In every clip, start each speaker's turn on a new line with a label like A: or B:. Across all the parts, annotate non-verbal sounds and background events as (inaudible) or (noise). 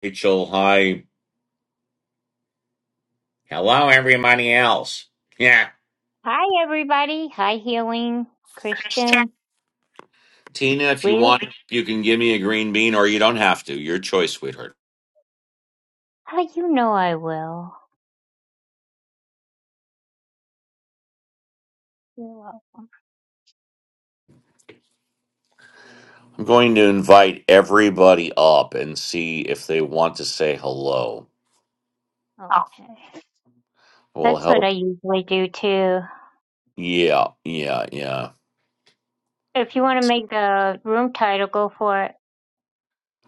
A: Rachel, hi. Hello, everybody else. Yeah.
B: Hi, everybody. Hi, Healing, Christian,
A: Tina, if you
B: Will.
A: want, you can give me a green bean or you don't have to. Your choice, sweetheart.
B: How do you know I will? Will.
A: I'm going to invite everybody up and see if they want to say hello. Oh.
B: Okay.
A: Will
B: That's what I
A: help.
B: usually do too.
A: Yeah, yeah, yeah.
B: If you want to make the room title, go for it.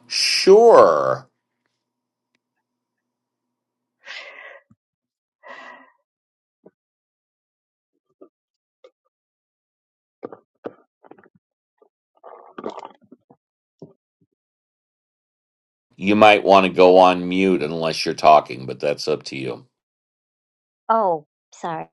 A: Sure. You might want to go on mute unless you're talking, but that's up to you.
B: Oh, sorry.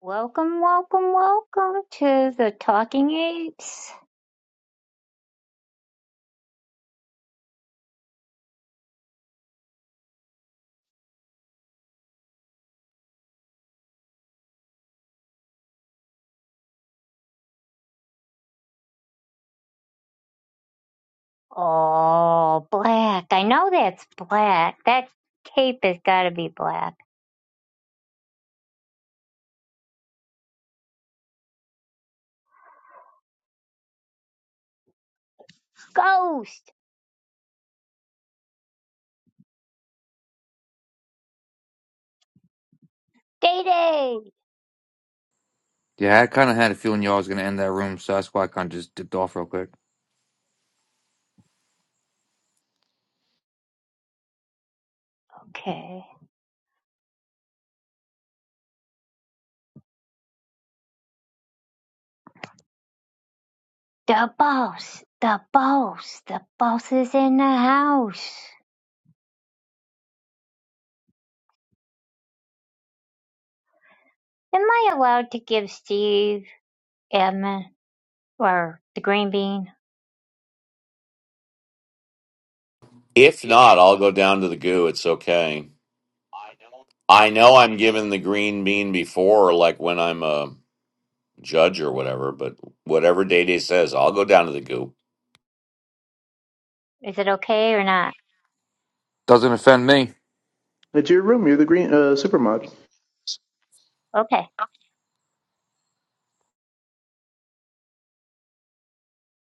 B: Welcome, welcome, welcome to the Talking Apes. Oh, black. I know that's black. That cape has got to be black. Ghost! Day Day!
C: Yeah, I kind of had a feeling y'all was gonna end that room, so that's why I kind of just dipped off real quick.
B: Okay. The boss, the boss, the boss is in the house. Am I allowed to give Steve Edmund or the green bean?
A: If not, I'll go down to the goo. It's okay. I know I'm given the green bean before, like when I'm a judge or whatever, but whatever Day Day says, I'll go down to the goop.
B: Is it okay or not?
C: Doesn't offend me.
D: It's your room. You're the green uh, super mod.
B: Okay.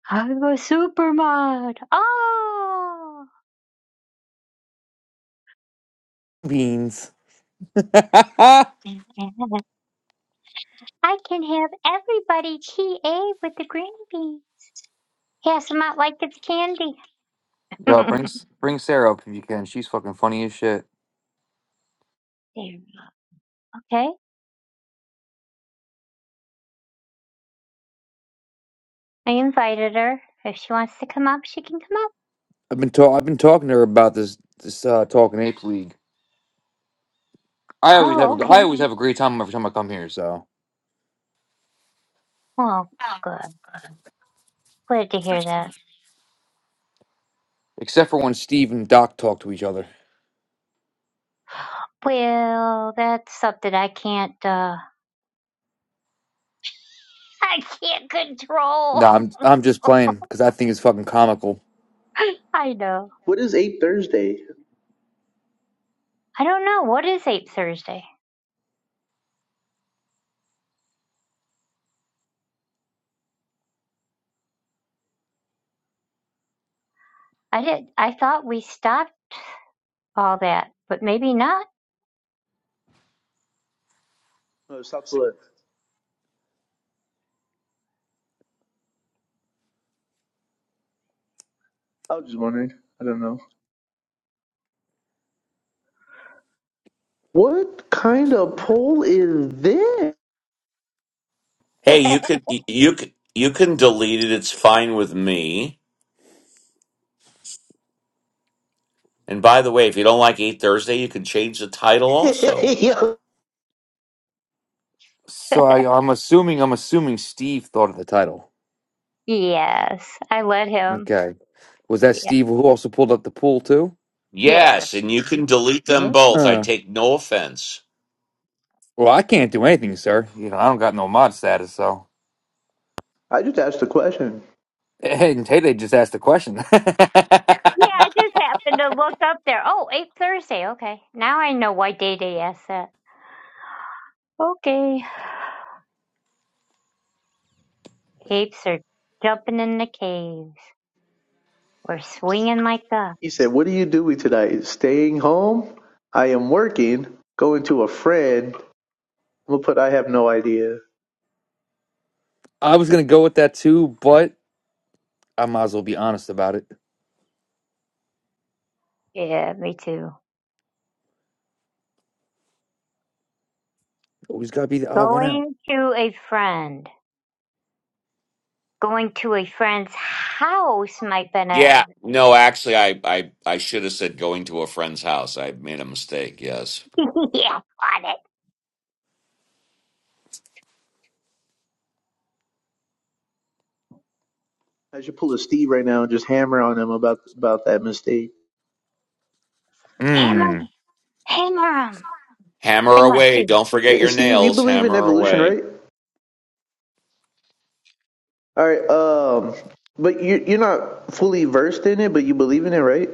B: I'm a supermod. Oh, (laughs) yeah. I can have everybody TA with the green bean. Pass them out like it's candy.
C: Yo, bring
B: (laughs)
C: bring Sarah up if you can. She's fucking funny as shit.
B: There. okay. I invited her. If she wants to come up, she can come up.
C: I've been ta- I've been talking to her about this this uh, talking ape league. I always have
B: Oh,
C: a,
B: okay.
C: I always have a great time every time I come here. So
B: Well, good. Glad to hear that.
C: except for when Steve and Doc talk to each other.
B: Well, that's something I can't uh (laughs) I can't
C: No,
B: control.
C: I'm I'm just playing because I think it's fucking comical.
B: (laughs) I know.
D: What is is eight Thursday?
B: I don't know. What is Ape Thursday? I did I thought we stopped all that, but maybe not.
D: Oh, stop the what? I was just wondering. I don't know. What kind of poll is this?
A: Hey, you could y- you could you can delete it. It's fine with me. And by the way, if you don't like Eight Thursday, you can change the title also.
D: (laughs) Yo.
C: So
B: (laughs)
C: I, I'm assuming I'm assuming Steve thought of the title.
B: yes. I let him.
C: Okay, was that
B: Yeah.
C: Steve who also pulled up the pool too?
B: Yes.
A: Yes, and you can delete them both. I
C: Ah.
A: take no offense.
C: Well, I can't do anything, sir. You know, I don't got no mod status, so.
D: I just asked a question.
C: And Tay just asked the question. (laughs)
B: Yeah, I just happened to look up there. Oh, Ape Thursday, okay. Now I know why Day Day asked that. Okay. (sighs) Apes are jumping in the caves. We're swinging like the.
D: He said, "What are you doing tonight? Staying home? I am working. Going to a friend. I'm gonna put. I have no idea.
C: I was gonna go with that too, but I might as well be honest about it.
B: Yeah, me too.
C: Always gotta be the odd one out.
B: Going to a friend. Going to a friend's house might be a
A: Yeah, no, actually, I I I should have said going to a friend's house. I made a mistake. Yes,
B: (laughs) yeah, got it.
D: I should pull a Steve right now and just hammer on him about about that mistake.
B: Hammer,
C: Hmm.
B: hammer him,
A: hammer
B: but not
A: away.
B: you.
A: Don't forget
D: Eh,
A: your
D: Steve, you
A: nails.
D: believe in
A: Hammer
D: evolution,
A: away.
D: right? All right. Um, but you you're not fully versed in it, but you believe in it, right?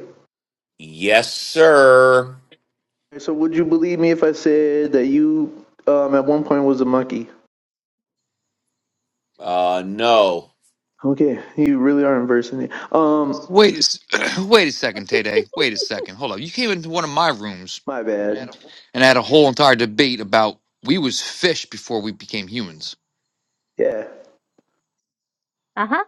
A: Yes, sir.
D: So would you believe me if I said that you um at one point was a monkey?
A: Uh, no.
D: Okay, you really are inversing it. Um,
C: Wait, a s- (clears throat) wait a second, Tay Day. Wait a second. Hold up. You came into one of my rooms
D: my bad.
C: and had a whole entire debate about we was fish before we became humans.
D: Yeah.
B: Uh huh.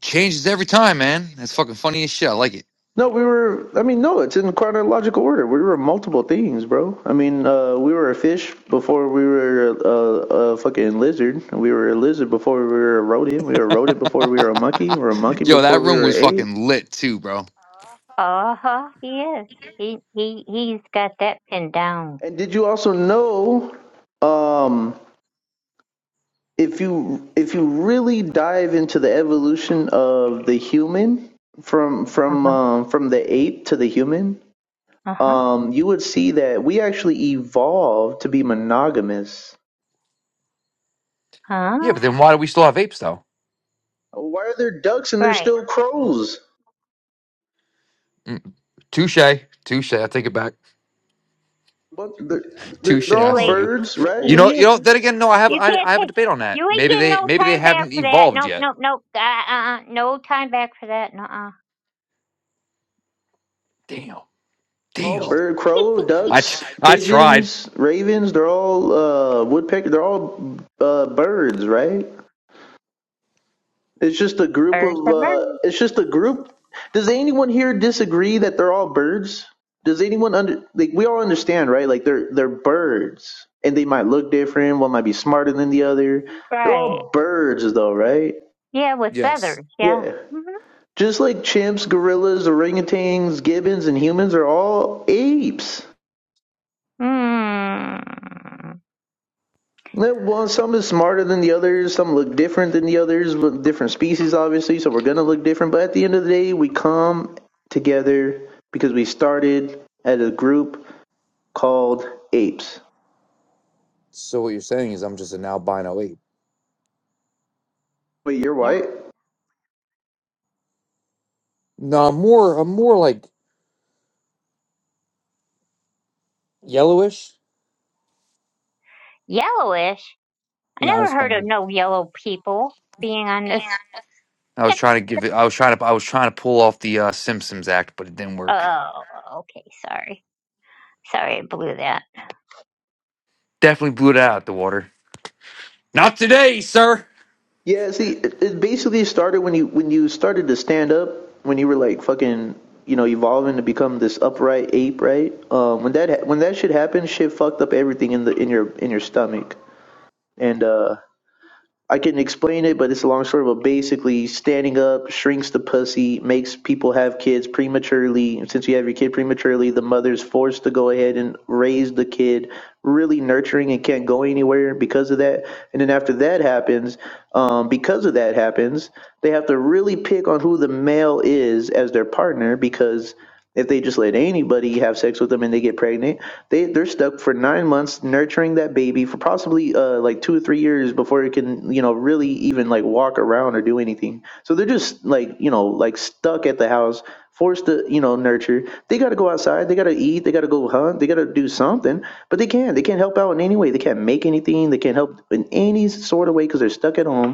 C: Changes every time, man. That's fucking funny as shit. I like it.
D: No, we were. I mean, no, it's in chronological order. We were multiple things, bro. I mean, uh, we were a fish before we were a, a, a fucking lizard. We were a lizard before we were a rodent. We were a rodent before we were a monkey. We were a
C: (laughs)
D: monkey
C: Yo,
D: before
C: that
D: we
C: room
D: were an
C: was
D: ape.
C: fucking lit too, bro.
B: Uh huh. He is. He he he's got that pinned down.
D: And did you also know? Um, if you if you really dive into the evolution of the human from
B: Uh
D: from
B: huh.
D: um, from the ape to the human,
B: Uh huh.
D: um, you would see that we actually evolved to be monogamous.
C: Yeah,
B: Huh.
C: but then why do we still have apes though?
D: Why are there ducks and there's
B: Right.
D: still crows?
C: Mm. Touche, touche. I take it back.
D: But they're, they're,
C: Touche.
D: they're
C: I
B: You
D: all
C: see
B: late.
C: you.
D: birds, right?
C: You
B: You
C: know, you know.
B: you
C: Then again, no. I have,
B: you
C: I,
B: can't
C: I have a
B: take.
C: debate on that.
B: You ain't
C: Maybe
B: getting
C: they,
B: no
C: maybe they
B: time back
C: haven't
B: for that.
C: evolved
B: Nope.
C: yet.
B: Nope. Nope. Uh uh. No time back for that. Uh uh.
C: Damn,
D: They're all
C: damn.
D: bird, crow,
C: I, tr-
D: ducks,
C: I tried.
D: pigeons, ravens. They're all uh, woodpecker. They're all uh, birds, right? It's just a group
B: Birds
D: of.
B: are
D: Uh,
B: birds.
D: it's just a group. Does anyone here disagree that they're all birds? Does anyone under like we all understand, right? Like they're they're birds, and they might look different. One might be smarter than the other. They're
B: Right.
D: all birds, though, right?
B: Yeah, with
C: Yes.
B: feathers. Yeah.
D: Yeah.
B: Mm-hmm.
D: Just like chimps, gorillas, orangutans, gibbons, and humans are all apes.
B: Hmm.
D: Yeah, Well, some is smarter than the others. Some look different than the others. With different species, obviously, so we're gonna look different. But at the end of the day, we come together because we started as a group called apes.
C: So what you're saying is I'm just an albino ape.
D: Wait, you're
B: Yeah.
D: white?
C: No, I'm more, I'm more like yellowish.
B: Yellowish? I
C: Not as
B: never heard of
C: funny.
B: no yellow people being on this.
C: I was
B: (laughs)
C: trying to give it. I was trying to, I was trying to pull off the uh, Simpsons act, but it didn't work.
B: oh, okay. Sorry. Sorry, I blew that.
C: Definitely blew it out of the water. Not today, sir.
D: Yeah. See, it, it basically started when you when you started to stand up when you were like fucking you know evolving to become this upright ape, right? Um, when that ha- when that shit happened, shit fucked up everything in the in your in your stomach and uh I can explain it, but it's a long story. But basically, standing up shrinks the pussy, makes people have kids prematurely. And since you have your kid prematurely, the mother's forced to go ahead and raise the kid, really nurturing and can't go anywhere because of that. And then after that happens, um, because of that happens, they have to really pick on who the male is as their partner because if they just let anybody have sex with them and they get pregnant, they they're stuck for nine months nurturing that baby for possibly uh like two or three years before it can you know really even like walk around or do anything. So they're just like you know like stuck at the house, forced to you know nurture. They got to go outside. They got to eat. They got to go hunt. They got to do something, but they can't. They can't help out in any way. They can't make anything. They can't help in any sort of way because they're stuck at home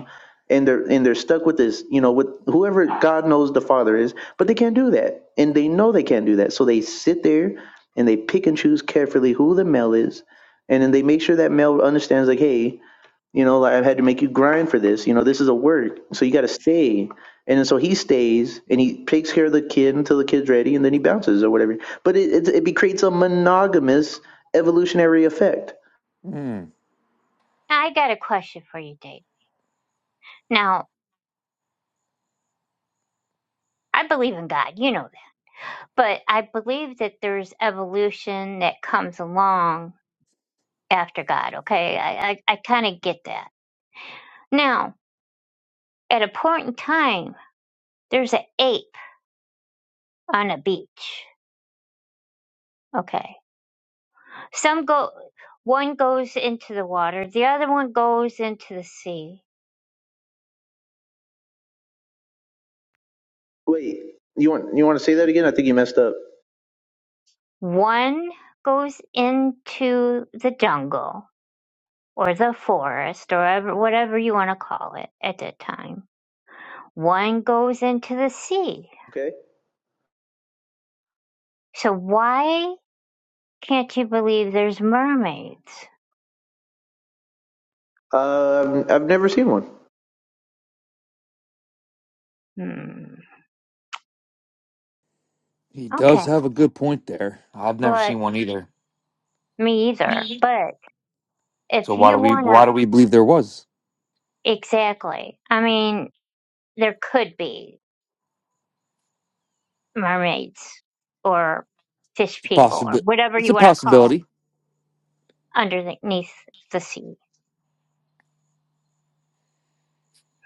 D: and they're and they're stuck with this, you know, with whoever God knows the Father is, but they can't do that, and they know they can't do that, so they sit there and they pick and choose carefully who the male is, and then they make sure that male understands, like, hey, you know, like I've had to make you grind for this. You know, this is a work. So you got to stay. And then so he stays and he takes care of the kid until the kid's ready and then he bounces or whatever. But it, it, it be- creates a monogamous evolutionary effect.
C: Hmm.
B: I got a question for you, Dave. Now, I believe in God. You know that. But I believe that there's evolution that comes along after God, okay? I, I, I kind of get that. Now, at a point in time, there's an ape on a beach, okay? Some go, one goes into the water, the other one goes into the sea.
D: Wait, you want you want to say that again? I think you messed up.
B: One goes into the jungle or the forest or ever- whatever you want to call it at that time. One goes into the sea.
D: Okay.
B: So why can't you believe there's mermaids?
D: Um, I've never seen one.
B: Hmm.
C: He does
B: Okay.
C: have a good point there. I've never
B: But
C: seen one either.
B: me either. But
C: So
B: if
C: why do
B: you
C: we why
B: want
C: do we believe there was?
B: to, exactly. I mean, there could be. mermaids or fish
C: It's a
B: people or
C: possibility.
B: whatever
C: It's
B: you
C: a
B: want to call them
C: possibility.
B: underneath the sea.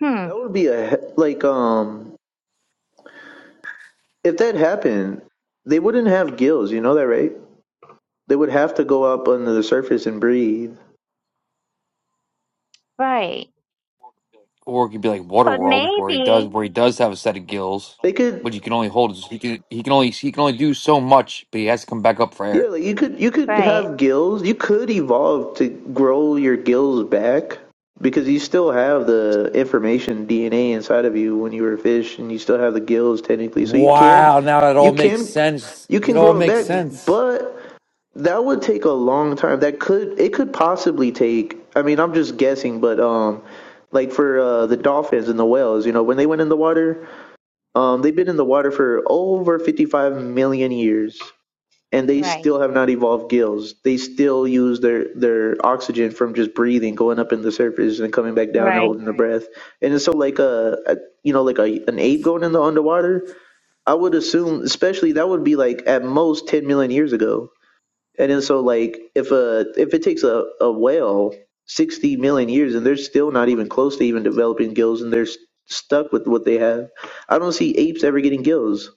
B: Hmm.
D: That would be a he- like um if that happened, they wouldn't have gills. You know that, right? They would have to go up under the surface and breathe.
B: Right.
C: Or it could be like
B: But
C: Waterworld, where he does
B: maybe.
C: where he does have a set of gills,
D: They could,
C: but he can only hold his, he can he can only he can only do so much, but he has to come back up for
D: yeah.
C: air.
D: Like you could, you could
B: Right.
D: have gills. You could evolve to grow your gills back because you still have the information DNA inside of you when you were a fish, and you still have the gills technically. So you can,
C: Wow, now it
D: you
C: all makes
D: can,
C: sense.
D: you
C: It
D: can
C: all
D: grow it
C: makes
D: back,
C: sense.
D: but That would take a long time. That could it could possibly take. I mean, I'm just guessing, but um, like for uh, the dolphins and the whales, you know, when they went in the water, um, they've been in the water for over 55 million years, and they
B: Right.
D: still have not evolved gills. They still use their their oxygen from just breathing, going up in the surface and coming back down and
B: Right.
D: holding their Right. breath. And so, like a, a you know, like a an ape going in the underwater, I would assume, especially that would be like at most 10 million years ago and then so like if a if it takes a, a whale sixty million years and they're still not even close to even developing gills and they're s- stuck with what they have, I don't see apes ever getting gills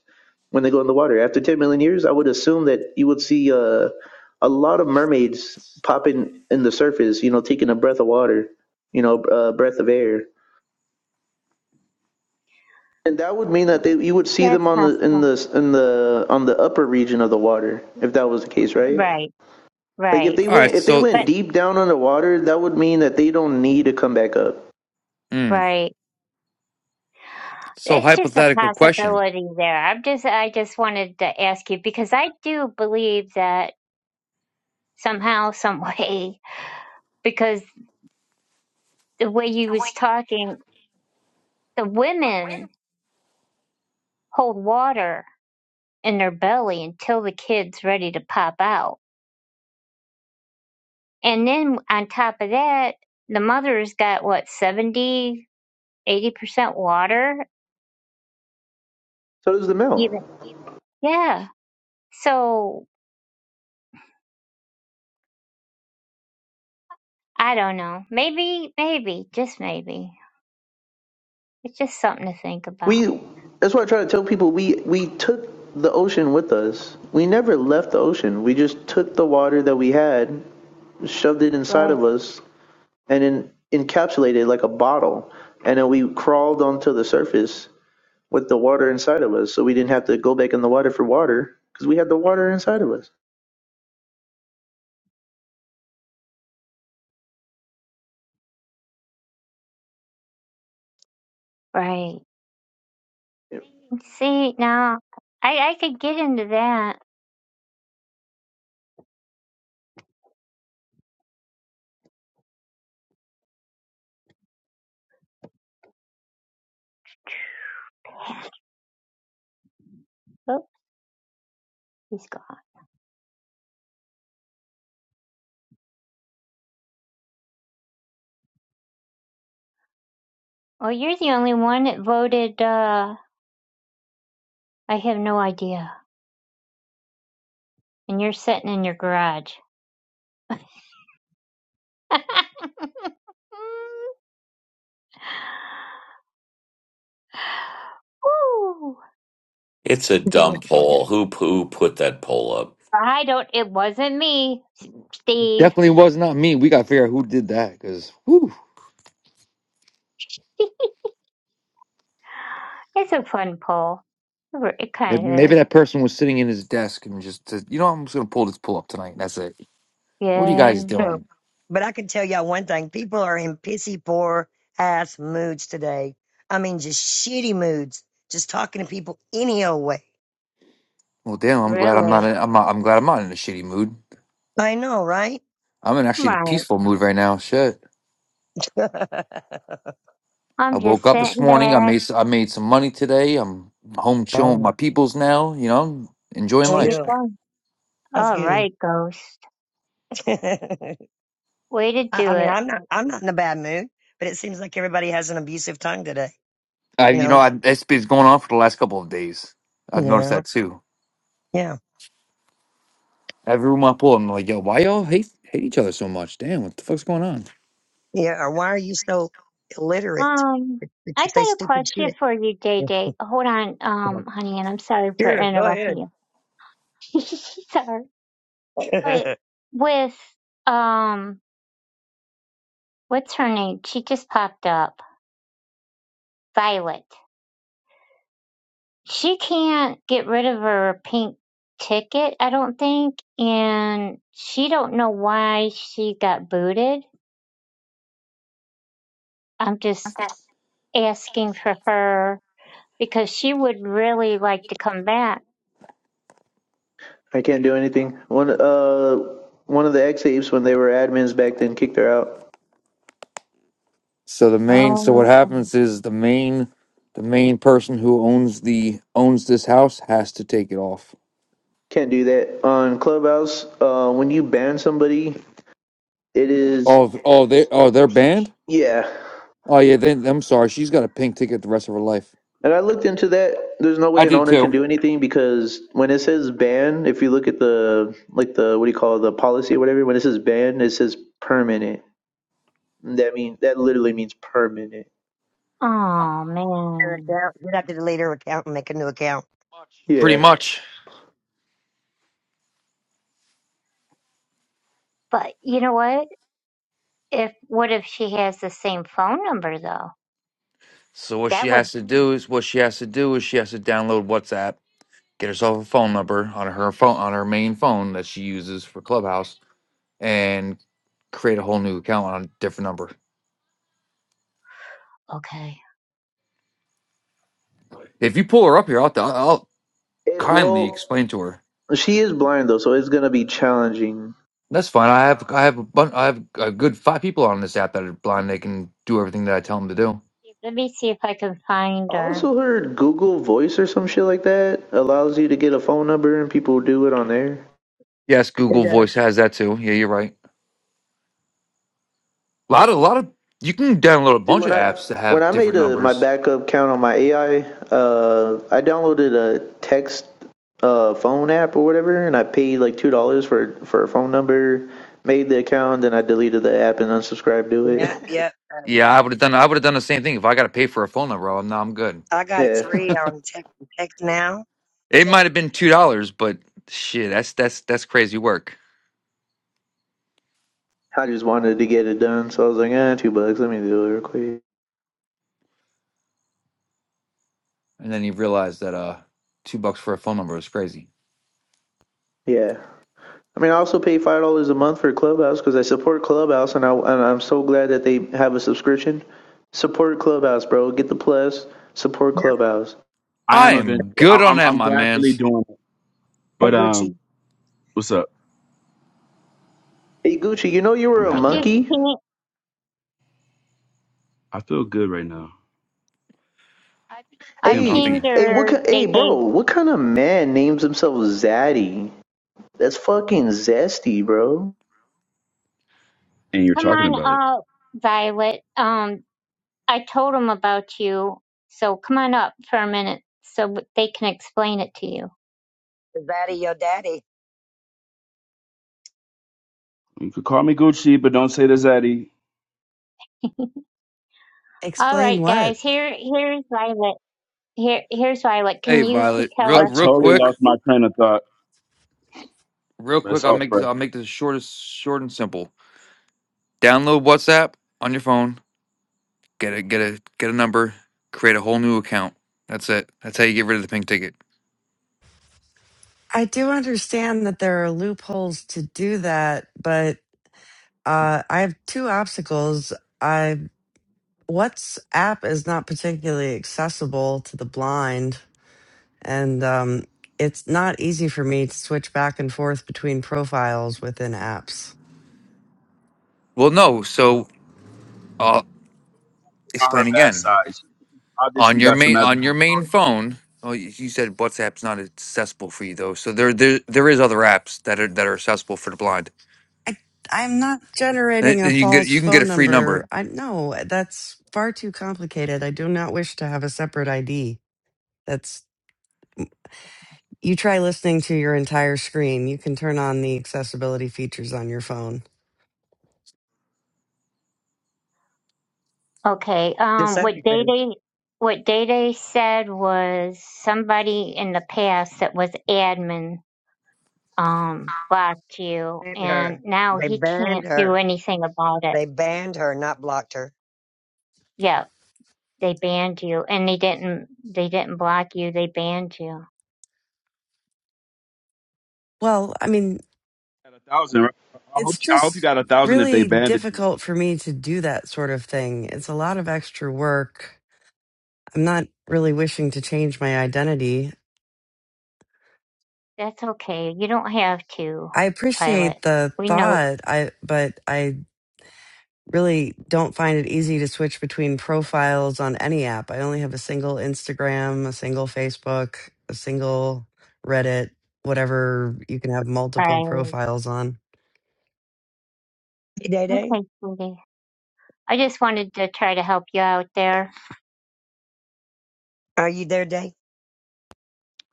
D: when they go in the water. After ten million years, I would assume that you would see uh, a lot of mermaids popping in the surface, you know, taking a breath of water, you know, a breath of air. And that would mean that they, you would see
B: That's
D: them on the in
B: possible.
D: the in the on the upper region of the water if that was the case, right?
B: Right.
D: Like if
B: Right.
D: they
C: All right,
D: went if they
C: so
D: went
B: But
D: deep down underwater, that would mean that they don't need to come back up.
C: mm,
B: right.
C: so
B: It's just a
C: hypothetical question.
B: possibility there. I'm just. I just wanted to ask you because I do believe that somehow, some (laughs) way, because the way you was talking, the women hold water in their belly until the kid's ready to pop out. And then on top of that, the mother's got what, seventy, eighty percent water?
D: So does the male.
B: Even, yeah. So I don't know. Maybe, maybe, just maybe. It's just something to think about.
D: We that's why I try to tell people we we took the ocean with us. We never left the ocean. We just took the water that we had, shoved it inside
B: Right.
D: of us, and then encapsulated it like a bottle. And then we crawled onto the surface with the water inside of us, so we didn't have to go back in the water for water because we had the water inside of us.
B: Right. See, now I, I could get into that. Oh, he's gone. Well, you're the only one that voted, uh, I have no idea. And you're sitting in your garage. (laughs) Woo!
A: It's a
E: Lord,
A: dumb poll. Who who put that poll up?
B: I don't. It wasn't me, S- Steve.
C: Definitely was not me. We got to figure out who did that because maybe,
B: It's a fun poll. It re- it kind
C: maybe
B: of is.
C: that person was sitting in his desk and just said, you know I'm just gonna pull this pull up tonight. And that's it. What are you guys
B: Yeah,
E: no.
C: doing?
E: But I can tell y'all one thing: people are in pissy poor ass moods today. I mean, just shitty moods. Just talking to people any old way.
C: Well, damn! I'm glad I'm
B: really.
C: not. In, I'm not. I'm glad I'm not in a shitty mood.
E: I know, right?
C: I'm in actually a
B: Right.
C: peaceful mood right now. Shit!
E: (laughs)
C: I
B: I'm
C: woke
B: just
C: up this
B: sitting
C: morning. I
B: back.
C: made. s- I made some money today. I'm home chilling with my
E: oh,
C: peoples now. You know, enjoying
B: There you
C: life.
E: chill.
B: go.
E: That's
B: All
E: good.
B: right, Ghost.
E: (laughs) I,
B: Way to
E: I
B: do
E: mean,
B: it.
E: I'm not. I'm not in a bad mood, but it seems like everybody has an abusive tongue today.
C: I,
E: You
C: you know,
E: know?
C: I, that's been going on for the last couple of days. I've noticed
E: Yeah.
C: that too.
E: Yeah.
C: Every room I pull, I'm like, yo, why y'all hate hate each other so much? Damn, what the fuck's going on?
E: Yeah. Or why are you so illiterate?
B: Um,
E: Did
B: I
E: you say
B: got a
E: stupid
B: question
E: shit?
B: for you, Day
E: (laughs)
B: Day. Hold on, um, honey, and I'm sorry for
E: Sure. Go ahead.
B: interrupting you. (laughs) sorry, but
E: (laughs)
B: with um, what's her name? She just popped up. Violet. she can't get rid of her pink ticket, I don't think, and she don't know why she got booted. I'm just asking for her because she would really like to come back.
D: I can't do anything. One uh one of the ex apes when they were admins back then kicked her out.
C: So the main. So what
B: Oh,
C: happens is the main, the main person who owns the owns this house has to take it off.
D: Can't do that. On Clubhouse, uh when you ban somebody, it is
C: Oh, th- oh, they, oh, they're banned.
D: yeah.
C: Oh yeah, then I'm sorry. She's got a pink ticket the rest of her life.
D: And I looked into that. There's no
C: I
D: way an
C: did
D: owner can
C: too.
D: do anything because when it says ban, if you look at the like the what do you call it, the policy or whatever, when it says ban, it says permanent. That mean that literally means permanent.
B: oh
E: your
B: man.
E: account. You'd have to delete her account and make a new account.
C: Pretty
D: Yeah.
C: much.
B: But you know what? If what if she has the same phone number though?
C: So what she
B: That would
C: has to do is what she has to do is she has to download WhatsApp, get herself a phone number on her phone on her main phone that she uses for Clubhouse, and create a whole new account on a different number.
B: okay.
C: If you pull her up here, I'll I'll
D: It,
C: kindly
D: well,
C: explain to her.
D: she is blind though, so it's gonna be challenging.
C: That's fine. I have I have a bun- I have a good five people on this app that are blind. They can do everything that I tell them to do.
B: Let me see if I can find
D: I
B: her.
D: also heard Google Voice or some shit like that allows you to get a phone number and people do it on there.
C: Yes,
E: It
C: Google
E: does.
C: Voice has that too. Yeah, you're right. A lot of, a lot of, you can download a
D: Dude,
C: bunch
D: when
C: of
D: I
C: apps that
D: when
C: have
D: I made
C: different
D: a, my
C: numbers.
D: backup account on my AI, uh, I downloaded a text uh, phone app or whatever, and I paid like two dollars for for a phone number, made the account, then I deleted the app and unsubscribed to
E: Yeah,
D: it.
E: yeah. uh,
C: Yeah,
E: yeah.
C: I would have done, I would have done the same thing if I got to pay for a phone number. I'm now I'm good.
E: I
D: (laughs)
E: got it
D: yeah,
E: free on tech, text now.
C: It
E: Tech.
C: might have been two dollars, but shit, that's that's that's crazy work.
D: I just wanted to get it done, so I was like, ah, two bucks, let me do it real quick.
C: And then you realize that uh, two bucks for a phone number is crazy.
D: Yeah. I mean, I also pay five dollars a month for Clubhouse because I support Clubhouse, and I and I'm so glad that they have a subscription. Support Clubhouse, bro. Get the plus. Support Clubhouse.
F: I
C: I
F: am eventually.
C: am good
F: I-
C: on
F: I'm
C: that,
F: I'm
C: my
F: gradually
C: man's.
F: doing it.
E: Hey,
F: But um,
E: Gucci.
F: what's up?
D: Hey Gucci, you know you were
F: I'm
D: a
B: I
F: happy. I
B: just
F: feel,
D: monkey.
B: pinged
F: I feel good right now. I
B: I
F: think I'm
C: I don't
D: Hey,
B: pinged
C: think.
F: peaking.
D: hey, what?
B: her,
D: ki-
B: They
D: Hey,
B: Day
D: bro, what kind of man names himself Zaddy? That's fucking zesty, bro.
F: And you're
B: Come
F: talking
B: on
F: about it.
B: up, Violet. Um, I told them about you, so come on up for a minute so w- they can explain it to you.
E: Is that your daddy?
F: You could call me Gucci, but don't say the Zaddy.
B: All
G: Explain
B: right,
G: what?
B: guys. Here, here's Violet. Here, here's Violet. Can
C: Hey,
B: you could
C: Violet,
B: tell
C: real
F: I
B: her?
C: real
F: totally
C: quick,
F: lost my train of thought,
C: real
F: but it's
C: quick. I'll
F: all
C: make this.
F: fresh.
C: I'll make this short, as- short and simple. Download WhatsApp on your phone. Get a get a get a number. Create a whole new account. That's it. That's how you get rid of the pink ticket.
G: I do understand that there are loopholes to do that, but uh, I have two obstacles. I WhatsApp is not particularly accessible to the blind, and um, it's not easy for me to switch back and forth between profiles within apps.
C: Well, no. So I'll
F: On her
C: explain
F: bad
C: again.
F: side, she
C: On
F: obviously
C: your
F: got some
C: main on
F: magical
C: your main
F: powers.
C: phone, oh, you you said WhatsApp's not accessible for you though. So there there there is other apps that are that are accessible for the blind.
G: I, I'm not
C: And
G: generating a
C: and you can get
G: false
C: you can get a
G: phone
C: free
G: number.
C: number.
G: I no, that's far too complicated. I do not wish to have a separate ID. That's You try listening to your entire screen. You can turn on the accessibility features on your phone.
B: Okay.
E: The
B: Um, what
E: subject
B: Day
E: then
B: Day, what Day Day said was somebody in the past that was admin um blocked you,
E: banned
B: and
E: her.
B: now
E: They
B: he
E: banned
B: can't do
E: her.
B: anything about it.
E: They banned her, not blocked her.
B: Yes. they banned you and they didn't they didn't block you they banned you
G: Well, I mean,
F: Got a thousand. Right? I hope
G: it's
F: you, I hope you
G: just
F: got a thousand if they
G: really
F: banded you.
G: difficult for me to do that sort of thing. It's a lot of extra work. I'm not really wishing to change my identity.
B: that's okay you don't have to
G: I
B: pilot
G: appreciate the
B: we know
G: thought, I but I really don't find it easy to switch between profiles on any app. I only have a single Instagram, a single Facebook, a single Reddit, whatever you can have multiple
B: fine
G: profiles on.
E: Hey, Day Day,
B: okay sweetie i just wanted to try to help you out there
E: are you there, Day?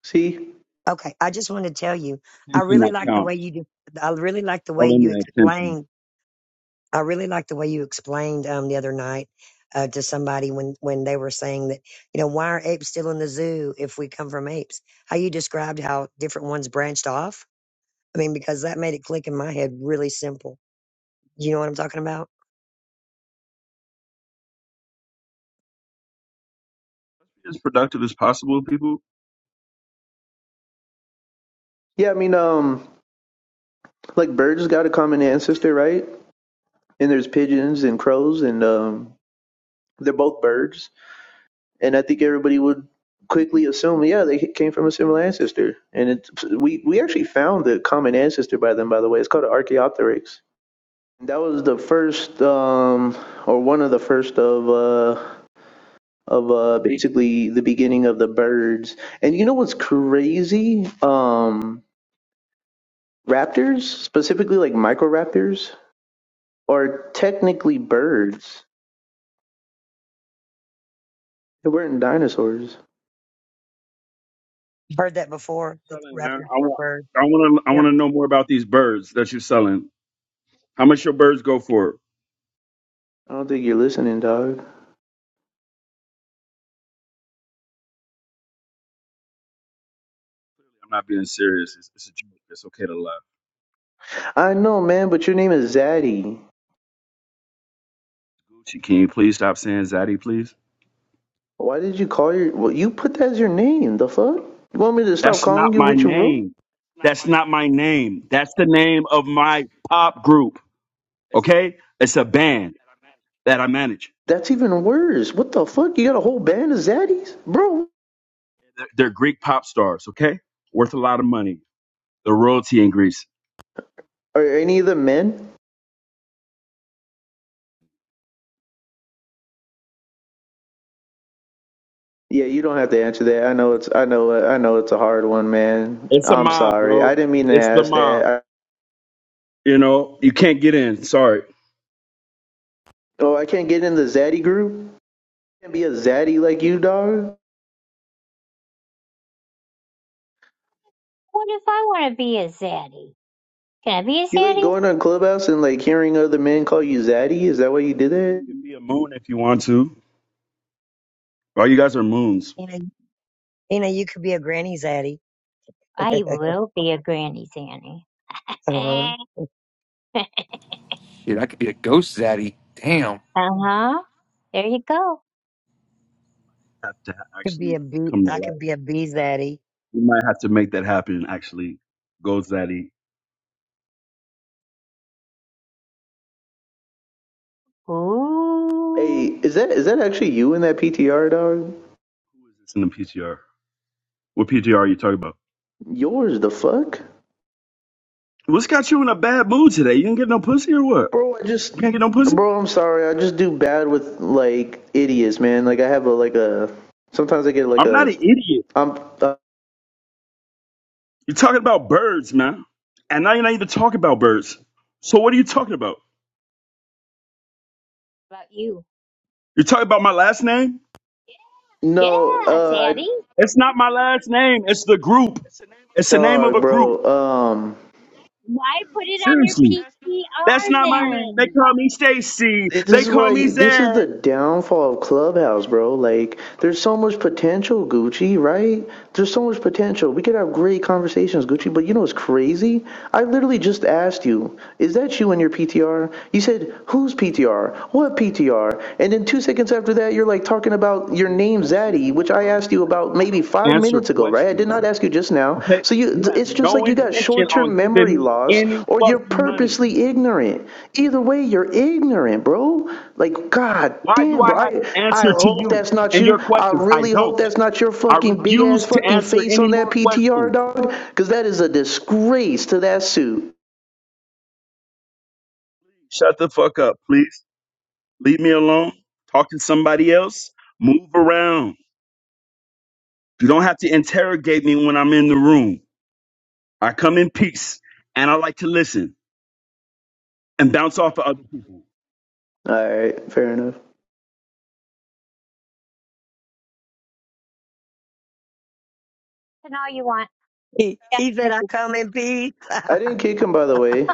D: See?
E: Okay, I just want to tell you, I
F: Attention
E: really
F: that
E: like the way
F: counts.
E: you do. I really like the way
F: All in
E: you
F: the attention.
E: explained. I really like the way you explained um, the other night uh, to somebody when when they were saying that you know why are apes still in the zoo if we come from apes? How you described how different ones branched off. I mean, because that made it click in my head really simple. You know what I'm talking about?
F: As productive as possible, people.
D: Yeah, I mean, um, like birds got a common ancestor, right? And there's pigeons and crows, and um, they're both birds. and I think everybody would quickly assume, yeah, they came from a similar ancestor. And it, we we actually found the common ancestor by them, by the way. It's called an Archaeopteryx. That was the first, um, or one of the first of uh, of uh, basically the beginning of the birds. And you know what's crazy? Um, raptors, specifically like microraptors, are technically birds. They weren't dinosaurs.
E: Heard that before that the
F: Selling man.
E: raptors
F: I
E: were
F: want
E: birds.
F: I want to I want
E: Yep.
F: to know more about these birds that you're selling. How much your birds go for?
D: I don't think you're listening, dog.
F: I'm not being serious. It's, it's a joke. It's okay to laugh.
D: I know, man, but your name is Zaddy.
F: Gucci, can you please stop saying Zaddy, please?
D: Why did you call your? Well, you put that as your name. The fuck? You want me to stop
F: That's not
D: calling you
F: my
D: what you wrote?
F: name. That's not my name. That's the name of my pop group. Okay? It's a band that I manage.
D: That's even worse. What the fuck? You got a whole band of zaddies, bro.
F: They're, they're Greek pop stars. Okay? Worth a lot of money. The royalty in Greece.
D: Are any of them men? Yeah, you don't have to answer that. I know it's. I know. I know know it's a hard one, man.
F: It's a
D: I'm
F: mob,
D: sorry. I
F: bro.
D: didn't mean to
F: It's the
D: ask
F: mob.
D: that. I,
F: You know, you can't get in. Sorry.
D: oh, I can't get in the zaddy group. I Can't be a zaddy like you, dog.
B: what if i want to be a zaddy can i be a
D: You like
B: zaddy
D: going to a clubhouse and like hearing other men call you zaddy? Is that why you did that?
F: You can be a moon if you want to. All you guys are moons.
E: You know, you know, you could be a granny zaddy. (laughs)
B: i will be a granny zanny
E: uh-huh.
B: (laughs)
C: Dude, I could be a ghost zaddy. Damn,
B: uh-huh there you go
F: Have to
E: Could be
F: actually
E: a bee.
F: come to
E: I
F: life.
E: could be a bee zaddy.
F: We might have to make that happen and actually go Zaddy.
D: Hey,
B: ooh
D: is that is that actually you in that PTR, dog?
F: Who is this in the PTR? What PTR are you talking about?
D: Yours the fuck?
F: What's got you in a bad mood today? You didn't get no pussy or what?
D: Bro, I just,
F: You can't get no pussy?
D: bro, I'm sorry. I just do bad with like idiots, man. Like I have a like a. Sometimes I get like
F: I'm not
D: a.
F: an idiot.
D: I'm uh,
F: You're talking about birds, man. And now you're not even talking about birds. So what are you talking about?
B: How about you
F: You're talking about my last name?
B: yeah
D: no, uh, I,
B: zaddy
F: It's not my last name. It's the group. It's the name of
D: dog,
F: a group.
D: bro. Um,
B: why put it on your
F: Seriously. That's
B: ptr
F: not my name. They
B: then
F: call me Stacy.
D: It- This
F: They
D: is
F: call me
D: why this is the
F: Zed.
D: downfall of Clubhouse, bro. Like, there's so much potential, Gucci, right? There's so much potential. We could have great conversations, Gucci. But you know what's crazy? I literally just asked you, "Is that you in your PTR?" You said, "Whose PTR? What PTR?" And then two seconds after that, you're like talking about your name,
F: Questions
D: Zaddy,
F: in the
D: which I
F: first
D: asked you about
F: place. I
D: maybe
F: don't
D: five
F: answer
D: minutes ago, right? I did
F: questions.
D: not ask you just now.
F: Okay?
D: So you,
F: You have
D: it's just
F: no
D: like you got
F: intention
D: short-term
F: on giving
D: memory
F: me
D: loss,
F: any
D: or you're
F: fucking money.
D: purposely ignorant. Either way, you're ignorant, bro. Like, god
F: Why do
D: damn,
F: I
D: bro.
F: have
D: I,
F: to
D: I
F: answer to
D: hope
F: you
D: that's not
F: and
D: you.
F: your
D: I
F: questions? I
D: really hope
F: don't.
D: that's not your
F: I
D: fucking big ass
F: refuse to
D: fucking
F: answer
D: face on
F: any
D: that
F: more
D: PTR,
F: questions.
D: dog. Because that is a disgrace to that suit.
F: Shut the fuck up, please. Leave me alone. Talk to somebody else. Move around. You don't have to interrogate me when I'm in the room. I come in peace and I like to listen and bounce off of other people.
D: All right, fair enough.
B: and all you want
E: He,
B: down
E: he
B: in
E: said,
B: the
E: "I
B: goo.
E: come in peace."
D: I didn't kick him, by the way.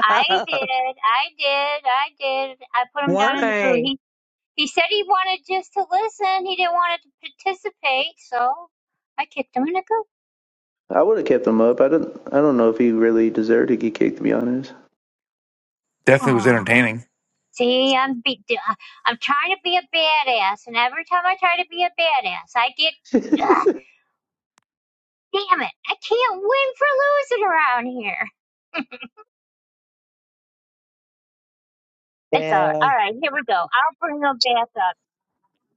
B: I did, I did, I did. I put him down in the goo.
E: Why?
B: He he said he wanted just to listen. He didn't want to participate, so I kicked him in the goo.
D: I would have kept him up. I don't. I don't know if he really deserved to get kicked, to be honest.
C: definitely was
B: Oh,
C: entertaining.
B: see, I'm be- I- I'm trying to be a badass, and every time I try to be a badass, I get. Ugh, damn it! I can't win for losing around here. It's all
E: Yeah.
B: right. All right, here we go. I'll bring him back up.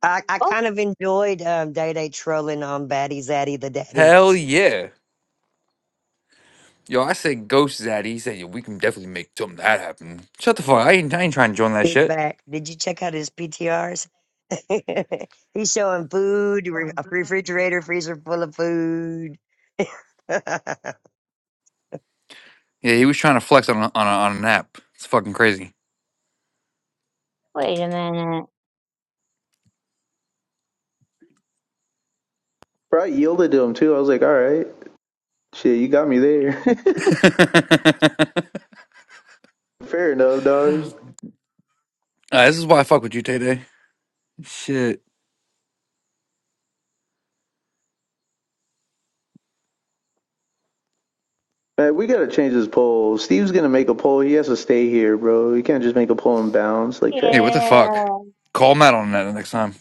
E: I, I
B: Oh,
E: kind of enjoyed um, Day Day trolling on Batty Zaddy the Daddy.
C: Hell yeah. Yo, I said ghost zaddy. He said, yo, we can definitely make something that happen." Shut the fuck. I ain't, I ain't trying to join that
E: Big
C: shit.
E: back. Did you check out his PTRs? (laughs) He's showing food, re- a refrigerator, freezer full of food. (laughs) you
C: Yeah, he was trying to flex on a, on, a, on an app. It's fucking crazy.
B: wait a minute.
D: But I yielded to him too. I was like, all right. Shit, you got me there.
C: (laughs)
D: (laughs) Fair enough, dog.
C: Uh, this is why I fuck with you, Tay Shit.
D: Man, we gotta change this poll. Steve's gonna make a poll. He has to stay here, bro. He can't just make a poll and bounce like that.
C: Hey, what the fuck? Call Matt on that next time.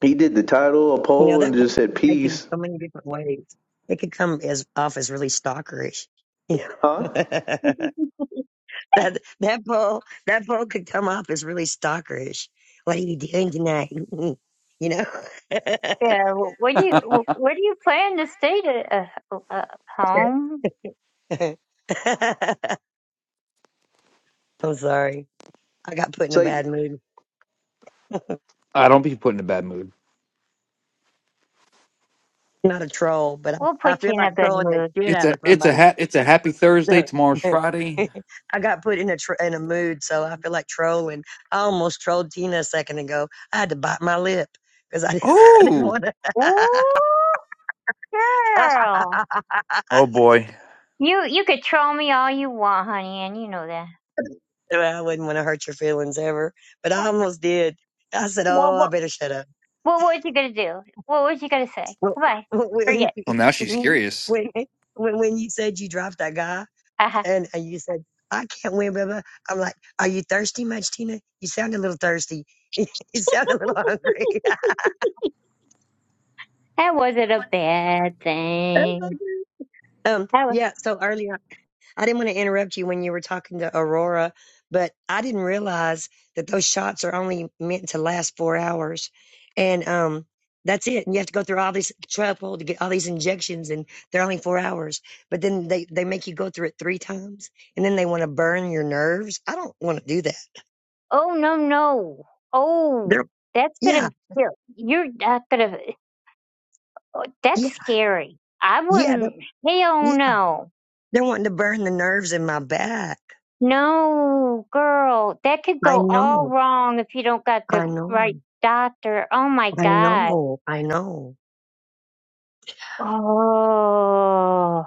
D: He did the title, a
E: know,
D: poll,
E: that
D: and
E: poem
D: just said
E: can be taken
D: peace.
E: so many different ways. It could come as off as really stalkerish. You
D: Huh?
E: know, (laughs)
B: Yeah. (laughs)
E: that that poll that poll could come off as really stalkerish. What are you doing tonight? (laughs) you know.
B: Yeah, wh- where do you wh- where do you plan to stay to uh, h- uh, home?
E: (laughs) (laughs) I'm sorry. I got put in
D: It's
E: a
D: like
E: bad mood.
C: I don't be put in a bad mood.
E: Not a troll, but I,
B: We'll
E: I
B: put
E: feel
B: you in
E: like
B: a good
E: trolling the
B: mood.
E: shit
C: It's
E: out
C: a
E: of
C: it's a
E: somebody.
C: ha- it's a happy
E: (laughs)
C: Thursday. Tomorrow's Friday.
E: I got put in a tr- in a mood, so I feel like trolling. I almost trolled Tina a second ago. I had to bite my lip because I didn't, (laughs) I didn't
C: Oh,
E: want to.
B: Ooh, girl,
E: (laughs)
C: oh boy.
B: you you could troll me all you want, honey, and you know that.
E: Well, I wouldn't want to hurt your feelings ever, but I almost did. I said,
B: What
E: "Oh, I
B: what
E: better shut up."
B: what was you gonna do? What was you gonna say? Goodbye. Forget.
C: Well, now
E: (laughs)
C: she's
E: when
C: curious.
E: when, when, when you said you dropped that guy,
B: Uh-huh.
E: And, and you said, I can't win, blah, blah. I'm like, are you thirsty much, Tina? You sound a little thirsty. (laughs) you sound a little hungry.
B: That wasn't a bad
E: (laughs)
B: thing.
E: um,
B: That was.
E: yeah. So earlier, I didn't want to interrupt you when you were talking to Aurora, but I didn't realize that those shots are only meant to last four hours. And, um, that's it. And you have to go through all this trouble to get all these injections and they're only four hours. But then they, they make you go through it three times and then they want to burn your nerves. I don't want to do that.
B: Oh no no. Oh,
E: They're,
B: that's
E: yeah.
B: gonna. You're you're not gonna. oh,
E: Yeah,
B: That's scary. I
E: Yeah, they,
B: wouldn't. Hell
E: yeah,
B: no.
E: they wanting to burn the nerves in my back.
B: No, girl, that could
E: I
B: go all
E: know,
B: wrong if you don't got
E: I
B: the right
E: know,
B: doctor. Oh my
E: I
B: God.
E: know, I know.
B: Oh,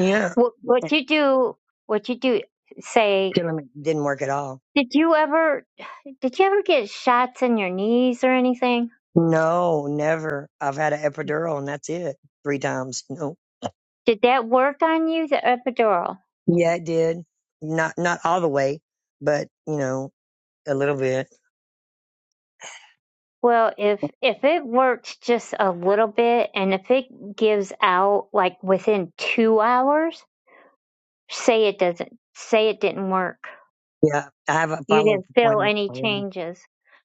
E: Yeah,
B: what what
E: And
B: you do? What you do? Say,
E: killing me it didn't work at all.
B: did you ever did you ever get shots in your knees or anything?
E: No, never. I've had an epidural and that's it. Three times. No.
B: Did that work on you, the epidural?
E: Yeah, it did. Not not all the way, but you know, a little bit.
B: Well, if if it works just a little bit, and if it gives out like within two hours, say it doesn't, say it didn't work
E: Yeah, I have a
B: you
E: follow up
B: didn't feel
E: appointment
B: any
E: already.
B: changes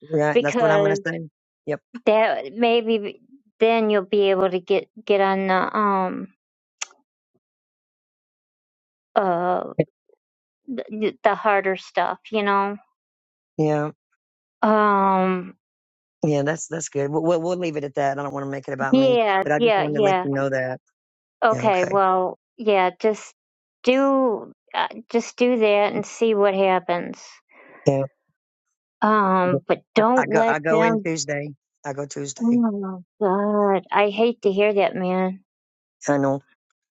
E: Right, that's what I'm gonna
B: because
E: say. Yep.
B: that maybe then you'll be able to get get on the um uh the, the harder stuff you know
E: Yeah,
B: um
E: yeah, that's that's good. We'll, we'll we'll leave it at that. I don't want to make it about me,
B: yeah
E: but I just
B: yeah
E: wanted to let
B: yeah
E: you know that. Yeah,
B: okay
E: okay.
B: well yeah just do uh, just do that and see what happens
E: Yeah.
B: um but
E: I
B: don't
E: go
B: let
E: I go in
B: them
E: Tuesday. I go Tuesday.
B: oh my god i hate to hear that man
E: I know.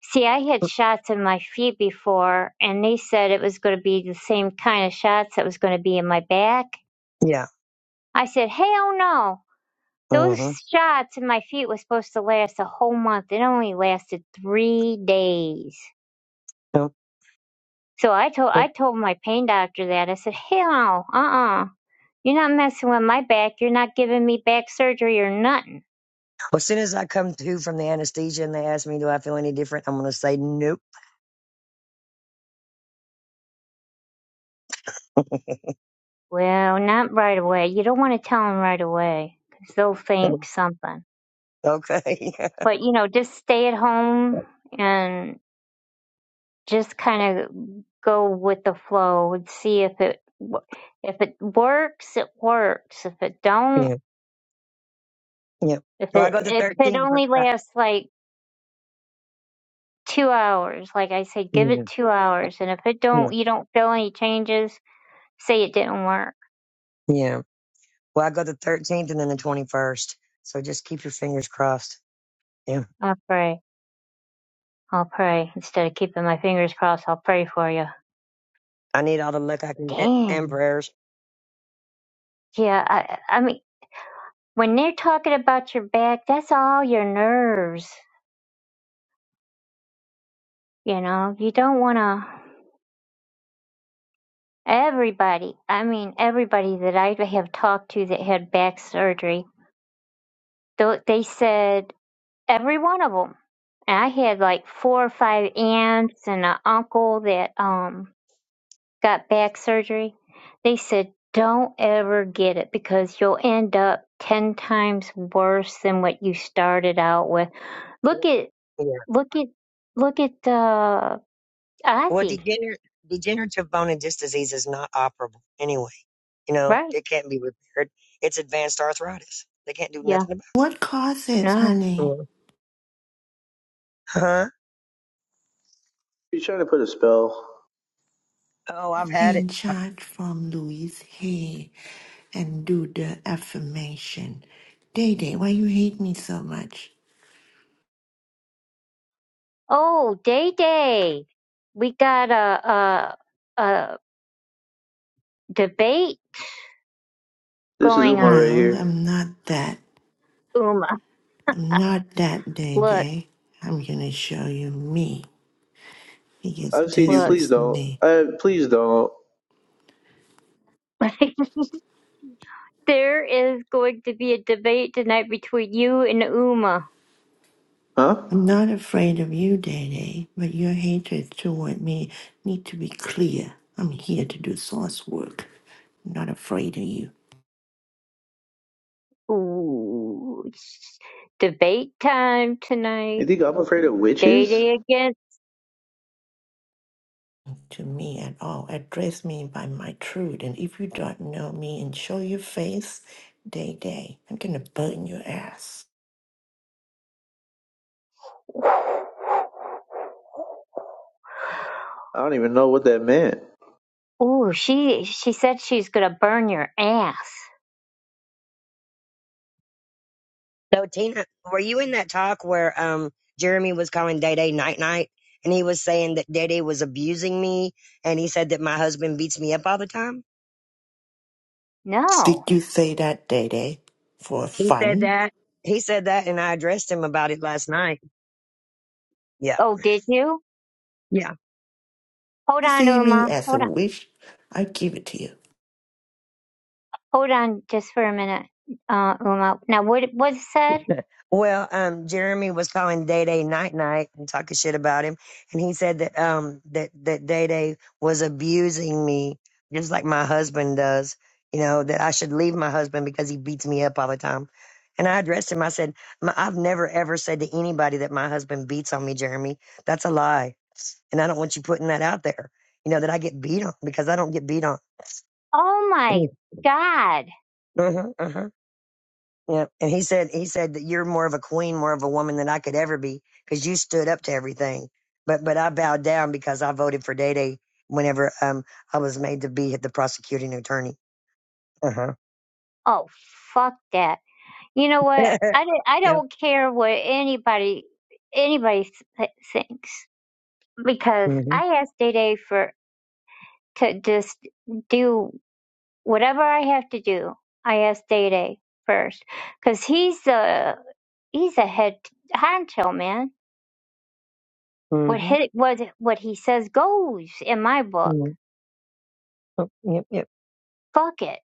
B: See, I had shots in my feet before, and they said it was going to be the same kind of shots that was going to be in my back.
E: Yeah.
B: I said, hell no. Those
E: Mm-hmm.
B: shots in my feet were supposed to last a whole month. It only lasted three days.
E: Yep.
B: So I told
E: Yep.
B: I
E: Well,
B: told my pain doctor that. I said, hell no, uh-uh. You're not messing with my back. You're not giving me back surgery or nothing.
E: as soon as I come to from the anesthesia and they ask me, do I feel any different? I'm gonna say nope.
B: Well, not right away. You don't want to tell him right away, 'cause they'll think something.
E: Okay. (laughs)
B: but you know just stay at home and just kind of go with the flow and see if it wo- if it works it works if it don't
E: yeah. Yeah.
B: if
E: Well, I
B: it
E: go the
B: if it
E: 13th. But
B: only
E: I,
B: lasts like two hours like i say give
E: yeah.
B: it two hours and if it
E: Yeah.
B: don't you don't feel any changes say it didn't work
E: Yeah. Well, I go the 13th and then the 21st. So just keep your fingers crossed. Yeah.
B: i'll pray i'll pray instead of keeping my fingers crossed i'll pray for you
E: I need all the luck I can get and
B: dang
E: prayers.
B: yeah i i mean when they're talking about your back that's all your nerves You know, you don't want to. Everybody, I mean, everybody that I have talked to that had back surgery, tho- they said every one of them. And I had like four or five aunts and an uncle that um got back surgery. They said, don't ever get it because you'll end up 10 times worse than what you started out with.
E: Yep.
B: Look at,
E: Yeah.
B: look at, look at, uh,
E: Well,
B: Ozzy,
E: degener- degenerative bone and disc disease is not operable anyway. You know,
B: right?
E: it can't be repaired. It's advanced arthritis. They can't do
B: Yeah,
E: nothing
H: What causes
B: no.
E: about it.
H: honey
E: Yeah. Huh?
D: he's trying to put a spell.
E: Oh, I've had it.
H: pain chart from Louise Hay and do the affirmation. Day Day, why you hate me so much?
B: Oh, Day Day, we got a a, a debate
D: This is
B: going
D: Uma
B: on.
D: right
H: No,
D: here.
H: I'm not that.
B: Uma,
H: I'm not that Day
B: look,
H: Day. I'm gonna show you me because
D: I've seen you.
H: this
B: look.
D: Please
H: is
D: don't.
H: me.
D: Uh, please don't.
B: (laughs) there is going to be a debate tonight between you and Uma.
D: Huh?
H: I'm not afraid of you, Day Day, but your hatred toward me need to be clear. I'm here to do source work. I'm not afraid of you.
B: Ooh, it's debate time
D: You
B: tonight.
D: think I'm afraid of
B: Day
D: witches?
B: Day again.
H: to me at all. Address me by my truth. And if you don't know me and show your face, Day Day, I'm gonna burn your ass.
D: I don't even know what that meant.
B: Ooh, she she said she's gonna burn your ass.
E: No, Tina, were you in that talk where um Jeremy was calling Day Day Night Night and he was saying that Day Day was abusing me and he said that my husband beats me up all the time?
B: No.
H: Did you say that, Day Day? For
E: He said
H: fun?
E: that. He said that and I addressed him about it last night. Yeah.
B: Oh, did you?
E: Yeah.
B: Hold
H: You
B: on,
H: see me
B: Uma.
H: as
B: Hold on.
H: a wish, I give it to you.
B: Hold on just for a minute, uh, Uma. Now, what was said?
E: Well, um, Jeremy was calling Day Day Night Night and talking shit about him, and he said that um that that Day Day was abusing me just like my husband does. You know that I should leave my husband because he beats me up all the time. And I addressed him. I said, "M- "I've never ever said to anybody that my husband beats on me, Jeremy. That's a lie, and I don't want you putting that out there. You know that I get beat on because I don't get beat on." (sniffs)
B: Oh my
E: (clears throat)
B: God.
E: Uh-huh, uh-huh. Yeah. And he said, he said that you're more of a queen, more of a woman than I could ever be because you stood up to everything. But, but I bowed down because I voted for Day Day whenever, um, I was made to be the prosecuting attorney. Uh huh.
B: Oh, fuck that. You know
E: (laughs)
B: what? I, don't- I
E: yep.
B: don't care what anybody anybody th- thinks because
E: Mm hmm.
B: I asked Day Day for to just do whatever I have to do. I asked Day Day first because he's a he's a head honcho man.
E: Mm
B: What hit what what he says goes in my book.
E: hmm. Oh, yep. Yep.
B: Fuck it.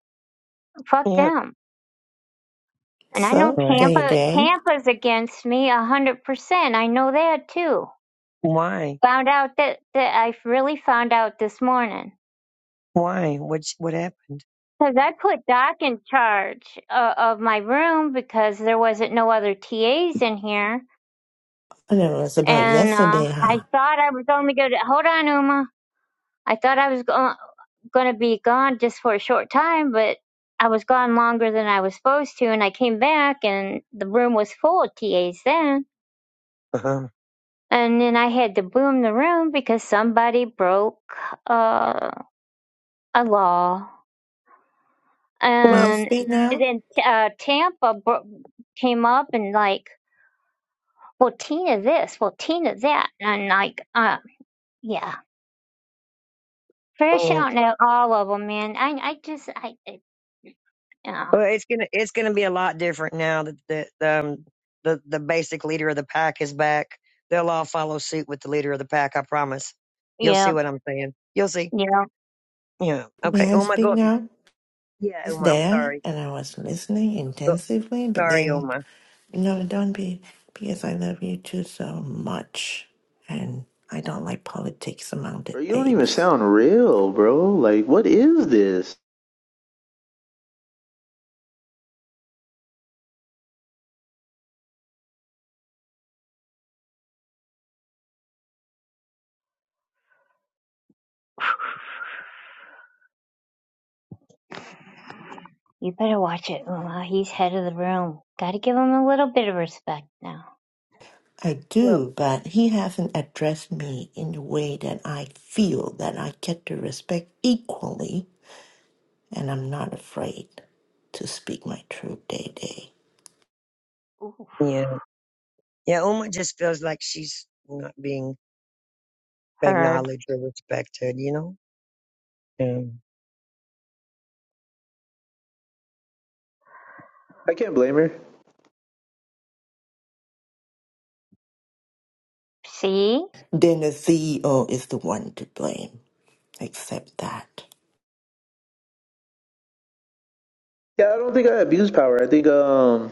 B: Fuck
E: Yep.
B: them And I know
H: So,
E: Right.
H: Day
B: Tampa
H: Day,
B: Tampa's against me a hundred percent. I know that too.
E: Why?
B: Found out that that I really found out this morning
E: Why? What, what happened?
B: because I put Doc in charge uh, of my room because there wasn't no other TAs in here,
H: I know it's about
B: and uh,
H: yesterday,
B: I
H: huh?
B: thought I was only going to hold on, Uma. I thought I was go- going to be gone just for a short time, but I was gone longer than I was supposed to, and I came back and the room was full of TAs then
E: Uh huh.
B: And then I had to boom the room because somebody broke uh, a law.
H: May
E: Well,
H: I
B: And
H: speak now?
B: then uh, Tampa bro- came up and like, well, Tina this, well, Tina that. And like, uh, yeah, fresh
E: yeah.
B: out now, all of them, man. I, I just, I, I uh,
E: Well, it's gonna it's gonna be a lot different now that the the, um, the the basic leader of the pack is back. They'll all follow suit with the leader of the pack. I promise. You'll see
B: yeah,
E: what I'm saying. You'll see.
B: yeah.
E: Yeah.
H: May
E: Okay.
H: I
E: Uma,
H: speak
E: go.
H: now?
E: Yeah,
H: I was
E: Uma. I'm
H: there
E: sorry.
H: and I was listening
E: Go,
H: intensively, but
E: sorry,
H: then
E: Uma.
H: No, don't be, because I love you too so much, and I don't like politics among the
D: Bro, you don't even
H: apes.
D: sound real, bro. Like, what is this?
B: You better watch it, Uma. He's head of the room. Got to give him a little bit of respect now.
H: I
E: Well,
H: do, but he hasn't addressed me in the way that I feel that I get to respect equally, and I'm not afraid to speak my truth day day.
B: Ooh,
E: yeah, yeah. Uma just feels like she's not being
B: heard.
E: acknowledged or respected. You know. Yeah.
D: I can't blame her.
B: See?
H: Then the CEO is the one to blame. Accept that.
D: Yeah, I don't think I abuse power. I think um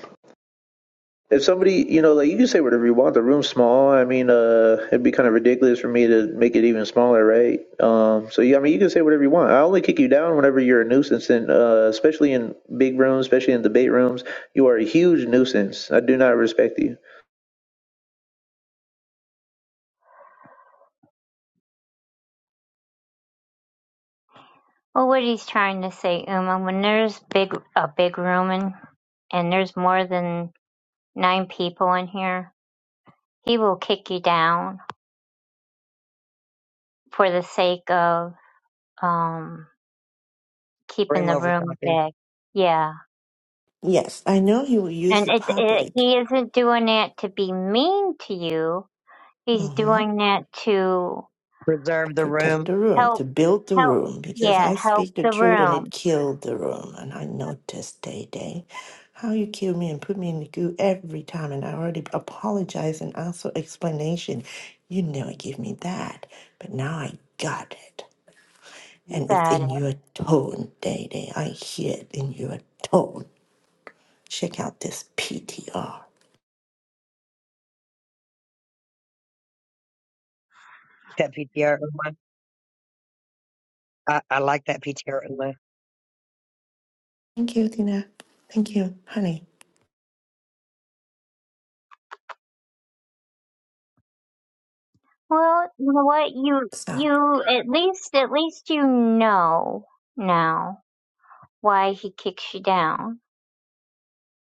D: if somebody, you know, like you can say whatever you want. The room's small. I mean, uh, it'd be kind of ridiculous for me to make it even smaller, right? Um, so yeah, I mean, you can say whatever you want. I only kick you down whenever you're a nuisance, and uh, especially in big rooms, especially in debate rooms, you are a huge nuisance. I do not respect you.
B: Well, what he's trying to say, Uma, when there's big a big room and and there's more than nine people in here, he will kick you down for the sake of um keeping
E: Room
B: the
E: over
B: room
E: talking.
B: big. Yeah.
H: Yes, I know he will use
B: And
H: the
B: it, it,
H: public.
B: he isn't doing that to be mean to you. He's
H: Mm-hmm.
B: doing that to
E: Preserve the
H: protect
E: room.
H: the room, to
B: help,
H: build the
B: help,
H: room, because
B: yeah,
H: I
B: help
H: speak the
B: the
H: truth and
B: room.
H: it killed the room. And I noticed, Day Day, how you kill me and put me in the goo every time. And I already apologized and asked for explanation. You never give me that. But now I got it.
B: You
H: And it's
B: got it.
H: in your tone, Day Day. I hear it in your tone. Check out this PTR.
E: That PTR. Uma. I, I like that PTR.
H: Thank you, Tina. Thank you, honey.
B: Well, you know what? You,
H: So,
B: you, at least, at least you know now why he kicks you down.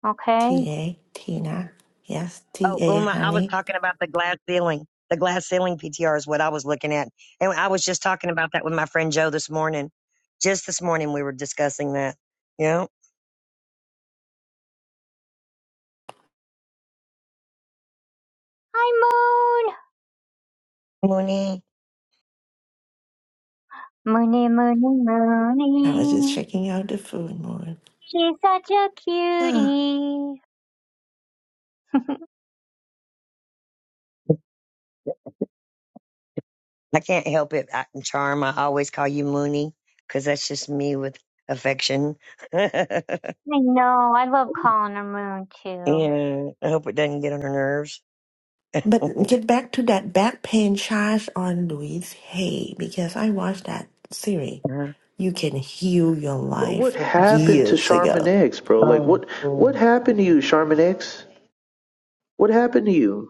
B: Okay?
H: TA, Tina. Yes,
E: Oh,
H: TA,
E: Uma, I was
H: honey.
E: talking about the glass ceiling. The glass ceiling PTR is what I was looking at. And I was just talking about that with my friend Joe this morning. Just this morning, we were discussing that. Yeah.
B: Hi, Moon!
E: Mooney.
B: Moony, Moony,
H: I was just
B: Moony.
H: checking out the food more.
B: She's such a
H: Ah,
B: cutie. (laughs) I
E: I can't help it. I, Charm, I always call you Mooney because that's just me with affection. (laughs) yeah.
B: know. I love calling her Moon too.
E: I hope it doesn't get on her nerves. (laughs)
H: But get back to that back pain charge on Louise Hay because I watched that series. You can heal your
D: Bro, what
H: life
D: happened to
H: years
D: Charmin
H: ago.
D: X, bro? Like,
E: oh,
D: what what
E: cool.
D: happened to you, Charmin X? What happened to you?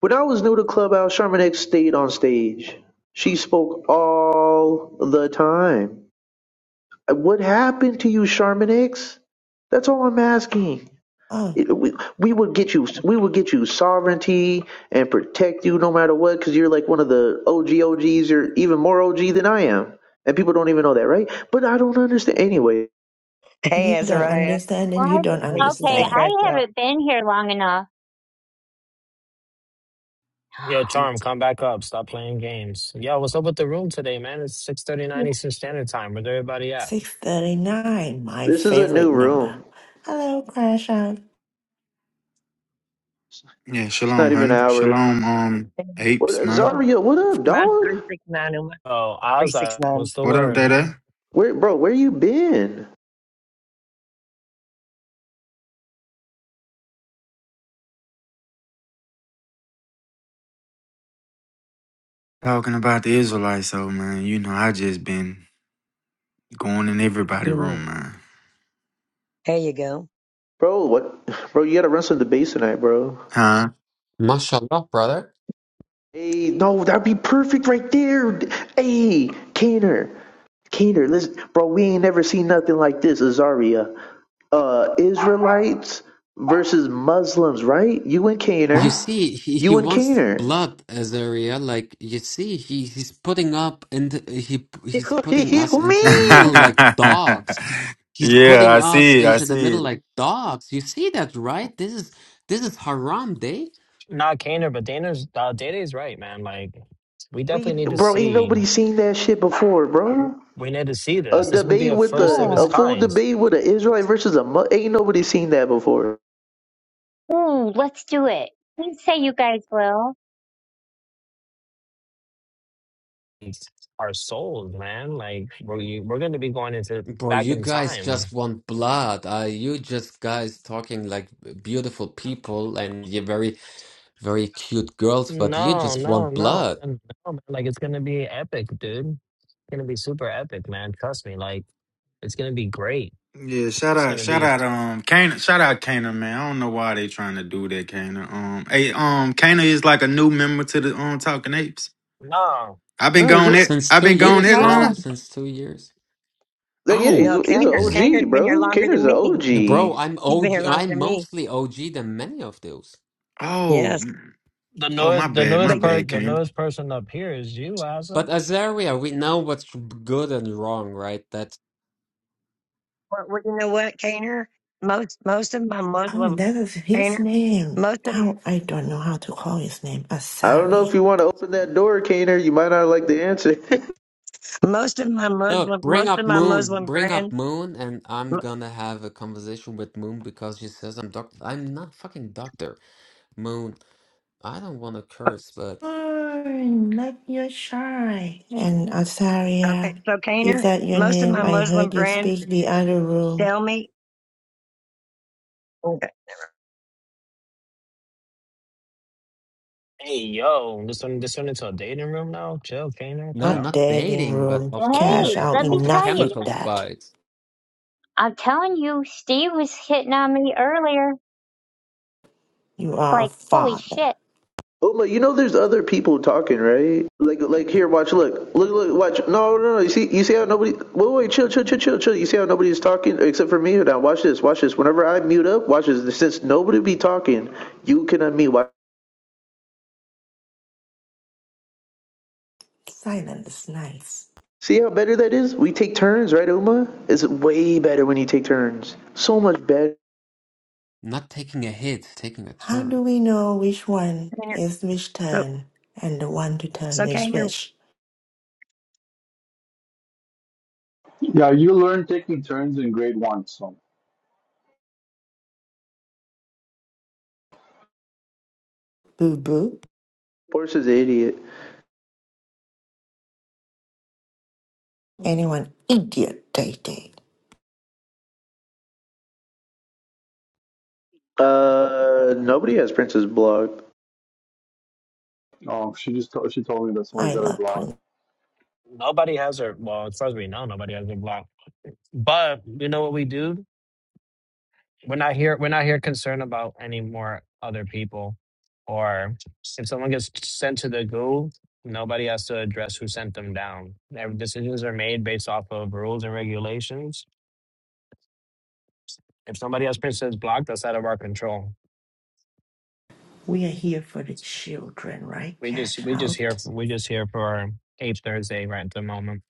D: When I was new to Clubhouse, Charmin X stayed on stage. She spoke all the time. What happened to you, Sherman X? That's all I'm asking.
H: Oh,
D: It- we, we would get you we would get you sovereignty and protect you no matter what because you're like one of the OG OGs. You're even more OG than I am, and people don't even know that, right? But I don't understand. Anyway,
H: you
E: Hey,
H: don't
E: Azariah.
H: understand and
B: Well,
H: you don't
E: Hey,
B: I- okay,
E: hey,
H: understand.
B: I
E: Crash Out.
B: haven't been here long enough.
I: Yo, Charm, come back up. Stop playing games. Yo, what's up with the room today, man? It's 6.39 Eastern Standard Time. Where's everybody at?
H: 639, my
D: this is a
H: favorite
D: new
H: number.
D: room.
H: Hello, Crash Out.
J: Yeah,
D: It's
J: shalom,
D: not even an
J: honey.
D: hour.
J: Shalom, um, apes,
D: What
J: man.
E: Uma,
D: Zaria? What up,
E: mine's
D: dog?
E: 369, Uma.
I: Oh, Ozzy,
E: 369.
I: what's the
J: What up,
I: word,
J: Day Day?
I: man?
D: Where, bro? Where you been,
J: Talking about the Israelites, though, man. You know, I just been going in everybody room, man.
E: There you go.
D: bro? What, (sighs) bro? You gotta run some debates tonight, bro.
J: Huh?
K: Mashallah, brother.
D: Hey, no, that'd be perfect right there. Hey, Kaner, Keener, listen, bro, we ain't never seen nothing like this, Azaria. Uh, Israelites versus Muslims, right? You and
K: You
D: Keener.
K: see, he, he
D: You and
K: wants
D: Keener.
K: blood, Azaria. Like you see, he he's putting up and he
D: (laughs)
K: he's putting us
D: you
K: into the
D: mean?
K: middle like
J: (laughs)
K: dogs. He's
J: yeah,
K: putting
J: I
K: us
J: see it. I
K: into the
J: see
K: middle
J: it.
K: like dogs. You see that, right? This is this is haram day,
I: Not Kaner, but Dana's, uh, Dana's right, man. Like, we
D: We,
I: definitely need to
D: bro, ain't
I: see,
D: nobody seen that shit before, bro.
I: we need to see
D: A
I: this. This would be
D: debate
I: a
D: with
I: first of
D: a,
B: Yeah.
I: its
D: a full
I: kind.
D: debate with an Israelite versus a, Mu- ain't nobody seen that before.
B: Ooh, let's do it. Please say you guys will.
I: It's our souls, man. Like, we're, we're going to be going into
K: bro.
I: back
K: You
I: in
K: guys just
I: time.
K: want blood. Uh, you just guys talking like beautiful people and you're very very cute girls, but you
I: No,
K: just
I: no,
K: want
I: no,
K: blood.
I: man. No, man. Like it's gonna be epic, dude. It's gonna be super epic, man. Trust me. Like it's gonna be great.
J: Yeah, shout
I: It's
J: out,
I: gonna
J: shout
I: be
J: out, um, Kana, shout out Kana, man. I don't know why they trying to do that, Kana. Um, hey, um, Kana is like a new member to the um Talking Apes.
I: no.
J: I've been
D: No, he's,
J: gone it.
K: Since
J: I've
K: two
J: been gone
D: he's
K: years,
J: it
K: bro.
B: No.
J: long.
K: Since two years.
D: like, yeah, he's,
J: Oh,
E: No,
D: he's an
E: Kaner, Kaner's
D: OG,
E: been here
D: bro.
E: longer than
D: Keener's an
E: me.
K: Bro,
D: OG.
K: I'm
E: He's been here
K: OG.
E: longer
K: I'm
E: than me.
K: mostly OG than many of those.
J: oh,
E: Yes.
J: mm,
I: The
J: oh, my
I: newest, the
J: bad, my
I: newest
E: But you,
I: per,
K: Like,
J: bad,
I: the
J: Kana.
I: newest person up here is you, Laza.
K: but Azaria, we know what's good and wrong, right? That
E: well, well, you know what, Kaner? Most, most of my
H: Oh,
E: Muslim,
H: that is his
E: Kaner,
H: name.
E: most of,
H: How I don't know how to call his name.
D: I don't know
H: Asari.
D: if you want to open that door, Keener. You might not like the answer. (laughs)
E: most of my
K: look,
E: Muslim,
K: bring
E: most of
K: up
E: my
K: Moon,
E: Muslim
K: bring up
E: friends,
K: Moon, and I'm
E: m-
K: gonna have a conversation with Moon because she says I'm doctor. I'm not fucking doctor. Moon, I don't want to curse, but
H: Lord, let your shine. And
E: okay,
H: Azaria,
E: so
H: if
E: Kaner,
H: that your
E: most of my
H: name, I
E: Muslim
H: heard you
E: friends
H: speak the other room,
E: tell me, oh,
I: Hey, yo, this one, this one into a dating room now. Chill, Kane. What the
K: no,
H: not
K: not
I: hell?
H: dating
K: dating, but
H: room.
K: of the of the
H: Cash
B: Hey,
K: of
H: out,
K: the,
B: let me
K: of the
B: tell
H: enough
B: you.
H: with
K: chemical
H: that.
K: spice.
B: I'm telling you, Steve was hitting on me earlier.
H: You are a
B: Like, holy
H: father.
B: shit.
D: Oh my! You know, there's other people talking, right? Like, like here, watch, look, look, look, watch. No, no, no. You see, you see how nobody. Wait, wait, chill, chill, chill, chill, chill. You see how nobody's talking except for me. right Now, watch this, watch this. Whenever I mute up, watch this. Since nobody be talking, you can unmute. Watch.
H: Silent is nice.
D: See how better that is? We take turns, right, Uma? It's way better when you take turns. So much better.
K: Not taking a hit, taking a
H: How
K: turn.
H: do we know which one
E: Kaner,
H: is which
E: so,
H: turn and the one to turn
E: so
H: is
E: Kaner,
H: which?
L: Yeah, you learn taking turns in grade one. So,
H: Boo boo.
D: Horse is an idiot.
H: Anyone idiot dating.
D: Uh, nobody has Princess blocked.
L: oh, she just told, she told me that
H: I
L: somebody's got her
H: love
L: block.
H: Prince.
I: Nobody has her. Well, as far as we know, nobody has her blocked. But you know what we do? we're not here we're not here concerned about any more other people or if someone gets sent to the goo nobody has to address who sent them down Their decisions are made based off of rules and regulations if somebody else says blocked that's out of our control
H: We are here for the children, right?
I: we just
H: Cash
I: we just
H: out.
I: here for, we just here for ape thursday right at the moment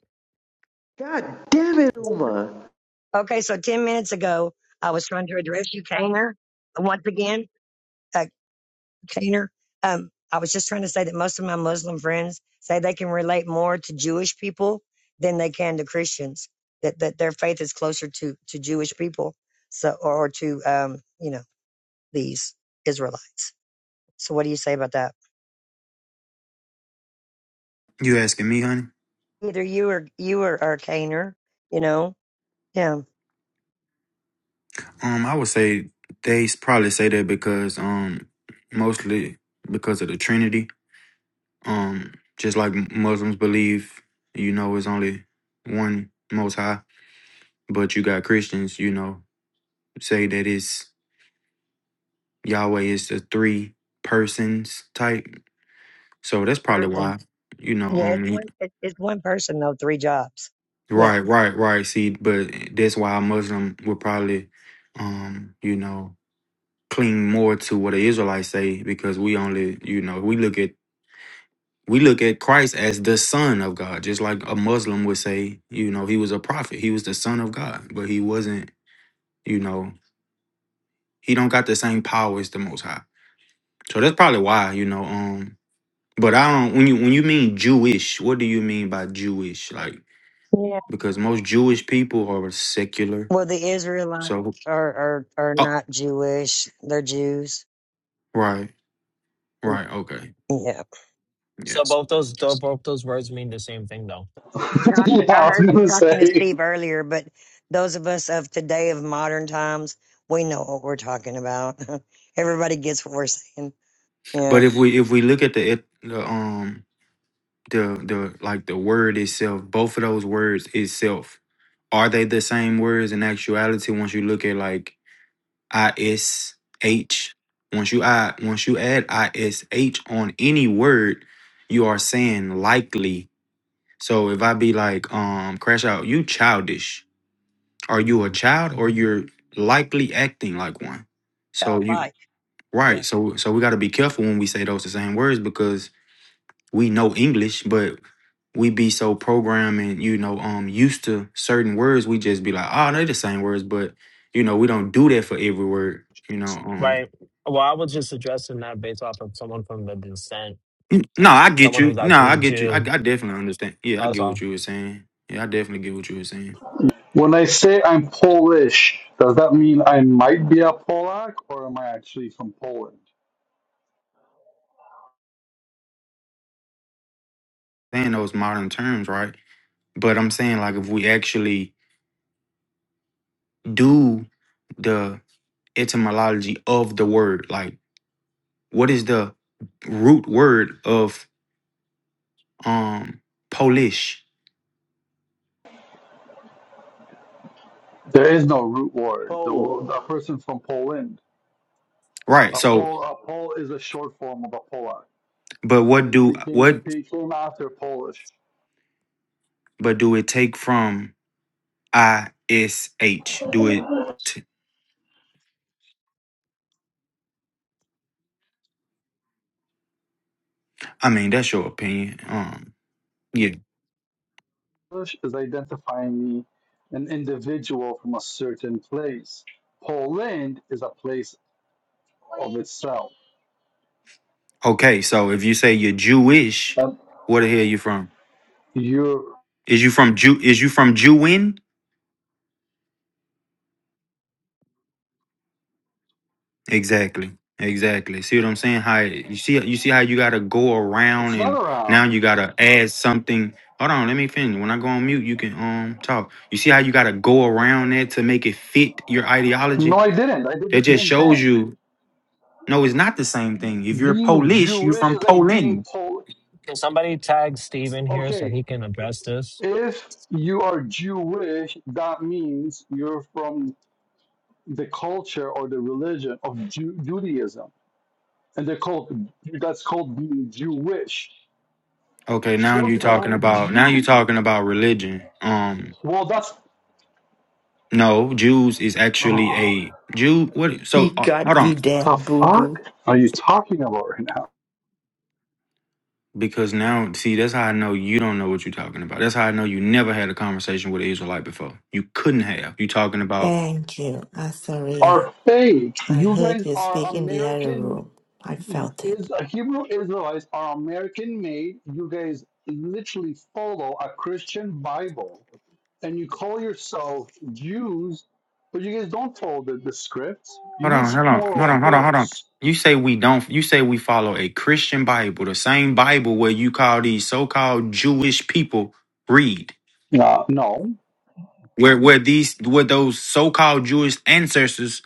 D: God damn it, Uma.
E: okay, so 10 minutes ago, I was trying to address you, Kaner, once again. uh, container. Um, I was just trying to say that most of my Muslim friends say they can relate more to Jewish people than they can to Christians. That that their faith is closer to to Jewish people, so or, to um, you know these Israelites. So what do you say about that?
J: You asking me, honey?
E: Either you or you or, or Caner, you know, yeah,
J: Um, I would say they s- probably say that because um, mostly because of the Trinity. Um, just like Muslims believe, you know, it's only one Most High, but you got Christians, you know, say that it's Yahweh is the three persons type. So that's probably
E: person.
J: why, you know,
E: Yeah,
J: um,
E: it's
J: you-
E: one it, it's one person though, three jobs. Yeah,
J: right, right, right. See, but that's why a Muslim would probably, um, you know. cling more to what the Israelites say because we only, you know, we look at we look at Christ as the Son of God, just like a Muslim would say, you know, he was a prophet, he was the Son of God, but he wasn't, you know, he don't got the same power as the Most High. So that's probably why, you know, um. But I don't when you when you mean Jewish, what do you mean by Jewish? Like
E: yeah.
J: because most Jewish people are secular.
E: Well, the Israelites
J: So
E: are are are
J: oh,
E: not Jewish; they're Jews.
J: right, right, okay,
E: Yeah.
I: so
J: yes.
I: both those tho- both those words mean the same thing though
L: (laughs)
E: Talking,
L: yeah,
E: I
L: I was
E: heard you
L: gonna
E: talking to
L: say
E: Steve earlier, but those of us of today of modern times, we know what we're talking about. (laughs) Everybody gets what we're saying.
J: But
E: Yeah.
J: if we if we look at the, eth- the um the the like the word itself both of those words itself are they the same words in actuality once you look at like ish once you add once you add ish on any word you are saying likely so if i be like um crash out you childish are you a child or you're likely acting like one so
E: God
J: you
E: like. Yeah.
J: right so so we got to be careful when we say those the same words because we know English, but we be so programmed and you know um used to certain words. We just be like, oh, they are the same words, but you know we don't do that for every word. You know, um,
I: right well i was just addressing that based off of someone from the descent
J: n- no, I get
I: someone
J: you.
I: who's
J: No,
I: actually
J: I
I: a
J: get you. I,
I: jew
J: I definitely understand. Yeah, I
I: That's
J: get
I: all.
J: what you were saying. Yeah, I definitely get what you were saying.
L: when I say I'm Polish, does that mean I might be a Polak or am I actually from Poland?
J: Saying those modern terms, right? But I'm saying like if we actually do the etymology of the word, like what is the root word of um Polish.
L: There is no root word. The wo- a
D: Oh.
L: person from Poland,
J: Right.
L: a
J: So
L: Pol, a Pol is a short form of a Polak,
J: But
L: and
J: what
L: it
J: do
L: became
J: what?
L: it became after Polish.
J: But do it take from I S H? Do it? T- I mean, that's your opinion. Um, yeah.
L: Polish is identifying me, an individual from a certain place. Poland is a place of itself.
J: Okay, so if you say you're Jewish,
L: And
J: where the hell you from?
L: you're,
J: Is you from Jew? Is you from Jewin? Exactly. Exactly. See what I'm saying? How it- you see? You see how you gotta go around,
L: it's not
J: and now
L: around.
J: you gotta add something. Hold on, let me finish. When I go on mute, you can um talk. You see how you gotta go around that to make it fit your
L: No,
J: ideology?
L: I didn't. I did
J: That
L: the
J: just
L: same
J: shows
L: thing.
J: you No, it's not the same thing. If you're
L: Being
J: Polish, you're
L: Jewish
J: from
L: is like being
J: Poland.
L: told,
I: Can somebody tag Steve in here so
L: okay,
I: he can address this?
L: if you are Jewish, that means you're from the culture or the religion of Ju- Judaism. And they're called, that's called being Jewish.
J: Okay, now
L: Short
J: you're talking
L: form,
J: about now you're
L: Jew.
J: talking about religion. Um,
L: Well, that's,
J: no, Jews is
L: (sighs)
J: actually
L: oh,
J: a Jew. What?
H: He
J: So uh, hold
H: got you
J: on.
H: there,
L: the
H: boo
L: fuck
H: boo.
L: are you talking about right now?
J: Because now, see, that's how I know you don't know what you're talking about. That's how I know you never had a conversation with an Israelite before. You couldn't have. You talking about
H: Thank you, Asaria.
L: Are fake.
H: I
L: You
H: heard
L: guys
H: you
L: are
H: speak in the other
L: American.
H: room. I felt it.
L: is uh, Hebrew Israelites are American made. You guys literally follow a Christian Bible, and you call yourself Jews, but you guys don't follow the, the script. You
J: hold on,
L: guys
J: hold on,
L: follow
J: hold on, hold on, hold on.
L: books.
J: You say we don't. You say we follow a Christian Bible, the same Bible where you call these so-called Jewish people read,
L: Uh, no.
J: where where these where those so-called Jewish ancestors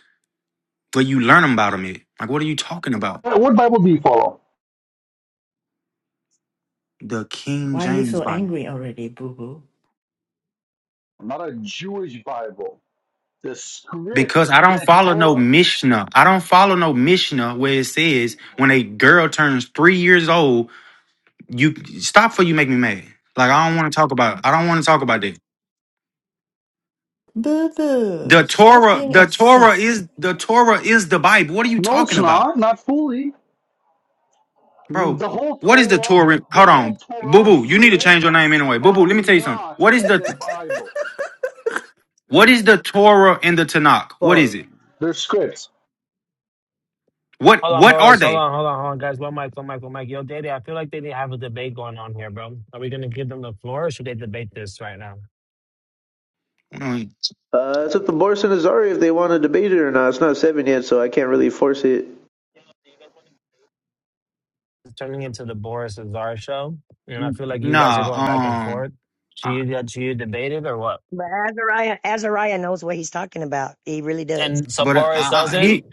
J: where you learn about them. At. Like, what are you talking about?
L: What what Bible do you follow?
J: The King
H: Why are you
J: James
H: so
J: Bible.
H: angry already, boo boo?
L: Not a Jewish Bible. The script,
J: Because I don't
L: the
J: follow no
L: Torah.
J: Mishnah. I don't follow no Mishnah where it says when a girl turns three years old, you stop for you make me mad. Like I don't want to talk about. I don't want to talk about that.
H: Boo boo,
J: The
H: stop
J: Torah,
H: being
J: the
H: upset.
J: Torah is the Torah is the Bible. What are you
L: No, it's
J: talking about,
L: not. Not fully. Mm,
J: bro?
L: The whole
J: What is the
L: Torah,
J: Torah?
L: the
J: Hold
L: whole
J: on, boo
L: Torah
J: boo. You need to
L: script
J: change your name anyway, boo boo.
L: are
J: Let me tell you something.
L: not
J: What is
L: in the
J: the
L: Bible.
J: what is the Torah and the Tanakh? What is
H: For
J: it?
L: They're scripts.
J: What
I: Hold on,
J: what are
I: Boris. Hold
J: they?
I: on, hold on, hold on, guys. One mic, one mic, one mic. Yo, Daddy, I feel like they need to have a debate going on here, bro. Are we gonna give them the floor or should they debate this right now?
J: Mm,
D: Uh, it's up to Boris and Azari if they want to debate it or not. It's not seven yet, so I can't really force it.
I: It's turning into the Boris and Zara show. And I feel like you guys are
J: Nah,
I: going back and
J: um,
I: forth. Should
J: I-
I: you get should you debate it or what?
E: But Azariah, Azariah knows what he's talking about. He really does.
I: And so
J: but uh,
I: Boris
J: I, I- he
I: doesn't?
H: who?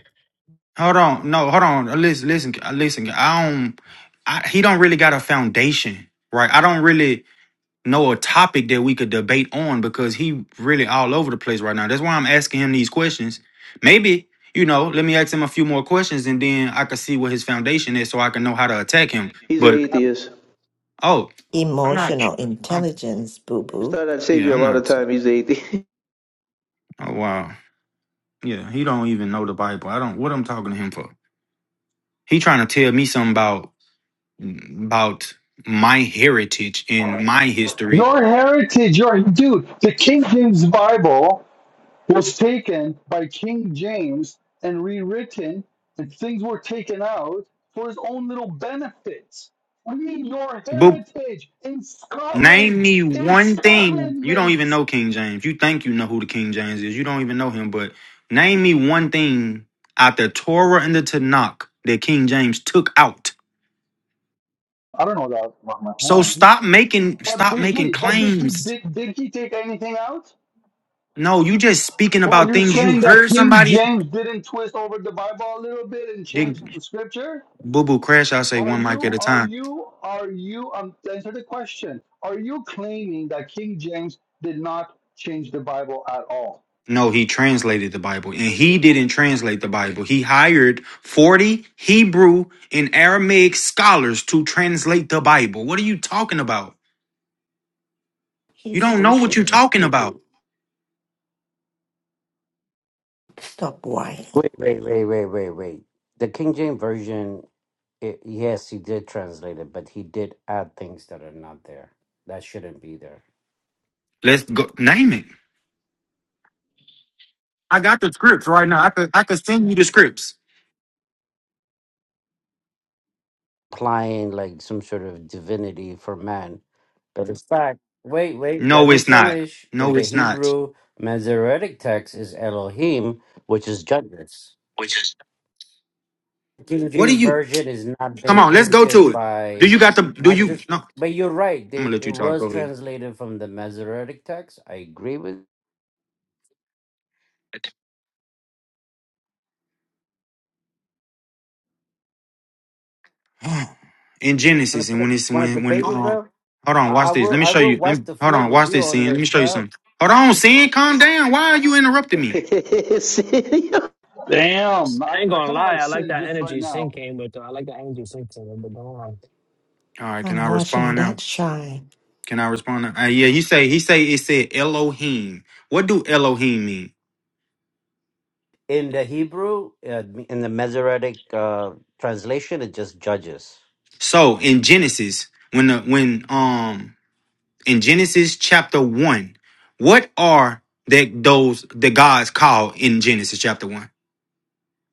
J: Hold on, no, hold on. Uh, Listen, listen, uh, listen. I don't. I, he don't really got a foundation, right? I don't really know a topic that we could debate on because he really all over the place right now. That's why I'm asking him these questions. Maybe you know, let me ask him a few more questions and then I can see what his foundation is, so I can know how to attack him.
D: He's an
J: But
D: atheist.
J: oh, I'm not.
H: emotional
J: Um,
H: intelligence, boo
D: Just
H: boo.
D: thought I'd save
J: yeah,
D: you a
J: I'm
D: lot of
J: not.
D: time. He's an
J: Oh wow. Yeah, he don't even know the Bible. I don't. What I'm talking to him for? He trying to tell me something about. about my heritage and my history.
L: Your heritage, your dude. The King James Bible was taken by King James and rewritten, and things were taken out for his own little benefits. Read your
J: But
L: heritage in
J: name
L: Scotland,
J: me
L: in
J: one thing.
L: Scotland,
J: You don't even
L: mates.
J: know King James. You think you know who the King James is. You don't even know him. But name me one thing out the Torah and the Tanakh that King James took out.
L: I don't know that off my
J: So
L: hand,
J: stop making
L: but
J: stop
L: did
J: making
L: he? But did he?
J: claims.
L: Did, did he take anything out?
J: No, you just speaking
L: Or
J: about
L: you're
J: things you
L: saying that
J: heard
L: King
J: somebody.
L: James didn't twist over the Bible a little bit and
J: Then
L: change the scripture?
J: boo boo crash. I say
L: Are
J: one mic
L: you,
J: at a
L: are
J: time.
L: you, are you, um, to answer the question, are you claiming that King James did not change the Bible at all?
J: No, he translated the Bible and he didn't translate the Bible. He hired 40 Hebrew and Aramaic scholars to translate the Bible. What are you talking about? You
H: He's
J: don't know what you're
H: bullshitting,
J: talking
H: boo
J: about.
H: boo. Stop whining.
M: Wait, wait, wait, wait, wait, wait. The King James version, it, yes, he did translate it, but he did add things that are not there. That shouldn't be there.
J: Let's go name it. I got the scripts right now. I could I could send you the scripts.
M: implying like some sort of divinity for man, but in fact, wait, wait. Let
J: No,
M: me
J: it's not.
M: finish. In
J: No,
M: the
J: it's not.
M: Hebrew Masoretic text is Elohim, which is judges. King
J: What are
M: James
J: you?
M: version is not
J: Come
M: been
J: on, let's go
M: tainted
J: to it. Do
M: by
J: you got the do
M: not
J: you
M: just.
J: No.
M: But you're right.
J: I'm gonna
M: They,
J: let
M: it
J: you talk. Go
M: was
J: ahead.
M: translated from the Masoretic text. I agree with.
J: (sighs) in Genesis,
M: Want to
J: and
M: play?
J: when it's
M: Want to
J: when when
M: debate
J: Oh,
M: me,
J: um,
M: bro?
J: hold on,
M: I, I
J: watch this. Let
M: will.
J: me
M: I
J: show
M: will
J: you. Let
M: wipe
J: me
M: the
J: hold
M: floor
J: on,
M: with
J: watch
M: you
J: this,
M: on
J: sin. Let
M: this,
J: me show you
M: bro.
J: something. Hold on, sin, calm down. Why are you interrupting me?
D: atheist. (laughs)
L: Damn, I,
I: I ain't
L: I
I: gonna
L: kind of
I: lie,
L: like
I: I like
L: sin
I: that
L: just right
I: energy
L: now.
I: Sink came with though. I like the energy Sink came with, but go on.
J: All right, can
H: I'm
J: I
H: watching
J: respond now?
H: that shine.
J: Can I respond now? Uh, yeah, he say he say it said Elohim. What do Elohim mean?
M: In the Hebrew, uh, in the Masoretic uh, translation, it just judges.
J: So in Genesis, when the when um in Genesis chapter one, what are that those the gods called in Genesis chapter one?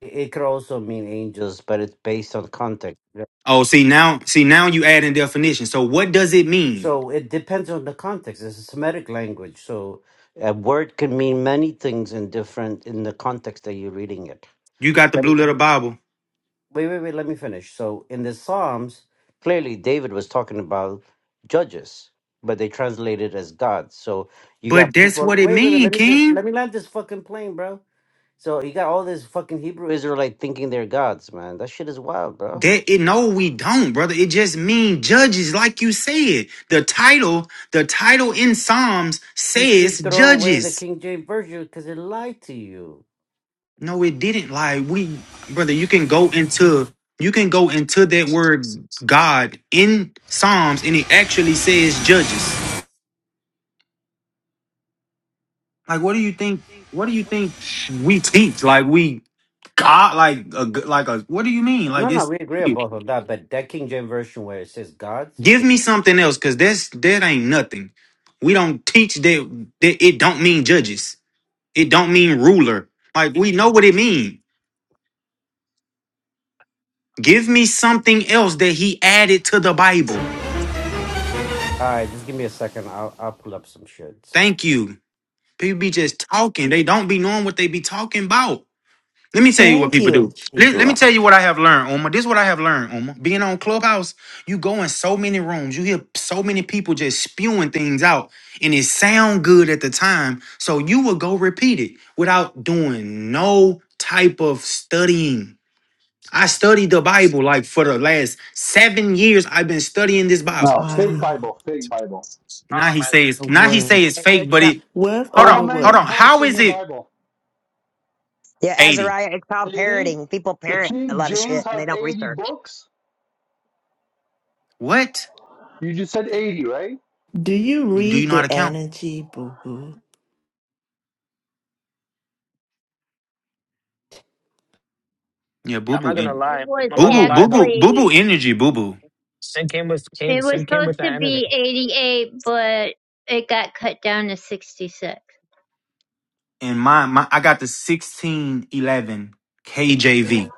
M: It could also mean angels, but it's based on context. Yeah.
J: Oh, see now, see now you add in definition. So what does it mean?
M: So it depends on the context. It's a Semitic language, so a word can mean many things in different in the context that you're reading it.
J: You got the blue little Bible.
M: wait, wait, wait, let me finish. So in the Psalms, clearly David was talking about judges, but they translated as gods. So you
J: But
M: got
J: that's
M: people
J: what it
M: wait, wait, wait,
J: mean,
M: let me just let
J: King.
M: me land this fucking plane, bro. So you got all this fucking Hebrew Israelite thinking they're gods, man. That shit is wild, bro.
J: That it no, we don't, brother. It just mean judges, like you said. The title, the title in Psalms
M: You
J: says
M: should throw away the
J: judges.
M: King James Version because it lied to you.
J: No, it didn't. Like we, brother, you can go into you can go into that word God in Psalms, and it actually says judges. Like, what do you think? What do you think we teach? Like we God, like a like a. What do you mean?
M: No,
J: Like
M: no,
J: it's.
M: we agree on both of that, but that King James Version where it says gods,
J: Give
M: should...
J: me something else, cause that's that ain't nothing. We don't teach that, that it don't mean judges. It don't mean ruler. Like we know what it mean. Give me something else that he added to the Bible.
M: all right, just give me a second. I'll, I'll pull up some shit.
J: Thank you. People be just talking. They don't be knowing what they be talking about. Let me tell you what
H: Thank
J: people
H: you,
J: do. Let, let me tell
H: Libra.
J: you what I have learned, Oma. This is what I have learned, Oma. Being on Clubhouse, you go in so many rooms, you hear so many people just spewing things out, and it sound good at the time, so you will go repeat it without doing no type of studying. I studied the Bible like for the last seven years. I've been studying this Bible.
L: No, fake
H: Wow,
L: Bible, fake Bible.
I: I
J: Now
I: don't
J: he
I: know, man.
J: says,
H: a
J: now he says
H: word.
J: it's
E: It-
J: fake,
E: it's
J: but
E: called-
J: it.
H: Word
J: Hold
L: How
J: on,
H: over word.
J: hold
L: many
J: on.
L: books
J: How
L: in
J: is
L: your
J: it
L: Bible?
E: yeah,
J: eighty?
E: Azariah, it's called
L: 80?
E: parroting. People
L: The
E: parrot a
L: King
E: lot of shit
L: James
E: and
L: has
E: they don't
L: 80
E: research.
L: books?
J: What?
L: You just said 80, right?
H: Do you
J: Do you
H: read
J: know how to
H: the
J: count?
H: energy, boo boo?
J: Yeah, boo
I: Yeah, I'm not
J: boo
I: gonna
J: and
B: It
I: lie.
B: was
I: I'm
J: boo
I: not gonna
J: boo
I: lie
J: boo boo
I: though.
J: boo
B: actually,
J: boo energy boo boo.
I: Sin came with came,
B: it was
I: Sin came
B: supposed
I: with
B: to
I: that energy.
B: be 88, but it got cut down to 66.
J: And my my I got the sixteen eleven KJV,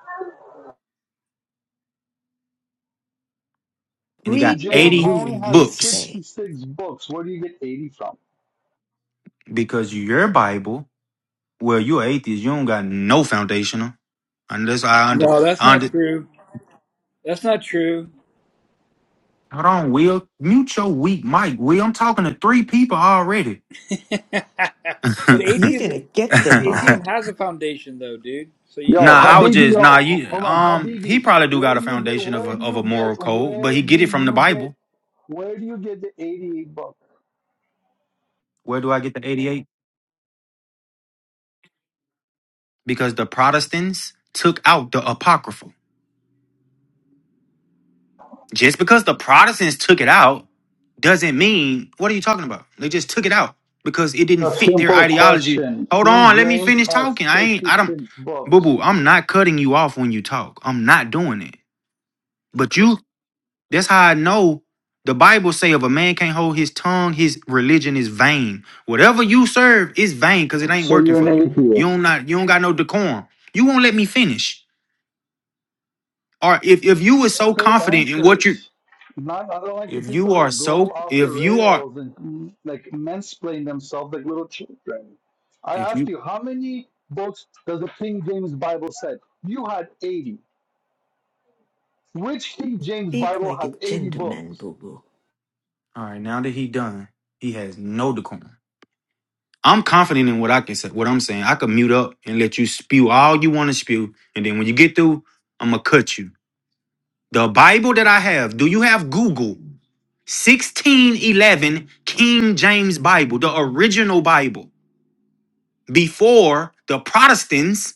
J: and it
L: King
J: got
H: Read the
L: James
J: eighty
L: only
H: room, we
L: has
J: books
H: say.
L: 66 books. Where do you get 80 from?
J: because your Bible. Well, you're atheist. You don't got no foundational. Unless I under
N: No, that's
J: I under.
N: not true. That's not true.
J: Hold on, Will. Mute your weak mic, Will. I'm talking to three people already. (laughs) (laughs)
N: But
J: nah,
H: You're
N: atheism,
H: gonna get them
N: atheism
H: all.
N: has a foundation, though, dude. So you-
L: Yo,
N: you're
J: I would
N: wrong.
L: Habibi,
J: just nah.
L: yo,
J: You
L: hold on,
J: um, he
L: Habibi.
J: probably do
L: Where
J: got a
L: do you get?
J: foundation of
L: Where
J: a
L: do
J: of a
L: you get?
J: moral code, but
L: Where
J: he
L: do
J: get it from the
L: you get?
J: Bible.
L: Where do you get the eighty-eight books?
J: Where do I get the eighty eight? because the Protestants took out the apocryphal. Just because the Protestants took it out doesn't mean what are you talking about? They just took it out because it didn't
L: A
J: fit their
L: simple
J: ideology.
L: question.
J: Hold on,
L: King
J: let me
L: James
J: finish
L: has
J: talking. I ain't I don't
L: sixty-six
J: boo
L: books,
J: boo, I'm not cutting you off when you talk. I'm not doing it. But you that's how I know the Bible say if a man can't hold his tongue, his religion is vain. Whatever you serve is vain because it ain't
L: so
J: working
L: you're an
J: for you. You don't
L: atheist.
J: not you don't got no decorum. You won't let me finish. Or if if you were so
L: Straight
J: confident in what you
L: answers. Not, I don't like the
J: if you
L: people
J: are
L: that go
J: so
L: off the
J: if you are
L: rails and mm, like mansplain themselves like little children. I
J: if
L: asked
J: you
L: you, how many books does the King James Bible say? You had eighty. Which King James
H: Speak
L: Bible
H: like a
L: has 80
H: gentleman,
L: books?
H: boo boo.
J: all right now that he done he has no decorum. I'm confident in what I can say. What I'm saying, I can mute up and let you spew all you want to spew, and then when you get through, I'm gonna cut you. The Bible that I have. Do you have Google? 1611 King James Bible, the original Bible, before the Protestants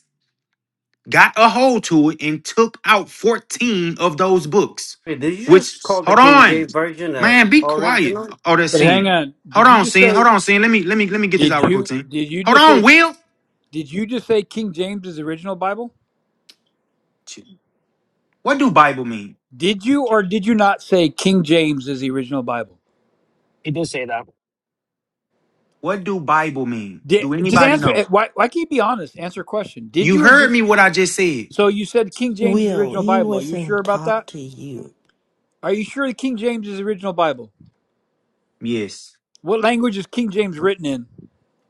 J: got a hold to it and took out 14 of those books.
M: Wait, did you
J: Which
M: just call the
J: hold
M: King
J: on.
M: James Version a
J: Man, be quiet.
M: original
J: Oh, that's
N: But
J: sin.
N: hang on.
J: Hold
N: Did you
J: on,
N: just
J: sin. Hold
N: say?
J: on, sin. Let me let me let me get this
N: Did
J: out real quick,
N: you?
J: sin.
N: Did you
J: Hold
N: just
J: on,
N: say?
J: Will.
N: Did you just say King James is the original Bible?
J: What do Bible mean?
N: Did you or did you not say King James is the original Bible?
I: He did say that.
J: What do Bible mean?
N: Did,
J: Do
N: just
J: anybody
N: answer
J: know?
N: it. Why, why can't you be honest? Answer a question. Did
J: You
N: you or
J: heard
N: did?
J: me what I just said.
N: So you said King James is the
H: Will,
N: original
H: he
N: Bible. Are you sure
H: wasn't
N: about
H: talk
N: that?
H: to you.
N: Are you sure the King James is the original Bible?
J: Yes.
N: What language is King James written in?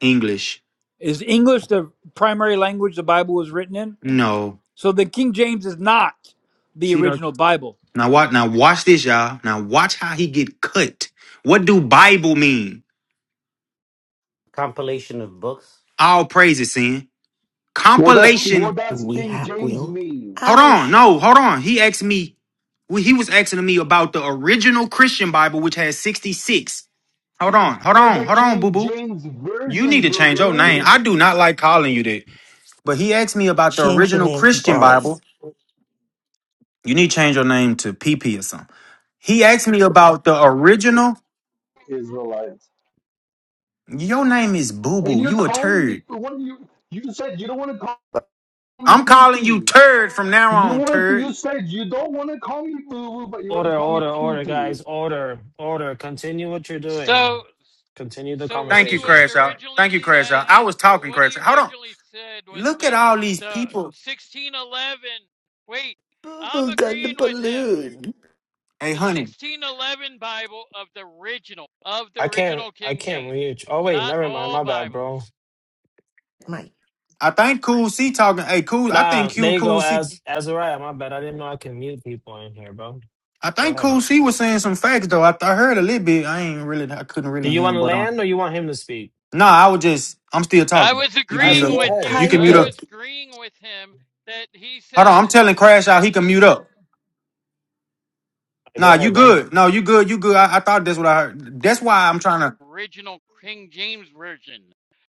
J: English.
N: Is English the primary language the Bible was written in?
J: No.
N: So the King James is not the
J: See that?
N: original Bible.
J: Now watch now watch this, y'all. Now watch how he get cut. What do Bible mean?
M: compilation of books?
J: All praises, sin.
L: What does
J: Compilation
L: what
H: Do
L: does
H: we
L: King
H: have
L: James
H: Will?
L: mean?
J: Hold on,
H: Ouch,
J: no, hold on. He asked me. well, He was asking me about the original Christian Bible, which has sixty six. Hold on, hold
L: They're
J: on,
L: the
J: hold on, boo
L: King
J: boo.
L: James
J: You
L: Version,
J: need to
L: boo
J: change your name.
L: boo.
H: boo.
J: I do not like calling you that. But he asked me about the
H: Change your
J: original
H: name to
J: Christian Bible.
H: Boris.
J: You need to change your name to PP or something. He asked me about the original.
L: Israelites.
J: Your name is Boo
L: And
J: Boo.
L: you're
J: You a
L: calling me
J: turd.
L: what do you you said you don't want to call
H: But
L: me
J: I'm
L: pee
J: calling you
L: pee.
J: turd from now
L: You
J: on,
L: want to,
J: turd.
L: you said you don't want to call me boo boo, but you want to
I: Order,
L: call me
I: order,
L: pee
I: order,
L: pee.
I: guys. Order, order. Continue what you're doing.
O: So,
I: Continue the
O: so what
J: Thank
O: he
J: you,
O: was
I: conversation.
J: Crash Out.
O: originally
J: Thank you, Crash
O: said.
J: Out. I was
O: So
J: talking,
O: what he
J: Crash Out. Hold on.
O: originally said was
J: Look at
O: the
J: all these
O: the
J: people.
O: 1611. Wait,
H: boo
O: I'm
H: boo got the
O: agreeing with him.
H: balloon.
J: Hey,
O: The
J: honey.
O: 1611 Bible of the original of the
I: I can't.
O: original
I: I
O: King
I: can't
O: James,
I: mute. Oh wait,
O: not
I: never mind.
O: all
I: My bad,
O: Bibles.
I: bro.
H: Mike,
J: I think Cool C talking. Hey, Cool. I
I: Nah,
J: think Q
I: there you go.
J: Cool C.
I: As Azariah, my bad. I didn't know I can mute people in here, bro.
J: I
I: Go
J: think
I: ahead.
J: Cool C was saying some facts though. I, I heard a little bit. I ain't really. I couldn't
I: Do
J: really
I: you
J: hear
I: want
J: him.
I: to
J: But um,
I: land or you want him to speak?
J: no, I was just. I'm still
O: I
J: talking.
O: was
J: You
I: All
J: can
I: right,
J: mute
O: agreeing
I: so
J: up.
I: go
H: Cozy,
O: with
I: ahead.
O: you.
J: You can
I: Go
H: type
O: I
J: mute
I: ahead.
J: up.
O: was
H: it.
O: agreeing with him that he
J: Hold on. I'm
O: said.
J: telling Crash out. He can mute up.
I: Go
J: Nah,
I: ahead,
J: you
I: bro.
J: good. No, you good. You good. I, I thought that's what I heard. That's why I'm trying to.
O: original King James Version,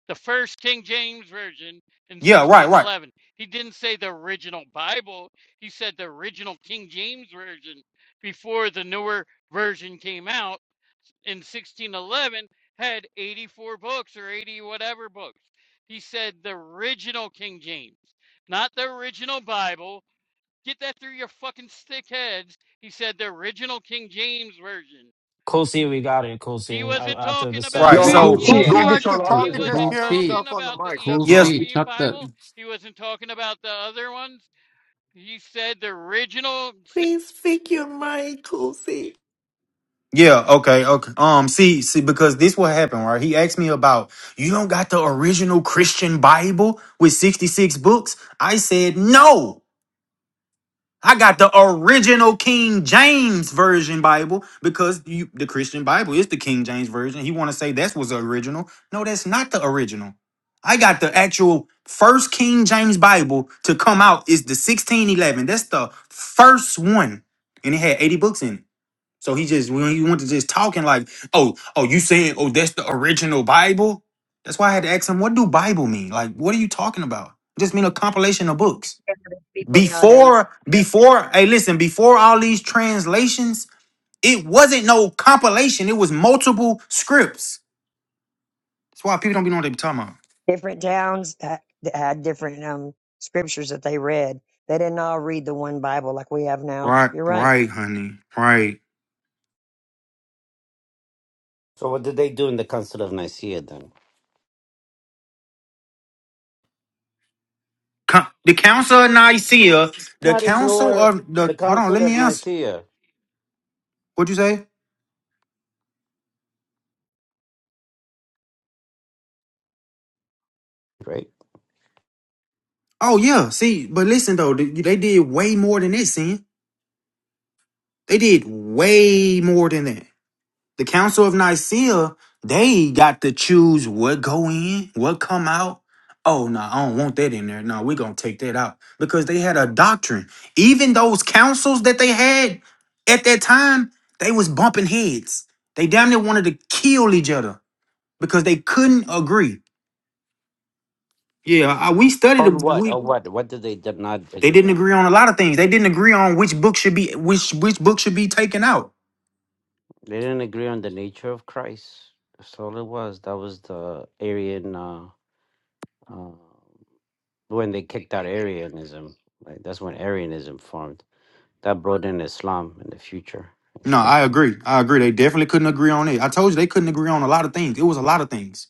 O: the first King James Version in
J: Yeah. Right. Right.
O: 1611. He didn't say the original Bible, he said the original King James Version before the newer version came out in 1611 had 84 books or 80 whatever books. He said the original King James, not the original Bible. Get that through your fucking stick heads. He said the original King James Version
I: Cool C, we got it. Cool C.
O: he
I: A-
O: wasn't
I: After the
O: talking about
I: seventh
O: the
J: Right.
L: Yo,
P: See,
I: time,
L: cool
J: So
I: we
L: T,
I: get
P: Tulsi
L: go
I: it.
O: Ethiopian.
L: get
P: likes
L: your
P: to
I: We
L: lot
O: He
P: talk
I: get
P: and
I: it.
L: lizard
P: just
O: wasn't
K: Cool
L: back.
P: hear
K: C,
O: talking
P: himself on the
O: about the
P: mic.
K: cool
P: That's
J: yes.
P: all.
K: C.
O: Ethiopian
K: Shut the.
O: Bible. He wasn't talking about the other ones. He said the original. si-
H: Please speak your mind, Cozy.
J: Yeah, okay, okay. Um, see, see, because this what happened, right? He asked me about you don't got the original Christian Bible with 66 books. I said, no, I got the original King James Version Bible because you the Christian Bible is the King James Version. He wanna say that's was the original. No, that's not the original. I got the actual first King James Bible to come out is the 1611. That's the first one. And it had 80 books in it. So he just when he went to just talking like, oh, oh, you saying, oh, that's the original Bible? That's why I had to ask him, what do Bible mean? Like, what are you talking about? It just mean a compilation of books.
E: Different People nowadays,
J: Before,
E: yep.
J: before, hey, listen, before all these translations, it wasn't no compilation. It was multiple scripts. That's why people don't be knowing what they be talking about.
E: different towns ha- had different um, scriptures that they read. They didn't all read the one Bible like we have now.
J: Right,
E: You're right.
J: right, honey. Right.
M: So what did they do in the Council of Nicaea then?
J: Co- the Council of Nicaea, the
M: Not
J: Council
M: ignore
J: of
M: the
J: the hold on,
M: Council
J: let me
M: of
J: answer.
M: Nicaea,
J: What'd you say?
M: right?
J: Oh yeah, see, but listen though, th- they did way more than this, sin. They did way more than that. The Council of Nicaea, they got to choose what go in, what come out. Oh no, I don't want that in there. No, we're gonna take that out because they had a doctrine. Even those councils that they had at that time, they was bumping heads. They damn near wanted to kill each other because they couldn't agree. Yeah, I, we studied.
M: On
J: it.
M: what?
J: We
M: On what? What did they did not
J: They
M: agree
J: didn't
M: on?
J: agree on a lot of things. They didn't agree on which book should be which which book should be taken out.
M: They didn't agree on the nature of Christ. That's all it was. That was the Arian uh, uh, when they kicked out Arianism. Like that's when Arianism formed. That brought in Islam in the future,
J: No,
M: actually.
J: I agree. I agree. They definitely couldn't agree on it. I told you they couldn't agree on a lot of things. It was a lot of things.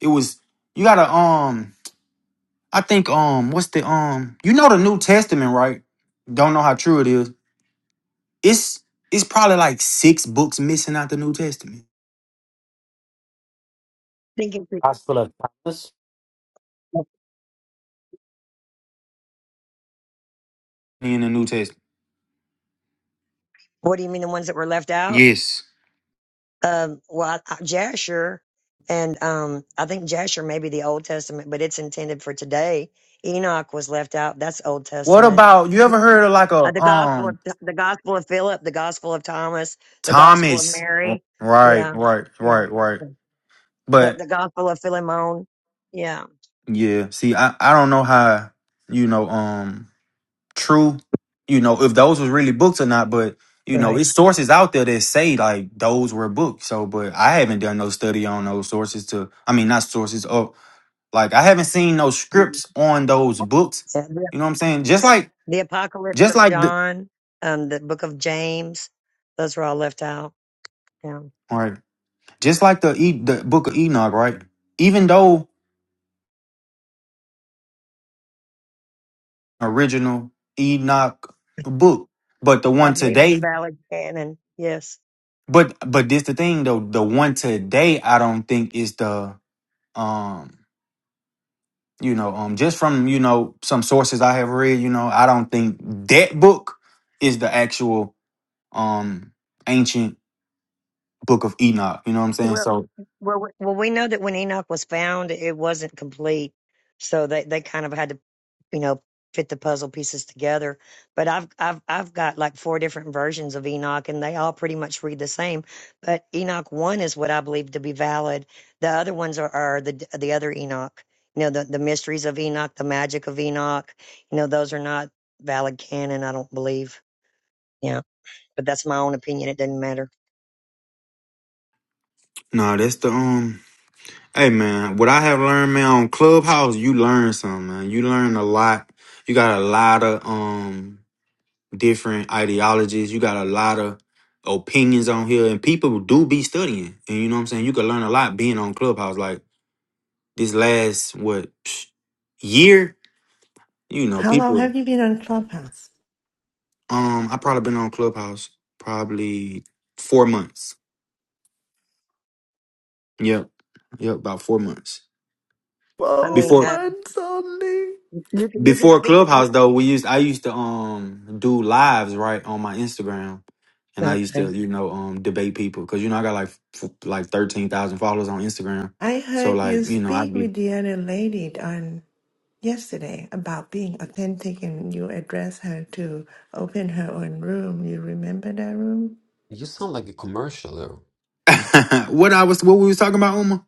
J: It was you gotta um I think um what's the um you know the New Testament, right? Don't know how true it is. It's it's probably like six books missing out the New Testament.
E: Thinking.
M: Gospel of Thomas.
J: In the New Testament.
E: What do you mean the ones that were left out?
J: Yes.
E: Um, well, I- I- Jasher, and um, I think Jasher may be the Old Testament, but it's intended for today. Enoch was left out. That's Old
J: What
E: Testament.
J: about you ever heard of like
E: Uh,
J: a
E: the Gospel of
J: um
E: the Gospel of Philip, the Gospel of Thomas, the Gospel of
J: Thomas?
E: Mary.
J: Right,
E: Yeah,
J: right,
E: yeah.
J: right, right.
E: The
J: But
E: the Gospel of Philemon. Yeah,
J: Yeah. See, I, I don't know how, you know, um true, you know, if those was really books or not, but you know,
E: right.
J: it's sources out there that say like those were books. So but I haven't done no study on those sources to I mean not sources of like I haven't seen no
E: Mhm.
J: scripts on those books.
E: Yeah,
J: You know what I'm
E: The
J: saying? Just like
E: the Apocalypse
J: just
E: of
J: like the
E: John, um, the Book of James. Those were all left out. Yeah.
J: all right. Just like the e, the book of Enoch, right? Even though original Enoch book, but the
E: I
J: one
E: believe it's
J: today
E: valid canon. Yes.
J: But but this the thing though, the one today I don't think is the um you know um just from you know some sources I have read, you know, I don't think that book is the actual um ancient book of Enoch, you know what I'm saying?
E: Well,
J: So
E: well, we- well. We know that when Enoch was found, it wasn't complete, so they they kind of had to, you know, fit the puzzle pieces together. But I've I've I've got like four different versions of Enoch, and they all pretty much read the same. But Enoch one is what I believe to be valid. The other ones are, are the the other Enoch. You know, the the mysteries of Enoch, the magic of Enoch. You know, those are not valid canon. I don't believe. Yeah, but that's my own opinion. It doesn't matter.
J: no, that's the um hey man, what I have learned man on Clubhouse, you learn something, man. You learn a lot. You got a lot of um different ideologies. You got a lot of opinions on here, and people do be studying. And you know what I'm saying? You can learn a lot being on Clubhouse. Like this last what (sniffs) year? You know,
H: How long
J: people.
H: have you been on Clubhouse?
J: Um, I probably been on Clubhouse probably four months. Yep, yep, about four months
E: I mean,
H: Four
J: before
E: um,
H: months only.
E: you could, you could
J: Before
E: speak. You,
J: Clubhouse though, we used I used to um do lives right on my Instagram, and I used
E: okay,
J: to you know um debate people because you know I got like f- like thirteen thousand followers on Instagram,
H: I
J: so
H: heard you
J: like you know
H: speak
J: I'd be
H: with the other lady on yesterday about being authentic and you addressed her to open her own room. You remember that room?
K: You sound like a commercial, though.
J: (laughs) what I was what we was talking about Uma.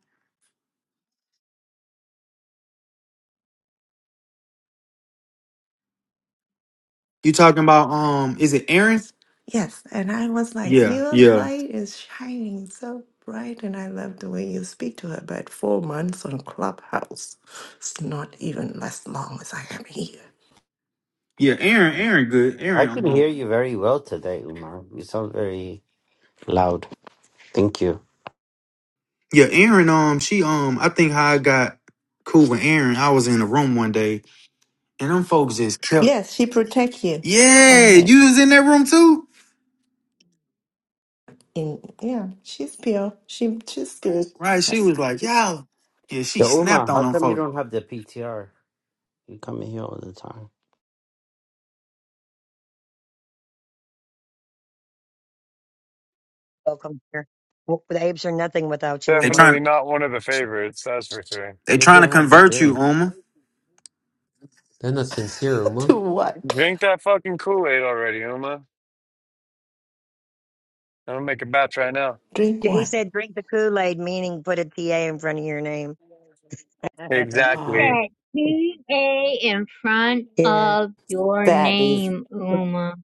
J: You talking about um is it Aaron?
H: Yes. And I was like,
J: Yeah,
H: Your
J: yeah,
H: light is shining so bright and I love the way you speak to her. But four months on Clubhouse, it's not even as long as I am here.
J: yeah. Aaron, Aaron, good.
M: I
J: Aaron,
M: could
J: um,
M: hear you very well today, Umar. You sound very loud. Thank you.
J: yeah, Aaron. Um, she um I think how I got cool with Aaron. I was in a room one day and them folks just kept.
H: Yes, she protect you. I
J: Yeah, you
H: heard.
J: was in that room too.
H: In yeah, she's pure. She she's good.
J: Right? She
H: Yes.
J: was like, you yeah." She
M: Yo,
J: snapped
M: Umar,
J: on
M: how
J: them
M: come you
J: folks.
M: don't have the PTR? You come in here all the time.
E: welcome here. Well, the apes are nothing without you,
J: They
E: Uma.
P: Definitely
J: trying,
P: not one of the favorites, that's for sure.
J: they
M: You
J: trying
M: should
J: to
M: have the
J: convert you,
M: green.
J: Uma.
K: Then a sincere
H: (laughs)
K: Uma.
H: to what?
P: Drink that fucking Kool Aid already, Uma. I'm gonna make a batch right now.
H: Drink
E: Yeah, He
H: what?
E: said, "Drink the Kool Aid," meaning put a TA in front of your name. (laughs)
B: Put
P: Exactly.
B: that T-A in front
E: yeah,
B: of your
H: That is
B: name, Uma.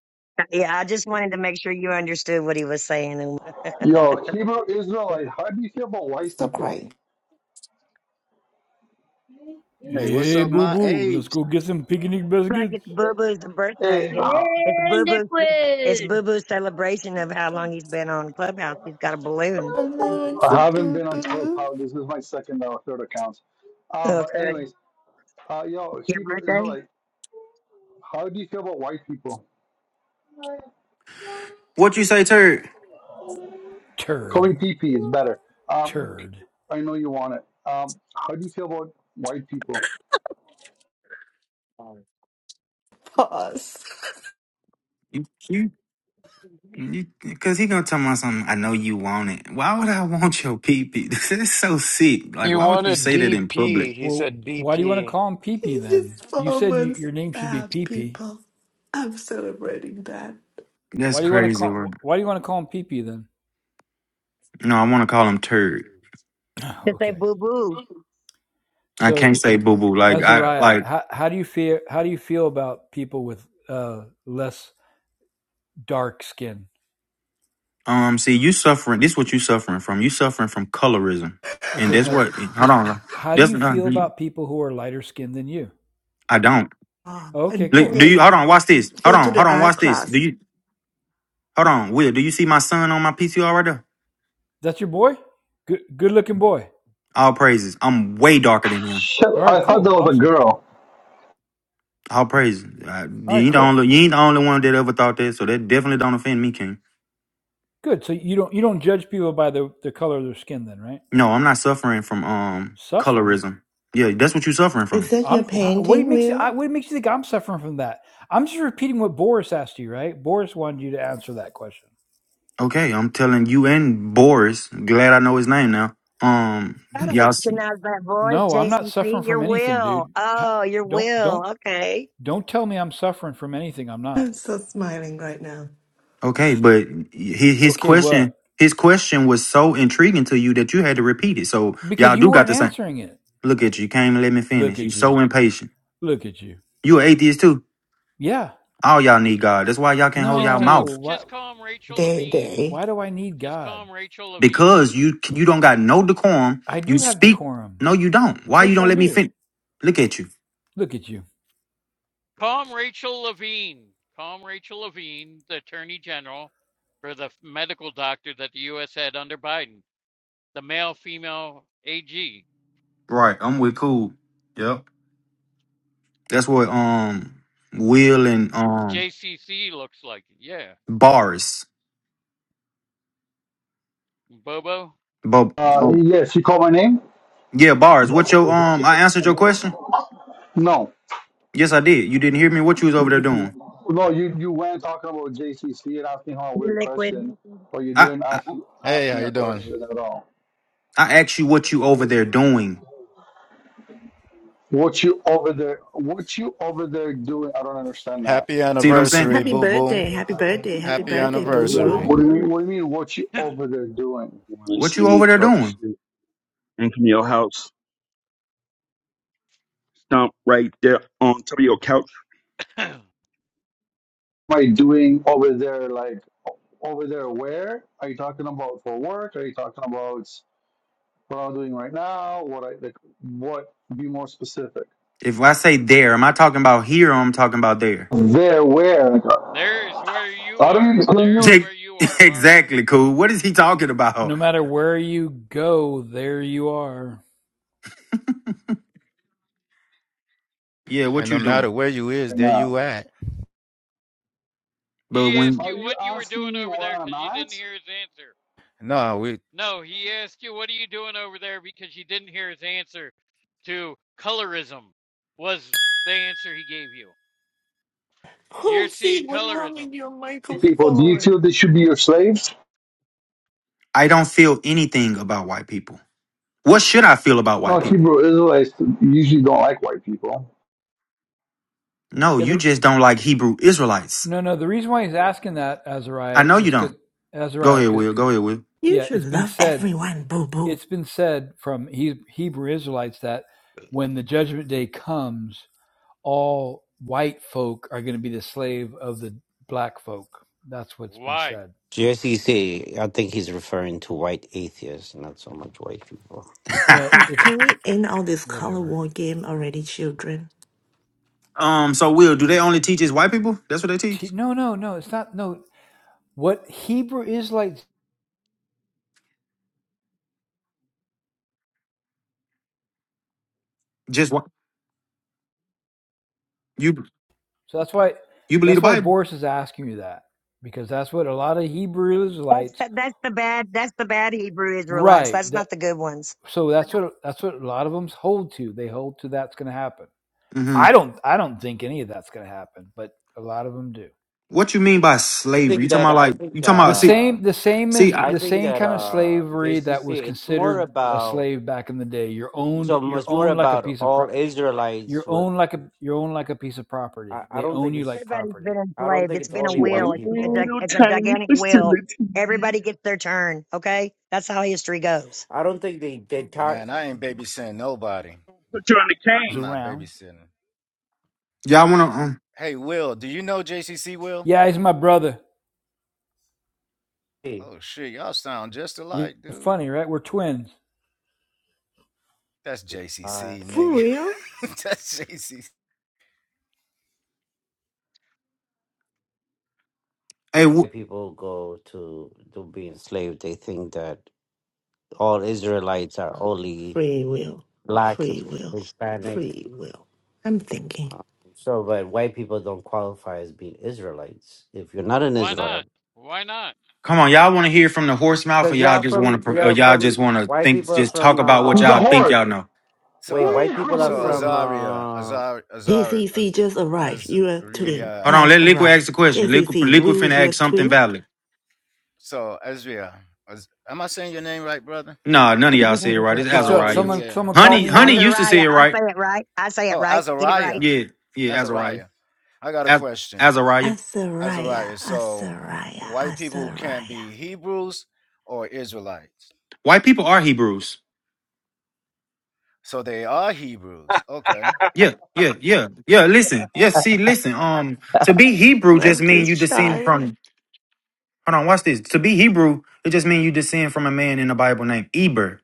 E: yeah. I just wanted to make sure you understood what he was saying. Uma.
L: Yo, Hebrew
E: It's
L: Israelite, how do you feel about white
H: stop
L: people?
H: crying.
Q: Hey, what's
N: Hey,
Q: up,
N: boo
Q: my
N: boo, let's
Q: apes?
N: go get some picnic
E: Like
N: biscuits.
E: it's Boo Boo's birthday.
L: Hey,
E: It's,
L: uh,
E: it's Boo
B: And
E: Boo's. It's
B: liquid.
E: Boo Boo's celebration of how long he's been on Clubhouse. He's got a balloon.
H: I learned for
L: I haven't
H: boo
L: been on
H: boo.
L: Clubhouse. This is my second or third account. Uh, but
E: Okay,
L: anyways, uh, yo,
E: your
L: Hebrew
E: birthday
L: Israelite, how do you feel about white people?
J: What you say, Turd?
N: Turd,
L: Calling P P is better. Um,
N: turd.
L: I know you want it. Um, how do you feel about white people?
H: Pause. (laughs)
J: You, you, you, because he gonna tell me something. I know you want it. Why would I (laughs) want your pee pee? (laughs) This is so sick. Like,
P: You
J: why would
P: want
J: you
P: a
J: say that in public?
P: DP? He
N: Well,
P: said
N: why do you want to
P: DP.
N: call him Pee Pee
H: He
N: then?
H: just
N: You
H: four
N: said you,
H: months
N: your name should be
H: out,
N: Pee Pee.
H: people. I'm celebrating that.
J: That's
N: Why do you want to
J: crazy.
N: call?
J: Bro.
N: Why do you want to call him Pee Pee then?
J: No, I want to call him Turd.
N: (sighs)
E: to say
N: Okay.
E: Boo Boo.
J: I can't
N: So,
J: say boo boo. Like, I
N: Azariah,
J: like.
N: how, how do you feel? How do you feel about people with uh, less dark skin?
J: Um, see, you suffering. This what you suffering from. You suffering from colorism, and
N: Okay,
J: that's
N: no,
J: what. Hold
N: just
J: on.
N: how do
J: That's
N: you
J: not.
N: feel about people who are lighter skinned than you?
J: I don't.
H: Ah,
N: Okay,
H: and
J: Look,
N: cool.
J: do you
H: paint.
J: hold on? Watch this.
H: Go
J: Hold
H: to
J: on. Hold
H: the
J: on.
H: art
J: Watch this. Do
H: class.
J: you hold on? Will, do you see my son on my PTR right there?
N: That's your boy? Good good looking boy.
J: All praises. I'm way darker than him.
L: Shit,
N: All
L: I
N: right,
L: thought that
N: cool.
L: was a
N: Awesome.
L: girl.
J: All praises. Uh,
N: All
J: you
N: right,
J: ain't the
N: cool.
J: only. You ain't the only one that ever thought that. So that definitely don't offend me, King.
N: Good. So you don't you don't judge people by the, the color of their skin then, right?
J: No, I'm not suffering from um
N: Suffering.
J: colorism. Yeah, that's what you're suffering
H: Is
J: from.
H: that your
N: I'm wh- what do you
H: painting,
N: makes you- I,
H: Will?
N: what makes you think I'm suffering from that? I'm just repeating what Boris asked you, right? Boris wanted you to answer that question.
J: Okay, I'm telling you and Boris. Glad I know his name now. Um,
E: I don't
J: y'all. s-
E: recognize that voice,
N: No, I'm not
E: Jason. JCC.
N: suffering
E: Your
N: from anything,
E: will.
N: dude. Ha-
E: Oh, your
N: Don't
E: will.
N: don't
E: Okay.
N: don't tell me I'm suffering from anything. I'm not.
H: I'm so smiling right now.
J: Okay, but his his
N: Okay, what?
J: question. His question was so intriguing to you that you had to repeat it. So
N: Because
J: y'all
N: you
J: do got
N: weren't
J: the same.
N: answering it.
J: Look at you. You can't even let me
N: Look
J: finish. You
N: at
J: so
N: you.
J: impatient.
N: Look at you.
J: You an atheist too.
N: Yeah.
J: All y'all need God. That's why y'all can't hold
O: Just
J: y'all
O: tell.
J: mouth.
N: No. Why
O: Just call him Rachel
H: Day
O: Levine.
H: day.
N: why do I need
O: Just call
N: God?
O: him Rachel Levine.
J: Because you you don't got no decorum.
N: I
J: You
N: do have
J: speak.
N: decorum.
J: No, you don't. Why you
N: Yes,
J: don't
N: I
J: let me
N: do.
J: finish? Look at you.
N: Look at you.
O: Call him Rachel Levine. Call him Rachel Levine, the Attorney General, for the medical doctor that the U.S. had under Biden. The male-female AG.
J: Right. I'm with cool. Yep. That's what um Will and um
O: JCC looks like it. Yeah,
J: Boris.
O: Bobo.
J: But
L: Uh, Oh, yes, you called my name?
J: yeah, Boris, what your um I answered your question?
L: No.
J: Yes, I did. You didn't hear me what you was over there doing.
L: No, you, you went talking about JCC and asking her a
E: Your
L: weird
E: liquid.
L: question, but you
J: I
L: didn't
J: I,
L: ask,
Q: Hey,
L: ask
Q: how
L: me a
Q: you doing?
L: question at all.
J: I asked you what you over there doing.
L: What you over there? What you over there doing? I don't understand that.
Q: Happy
J: See what I'm saying?
Q: anniversary,
H: Happy
Q: boo boo.
H: birthday, happy birthday, happy
Q: Happy
H: birthday, boo boo.
Q: anniversary.
L: What do you mean? What do you mean? What you over there doing?
F: You want to
J: What
F: see
J: you
F: me
J: over there
F: talk
J: doing?
F: shit? Come to your house. Stomp right there on top of your couch
O: (clears throat)
L: Am I doing over there like over there? Where are you talking about for work? Are you talking about what I'm doing right now? What I like? What? Be more specific.
J: If I say there, am I talking about here or I'm talking about there?
L: There, where? Like,
O: There's where you
L: I don't
O: are.
L: even know
O: There's
L: you
J: Jake,
O: where you are,
J: (laughs)
O: Barnes.
J: exactly, cool. What is he talking
N: No
J: about?
N: matter where you go, there you are.
J: Yeah,
Q: And
J: what
Q: no
J: you
Q: matter
J: doing?
Q: where you is,
L: right
Q: there
L: now.
Q: you at.
J: But
O: He asked
J: when
L: Are
O: you
L: you
O: what you were
L: asking
O: doing
L: me
O: over
L: where
O: there
L: I'm
O: because you didn't
L: at?
O: hear his answer.
Q: No, we
O: No, he asked you what are you doing over there because you didn't hear his answer to colorism was the answer he gave you. You're
H: Oh, see,
O: seeing
H: what's wrong
O: colorism.
H: with your
L: People, do you
H: microphone?
L: feel they should be your slaves?
J: I don't feel anything about white people, what should I feel about
L: No,
J: white people?
L: Hebrew Israelites usually don't like white people.
J: No,
N: Yeah,
J: you
N: the
J: just don't like Hebrew Israelites.
N: no, no. The reason why he's asking that,
J: I
N: Azariah,
J: know
N: is
J: you
N: because
J: don't. Go
N: Azariah.
J: ahead,
N: Because
J: Will. Go ahead, Will.
H: You
N: yeah,
H: should
N: it's been
H: love
N: said,
H: everyone, boo boo.
N: it's been said from Hebrew Israelites that when the judgment day comes, all white folk are going to be the slave of the black folk. That's what's been
O: Why?
N: said.
M: JCC, I think he's referring to white atheists, not so much white people.
N: Well,
H: Like,
N: it's
H: Can we end all this color
N: whatever.
H: war game already, children?
J: (laughs) um, so Will, do they only teach as white people? That's what they teach.
N: no, no, no. It's not. No, what Hebrew Israelites.
J: Just what you
N: So that's why.
J: you believe
N: That's
J: the
N: why
J: Bible?
N: Boris is asking you that because that's what a lot of Hebrew
E: That's
N: Israelites.
E: the, that's the bad that's the bad Hebrew Israelites.
N: Right.
E: That's
N: That.
E: not the good ones.
N: So that's what that's what a lot of them hold to. They hold to that's going to happen.
J: hmm
N: I don't. I don't think any of that's going to happen, but a lot of them do.
J: What you mean by
M: I
J: slavery?
M: think
J: You talking
M: that
J: about
M: I
J: like
M: think
J: you talking
N: The
J: about see
M: uh
N: same, the same
J: see
N: is
J: I,
M: I
N: the
M: think
N: same
M: that
N: kind of
M: uh
N: slavery that was
M: JCC it's more
N: considered a
M: about
N: slave back in the day. You're owned,
M: so
N: you're
M: it's more
N: owned like a
M: about
N: piece of pro,
M: all
N: you're
M: Israelites with
N: owned like a, you're owned like a piece of
M: I,
N: property.
M: I
N: They
M: don't
N: own
M: think
N: you
M: it's
N: like
E: Everybody's been
N: property.
M: I don't
E: enslaved.
M: think
E: It's
M: it's
E: been a
F: to
M: only
F: a
E: wheel.
M: white
E: It's a, gi-
M: people.
F: little
E: it's a
F: tiny
E: gigantic wheel.
F: facility.
E: Everybody gets their turn. Okay, that's how history goes. (laughs)
M: I don't think they they tar-
Q: man, I ain't babysitting nobody.
F: Put you on the
N: He's
Q: I'm
F: can.
Q: not
N: around.
Q: babysitting.
J: y'all want to um,
Q: Hey, Will, do you know JCC Will?
N: Yeah, he's my brother.
M: see,
Q: Oh shit, y'all sound just
N: You're
Q: alike, dude.
N: funny, right? We're twins.
Q: That's
M: all right.
Q: JCC,
H: For
Q: nigga.
H: real?
Q: (laughs) That's JCC.
J: hey Wi-
M: people go to to be enslaved, they think that all Israelites are only
H: Free will.
M: black,
H: Free will.
M: Hispanic.
H: Free will. I'm thinking.
M: um, So, but white people don't qualify as being Israelites if you're not in
O: Why
M: Israel,
O: not? Why not?
J: Come on, y'all want to hear from the horse mouth, or
M: because
J: y'all
M: y'all
J: just
M: from
J: want to, or
M: y'all
J: y'all just
M: from
J: want to
M: white
J: think,
M: people are
J: just talk
M: from
J: about what
L: Who's a
M: uh
J: y'all think
L: whore?
J: y'all know.
M: wait
Q: So,
M: white people are
Q: so
M: from
L: (laughs)
Q: Azaria,
M: uh
Q: Azar, Azar,
H: JCC
Q: Az,
H: just arrived. Your twin
J: Hold
Q: Azria.
J: on,
H: has
J: let Liquid
H: arrived.
J: ask the question. Liquid,
H: JCC,
J: Liquid
H: will
J: finna
H: is your
J: ask something
H: twin?
J: valid.
Q: So Azria, Az, am I saying your name right, brother?
J: Nah, none of y'all said it right. It's
R: What's up?
J: Azariah.
R: Someone
Q: Azariah.
R: someone called
J: Honey,
R: me in the
J: Honey used
R: room.
J: to say
E: Azariah,
J: it
E: I
J: right.
E: say it right. I say it
Q: Oh,
E: right. Get it right.
Q: Azariah.
J: Yeah, yeah, Azariah.
Q: Azariah. I got a
J: Az-
Q: question.
J: Azariah.
H: Azariah,
Q: Azariah. So,
H: Azariah,
Q: white people can't
H: Azariah.
Q: be Hebrews or Israelites.
J: White people are Hebrews.
Q: So they are Hebrews. Okay.
J: Yeah, yeah, yeah, yeah. Listen, yeah. See, listen. Um, to be Hebrew just
H: Love
J: mean
H: this
J: you descend
H: child.
J: from. Hold on, watch this. To be Hebrew, it just means you descend from a man in the Bible named Eber.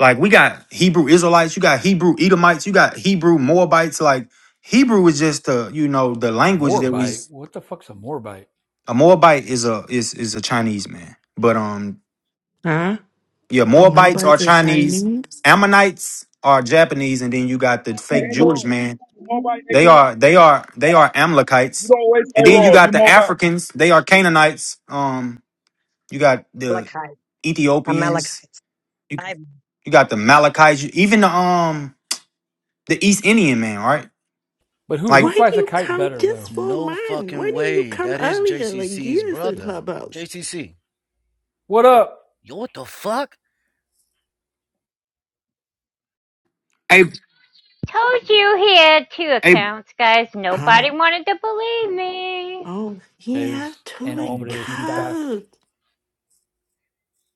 J: Like we got Hebrew Israelites, you got Hebrew Edomites, you got Hebrew Moabites. Like Hebrew is just the you know the language that we.
R: Morbite. What the fuck's a morbite?
J: A Moabite is a is is a Chinese man, but um
H: Huh?
J: yeah,
H: A mobile
J: Moabites are
H: is
J: Chinese,
H: Chinese?
J: Ammonites are Japanese, and then you got the
F: Hey,
J: fake Jewish
F: A-Roll.
J: man.
F: You Mobile
J: They
F: A-Roll.
J: are they are they are
F: You
J: Amalekites,
F: always
J: and
H: I'm
J: then you
F: A-Roll.
H: like,
J: got
F: You
J: the
F: mobile.
J: Africans. They are Canaanites. Um, you got the
E: Malachi. I'm
J: Ethiopians
E: Malachi.
J: You, you got the Malachites, even the um the East Indian man, right?
N: But who who
H: why
J: Like,
H: do
N: flies a
H: you
N: kite
H: come
N: better
H: just
N: though?
H: for a
Q: No
H: month? Why
Q: fucking
H: didn't you
Q: way.
H: come
Q: That is
H: earlier, like
Q: JCC's
H: years in
Q: brother.
H: Clubhouse?
Q: JCC.
R: What up?
Q: Yo, what the fuck?
J: a
B: Told you he had two
J: a
B: accounts, guys.
H: Huh?
B: Nobody wanted to believe me.
H: Oh, he
R: Is
H: have
R: and
H: two
N: Hombrecitas.
R: hombrecitas.
H: accounts.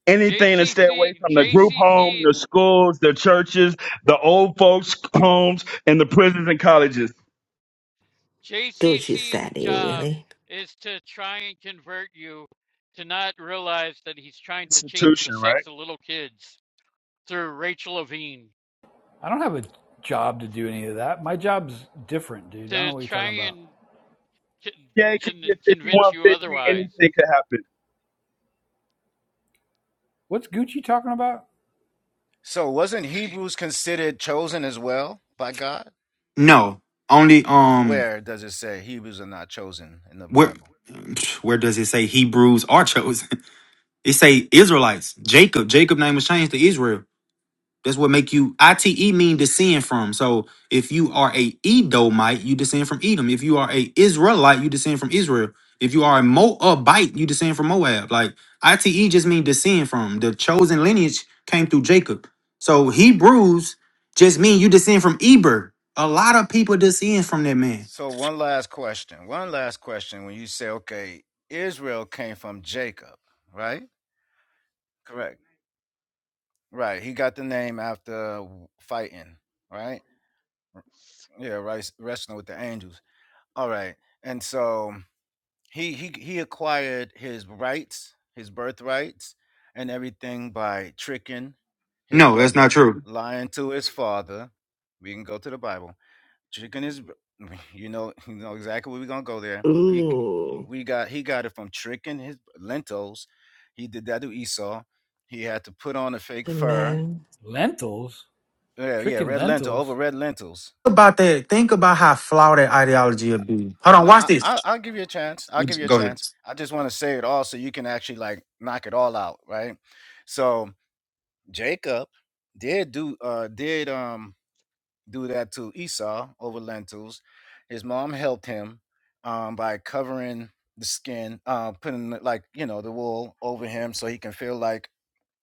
F: Anything to stay away
O: JCC
F: from the group home,
O: JCC's
F: the schools, the churches, the old folks' homes, and the prisons and colleges.
H: Gucci
O: JCC's
H: Sadie,
O: job
H: really.
O: is to try and convert you to not realize that he's trying to change the
F: Institution, right?
O: sex of little kids. through Rachel Levine
R: I don't have a job to do any of that. My job's different, dude. I don't know
O: to
R: what you're
O: try
R: talking about.
O: and con-
F: Yeah, it could get
O: convince you
F: 5150.
O: otherwise.
F: Anything could happen.
R: What's Gucci talking about?
Q: So, wasn't Hebrews considered chosen as well by God?
J: no, only um
Q: Where does it say Hebrews are not chosen in the
J: where
Q: Bible?
J: where does it say Hebrews are chosen? (laughs) It say Israelites. Jacob, Jacob name was changed to Israel. That's what make you ite mean descend from. So if you are a Edomite, you descend from Edom. If you are a Israelite, you descend from Israel. If you are a Moabite, you descend from Moab. Like ite just mean descend from. The chosen lineage came through Jacob. So Hebrews just mean you descend from Eber. A lot of people descend from that man.
Q: So one last question. One last question. When you say, okay, Israel came from Jacob, right? Correct. Right. He got the name after fighting, right? Yeah, right. Wrestling with the angels. All right. And so he he he acquired his rights, his birthrights, and everything by tricking his
J: No, that's not
Q: brother,
J: true.
Q: lying to his father. We can go to the Bible Chicken is, (laughs) you know, you know exactly where we're gonna go there. He, g-
H: Ooh,
Q: we got he got it from tricking his lentils. He did that to Esau. He had to put on a fake
H: the
Q: fur.
H: men
R: Lentils?
Q: Yeah, yeah,
R: Tricking
Q: red lentil over
R: lentils?
Q: red lentils.
J: About that, think about how flawed that ideology of be. Hold on,
Q: No,
J: watch
Q: I,
J: this.
Q: I I'll give you a chance. I'll give you a
J: Go ahead.
Q: chance. I just want to say it all so you can actually like knock it all out, right? So Jacob did do uh did um do that to Esau over lentils. His mom helped him um, by covering the skin, uh, putting like you know the wool over him so he can feel like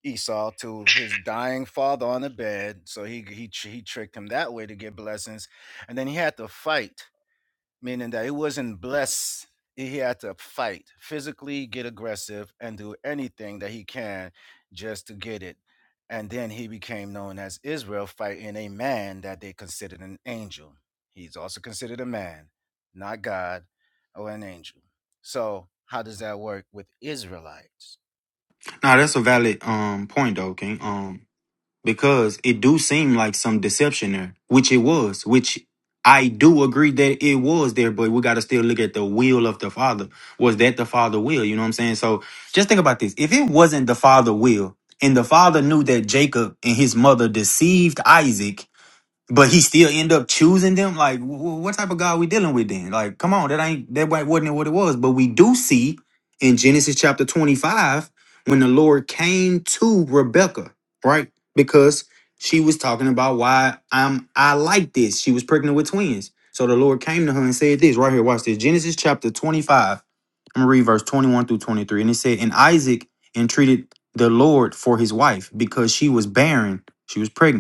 Q: Esau to his dying father on the bed. So he he tr- he tricked him that way to get blessings, and then he had to fight meaning that he wasn't blessed. He had to fight physically, get aggressive, and do anything that he can just to get it. And then he became known as Israel, fighting a man that they considered an angel. He's also considered a man, not God or an angel. So, how does that work with Israelites?
J: Nah, that's a valid um point though, King. um. because it do seem like some deception there, which it was, which I do agree that it was there, but we got to still look at the will of the Father. Was that the Father will? You know what I'm saying? So just think about this. If it wasn't the Father will, and the Father knew that Jacob and his mother deceived Isaac but he still end up choosing them. Like, wh- wh- what type of God we dealing with then? Like, come on, that ain't that wa- wasn't what it was. But we do see in Genesis chapter twenty five when the Lord came to Rebecca, right? Because she was talking about why I'm I like this. She was pregnant with twins. So the Lord came to her and said this right here. Watch this. Genesis chapter twenty five. I'm gonna read verse twenty one through twenty three, and it said, "And Isaac entreated the Lord for his wife because she was barren. She was pregnant."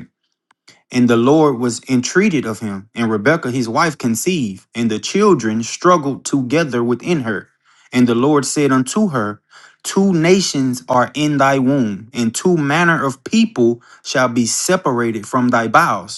J: And the Lord was entreated of him, and Rebekah his wife conceived, and the children struggled together within her. And the Lord said unto her, Two nations are in thy womb, and two manner of people shall be separated from thy bowels.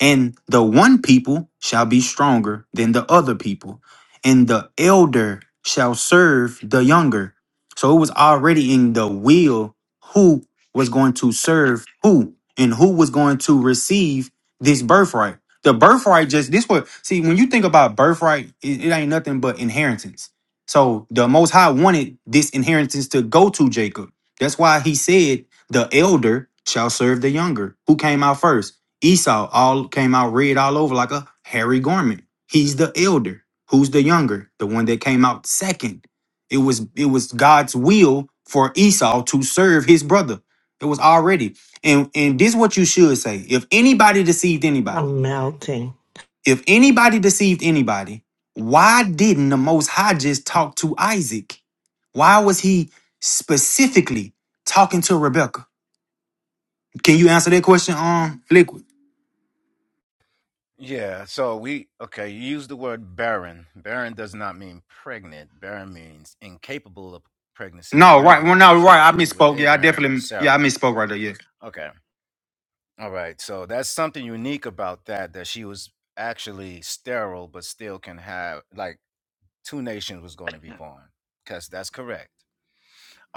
J: And the one people shall be stronger than the other people, and the elder shall serve the younger. So it was already in the will who was going to serve who and who was going to receive this birthright. The birthright just this what see when you think about birthright, it, it ain't nothing but inheritance. So the most high wanted this inheritance to go to Jacob. That's why he said the elder shall serve the younger. Who came out first? Esau all came out red all over like a hairy garment. He's the elder. Who's the younger? The one that came out second. It was it was God's will for Esau to serve his brother. It was already. And and this is what you should say. If anybody deceived
H: are
J: anybody,
H: melting.
J: if anybody deceived anybody, why didn't the most high just talk to Isaac? Why was he specifically talking to Rebecca? Can you answer that question, um, Liquid?
Q: Yeah, so we okay, you use the word barren. Barren does not mean pregnant. Barren means incapable of pregnancy.
J: No, right. Well,
Q: Remember,
J: no,
Q: same
J: right. I
Q: thing with
J: misspoke. Yeah, I
Q: Abraham's or
J: definitely. Yeah, I
Q: Sarah.
J: misspoke right there. Yeah.
Q: Okay. All right. So that's something unique about that that she was actually sterile but still can have like two nations was going to be born. Cuz that's correct.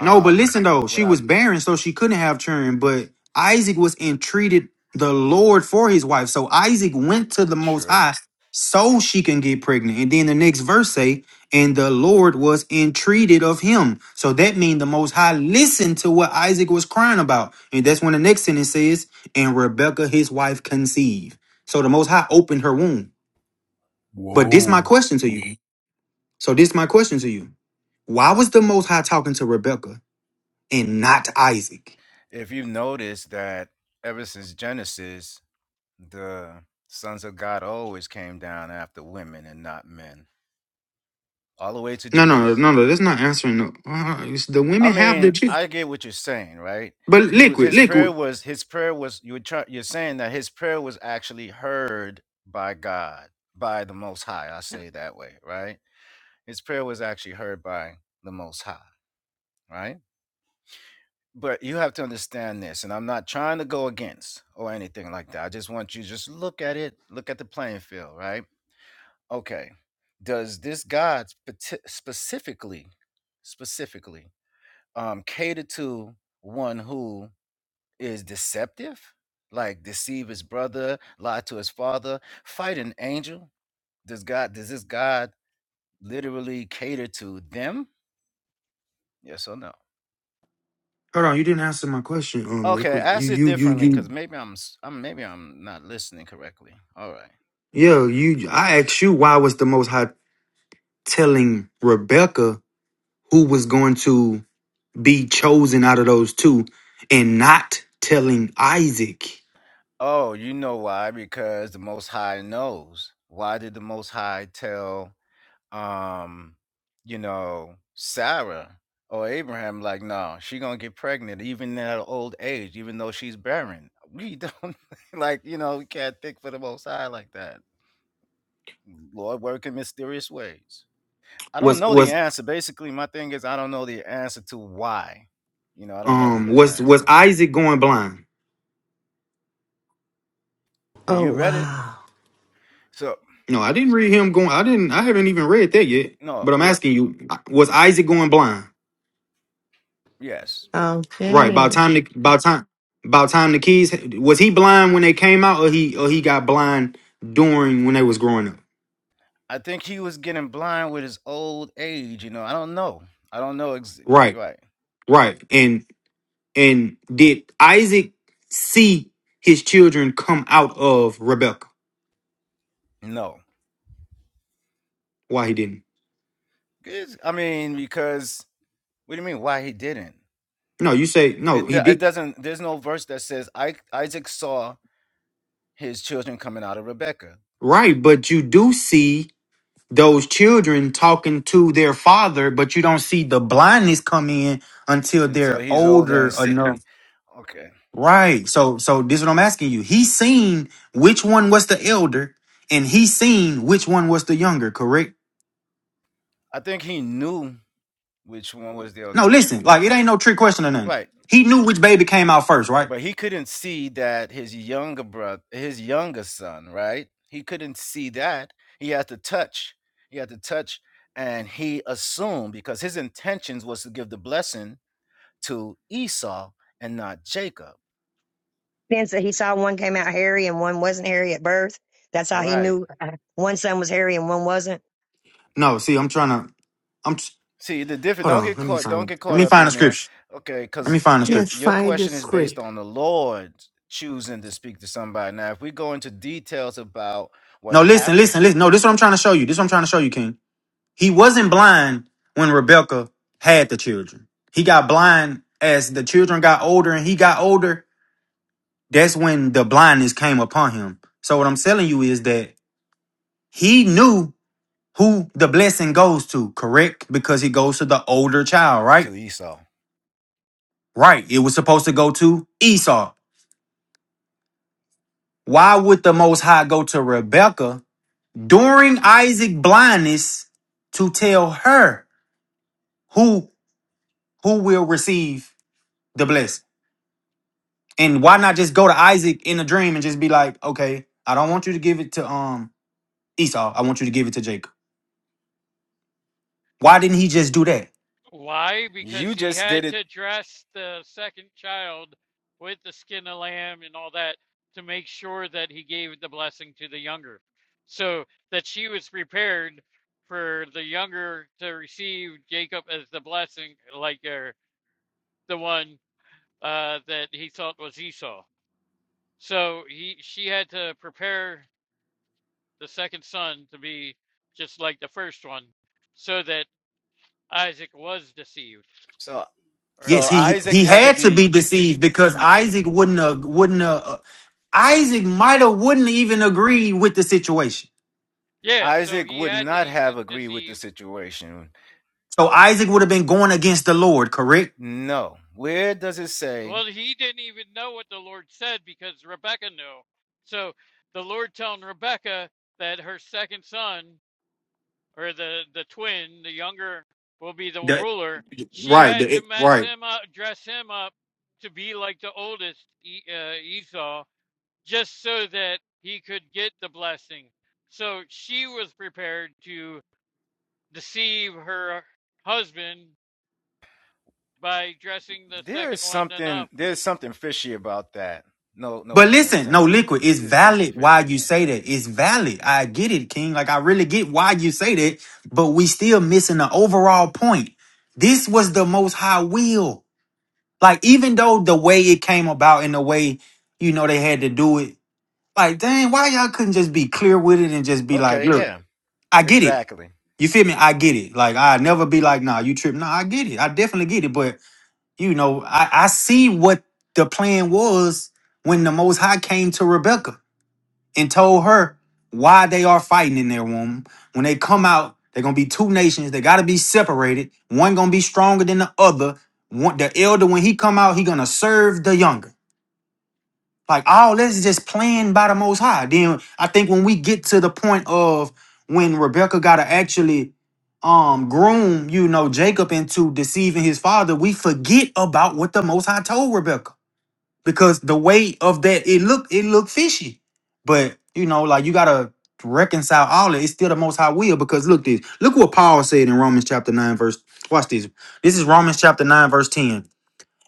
J: No, but listen though,
Q: what
J: she
Q: I
J: was barren, so she couldn't have children. But Isaac was entreated the Lord for his wife, so Isaac went to the Most
Q: true.
J: High so she can get pregnant. And then the next verse say, "And the Lord was entreated of him." So that means the Most High listened to what Isaac was crying about, and that's when the next sentence says, "And Rebekah his wife conceived." So the Most High opened her womb. But this my
R: Whoa.
J: question to you. So this is my question to you. Why was the Most High talking to Rebecca and not Isaac?
Q: If you notice that ever since Genesis The sons of God always came down after women and not men, all the way to
J: No, no,
Q: Jesus.
J: no, no. That's not answering. The, uh, it's the
Q: I
J: women have the
Q: mean,
J: chick.
Q: I get what you're saying, right?
J: But
Q: He was
J: liquid,
Q: his prayer
J: liquid.
Q: was his prayer was you were try, you're saying that his prayer was actually heard by God, by the Most High. I say it that way, right? His prayer was actually heard by the Most High, right? But you have to understand this, and I'm not trying to go against or anything like that. I just want you to just look at it, look at the playing field, right? Okay. Does this God spati- specifically, specifically, um, cater to one who is deceptive, like deceive his brother, lie to his father, fight an angel? Does God? Does this God literally cater to them? Yes or no?
J: Hold on, you didn't answer my question. Um,
Q: Okay,
J: liquid. You,
Q: ask it
J: you, you,
Q: differently, because
J: you.
Q: maybe I'm, s- I'm maybe I'm not listening correctly. All right.
J: Yeah, you. I asked you why was the Most High telling Rebecca who was going to be chosen out of those two, and not telling Isaac?
Q: Oh, you know why? Because the Most High knows. Why did the Most High tell um you know sarah or abraham like no she gonna get pregnant even at an old age even though she's barren we don't (laughs) like you know we can't think for the most high like that lord work in mysterious ways i don't
J: Was
Q: know the
J: was
Q: answer basically my thing is i don't know the answer to why you know i don't know the
J: um was was
Q: answer
J: Isaac going blind?
Q: and
H: Oh,
Q: you read it
H: wow.
Q: so
J: No, I didn't read him going. I didn't. I haven't even read that yet.
Q: no
J: But I'm
Q: what
J: asking you, was Isaac going blind?
Q: yes
J: Right. About
H: Okay.
J: time. The, about time. About time. The kids Was he blind when they came out, or he or he got blind during when they was growing up?
Q: i think he was getting blind with his old age you know i don't know i don't know ex-
J: Right.
Q: right
J: Right. And and did Isaac see his children come out of Rebecca?
Q: no
J: Why he didn't?
Q: It's- I mean, because what do you mean? Why he didn't?
J: No, you say no.
Q: It
J: He
Q: do- it
J: did.
Q: doesn't. There's no verse that says I, Isaac saw his children coming out of Rebecca
J: Right. But you do see. those children talking to their father, but you don't see the blindness come in until
Q: until
J: they're
Q: he's older
J: older
Q: and sickly.
J: enough.
Q: Okay,
J: Right. So so this is what I'm asking you. He seen which one was the elder, and he seen which one was the younger, correct?
Q: I think he knew which one was the
J: No,
Q: older.
J: listen, like it ain't no trick question or nothing.
Q: Right,
J: He knew which baby came out first, right?
Q: but he couldn't see that his younger brother, his younger son, right? He couldn't see that. He had to touch. He had to touch, and he assumed because his intentions was to give the blessing to Esau and not Jacob
E: Then so he saw one came out hairy and one wasn't hairy at birth. That's how he
Q: Right.
E: knew uh, one son was hairy and one wasn't.
J: No,
Q: Co-
J: see, I'm trying to I'm t-
Q: See, the difference
J: hold
Q: don't
J: on.
Q: get
J: Let me
Q: caught don't
J: find
Q: get
J: let
Q: caught
J: me
Q: up
J: find the
Q: in there.
J: scripture.
Q: Okay,
J: Let
Q: cuz
J: me find the
Q: your
H: Yes,
J: scripture.
Q: your
H: find the
Q: question is based
H: script.
Q: on the Lord choosing to speak to somebody. Now, if we go into details about what
J: No, listen,
Q: happened
J: listen, listen. No, this is what I'm trying to show you. This is what I'm trying to show you, King. He wasn't blind when Rebecca had the children. He got blind as the children got older and he got older. That's when the blindness came upon him. So what I'm telling you is that he knew who the blessing goes to, correct? Because it goes to the older child, right?
Q: to Esau,
J: Right. It was supposed to go to Esau. Why would the Most High go to Rebecca during Isaac's blindness to tell her who who will receive the blessing? And why not just go to Isaac in a dream and just be like, okay, I don't want you to give it to um Esau. I want you to give it to Jacob. Why didn't he just do that?
O: Why? Because
Q: you
O: he
Q: just did
O: had
Q: it.
O: to dress the second child with the skin of lamb and all that to make sure that he gave the blessing to the younger. So that she was prepared for the younger to receive Jacob as the blessing, like uh, the one uh, that he thought was Esau. So he she had to prepare the second son to be just like the first one, so that Isaac was deceived,
Q: So
O: or
Q: so
J: Yes,
O: the
J: he
O: father.
Q: Isaac
J: he
Q: had to
J: had to be
Q: be
J: deceived because Isaac wouldn't have wouldn't have, uh, Isaac might have wouldn't even agree with the situation.
O: Yeah, so
Q: Isaac
O: he
Q: would
O: had to
Q: not
O: be s-
Q: have agreed with the
O: deceived.
Q: situation.
J: So Isaac would have been going against the Lord, correct?
Q: No. Where does it say
O: Well, he didn't even know what the Lord said because Rebecca knew. So the Lord telling Rebecca that her second son, or the, the twin, the younger, will be the
J: The-
O: ruler. She
J: right,
O: had to
J: the-
O: mess
J: right.
O: him up, dress him up to be like the oldest E- uh, Esau, just so that he could get the blessing. So she was prepared to deceive her husband by dressing the
Q: there
O: second
Q: is
O: one
Q: something
O: enough.
Q: there's something fishy about that? No no
J: But
Q: pun
J: listen, no
Q: intended.
J: liquid. It's
Q: There's something
J: valid why
Q: fishy
J: you
Q: about
J: say
Q: that.
J: that. It's valid. I get it, King. Like I really get why you say that. But we still missing the overall point. This was the most high will. Like even though the way it came about and the way you know they had to do it, like dang, why y'all couldn't just be clear with it and just be like,
Q: Okay,
J: look,
Q: yeah.
J: I get it.
Q: Exactly.
J: You feel me? I get it. Like I never be like, nah, you tripping. Nah, I get it. I definitely get it. But you know, I I see what the plan was when the Most High came to Rebecca and told her why they are fighting in their womb. When they come out, they're gonna be two nations. They gotta be separated. One gonna be stronger than the other. One, the elder, when he come out, he gonna serve the younger. Like all this is just planned by the Most High. Then I think when we get to the point of when Rebecca gotta actually um groom, you know, Jacob into deceiving his father, we forget about what the Most High told Rebecca because the weight of that it look it look fishy but you know like you gotta reconcile all that it's still the most high will because look this look what paul said in romans chapter 9 verse watch this this is romans chapter 9 verse 10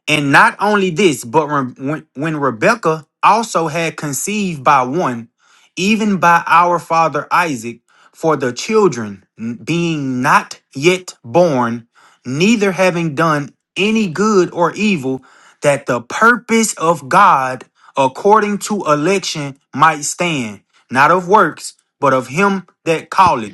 J: and not only this, but when, when when Rebekah also had conceived by one, even by our father Isaac, for the children n- being not yet born, neither having done any good or evil, that the purpose of God according to election might stand, not of works, but of him that calleth.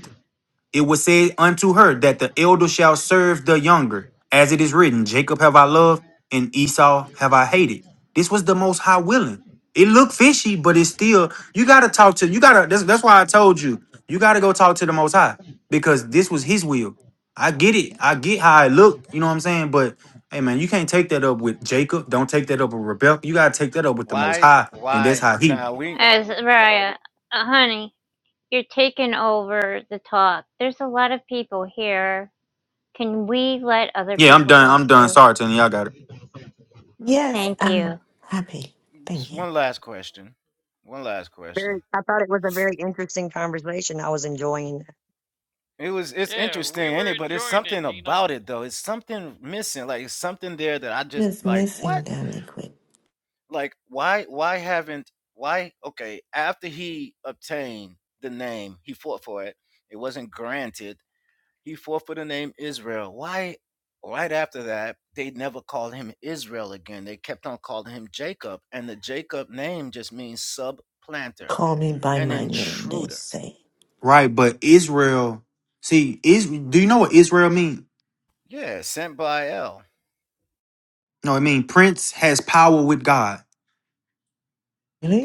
J: It was said unto her that the elder shall serve the younger. As it is written, Jacob have I loved and Esau have I hated. This was the most high willing. It looked fishy, but it's still, you got to talk to, you got to, that's, that's why I told you, you got to go talk to the most high because this was his will. I get it. I get how it looked. You know what I'm saying? But hey, man, you can't take that up with Jacob. Don't take that up with Rebecca. You got to take that up with the most
Q: Why?
J: high. And that's
Q: Why?
J: how he,
Q: Now we.
B: As Raya, uh, honey, you're taking over the talk. There's a lot of people here. Can we let other
J: yeah, I'm
B: people
J: done.
B: talk
J: I'm done.
B: too?
J: Sorry, Tony. Y'all got it.
H: Yes,
B: Thank you.
H: I'm happy.
Q: Just
H: Thank you.
Q: one last question. One last question.
E: Very, I thought it was a very interesting conversation. I was enjoying.
Q: It was. It's
O: Yeah, we
Q: interesting
O: were
Q: in it, but it's
O: enjoying it,
Q: something
O: Tina,
Q: about it though. It's something missing. Like it's something there that I
H: What
Q: just
H: is
Q: like.
H: missing
Q: What?
H: then, Liquid?
Q: Like why? Why haven't? Why? Okay. After he obtained the name, he fought for it. It wasn't granted. He forfeited the name Israel. Why? Right after that, they never called him Israel again. They kept on calling him Jacob, and the Jacob name just means subplanter,
H: Call me by
Q: an
H: my name, they
Q: intruder.
H: say.
J: Right, but Israel, see, is do you know what Israel mean?
Q: Yeah, sent by El.
J: No, I mean Prince has power with God.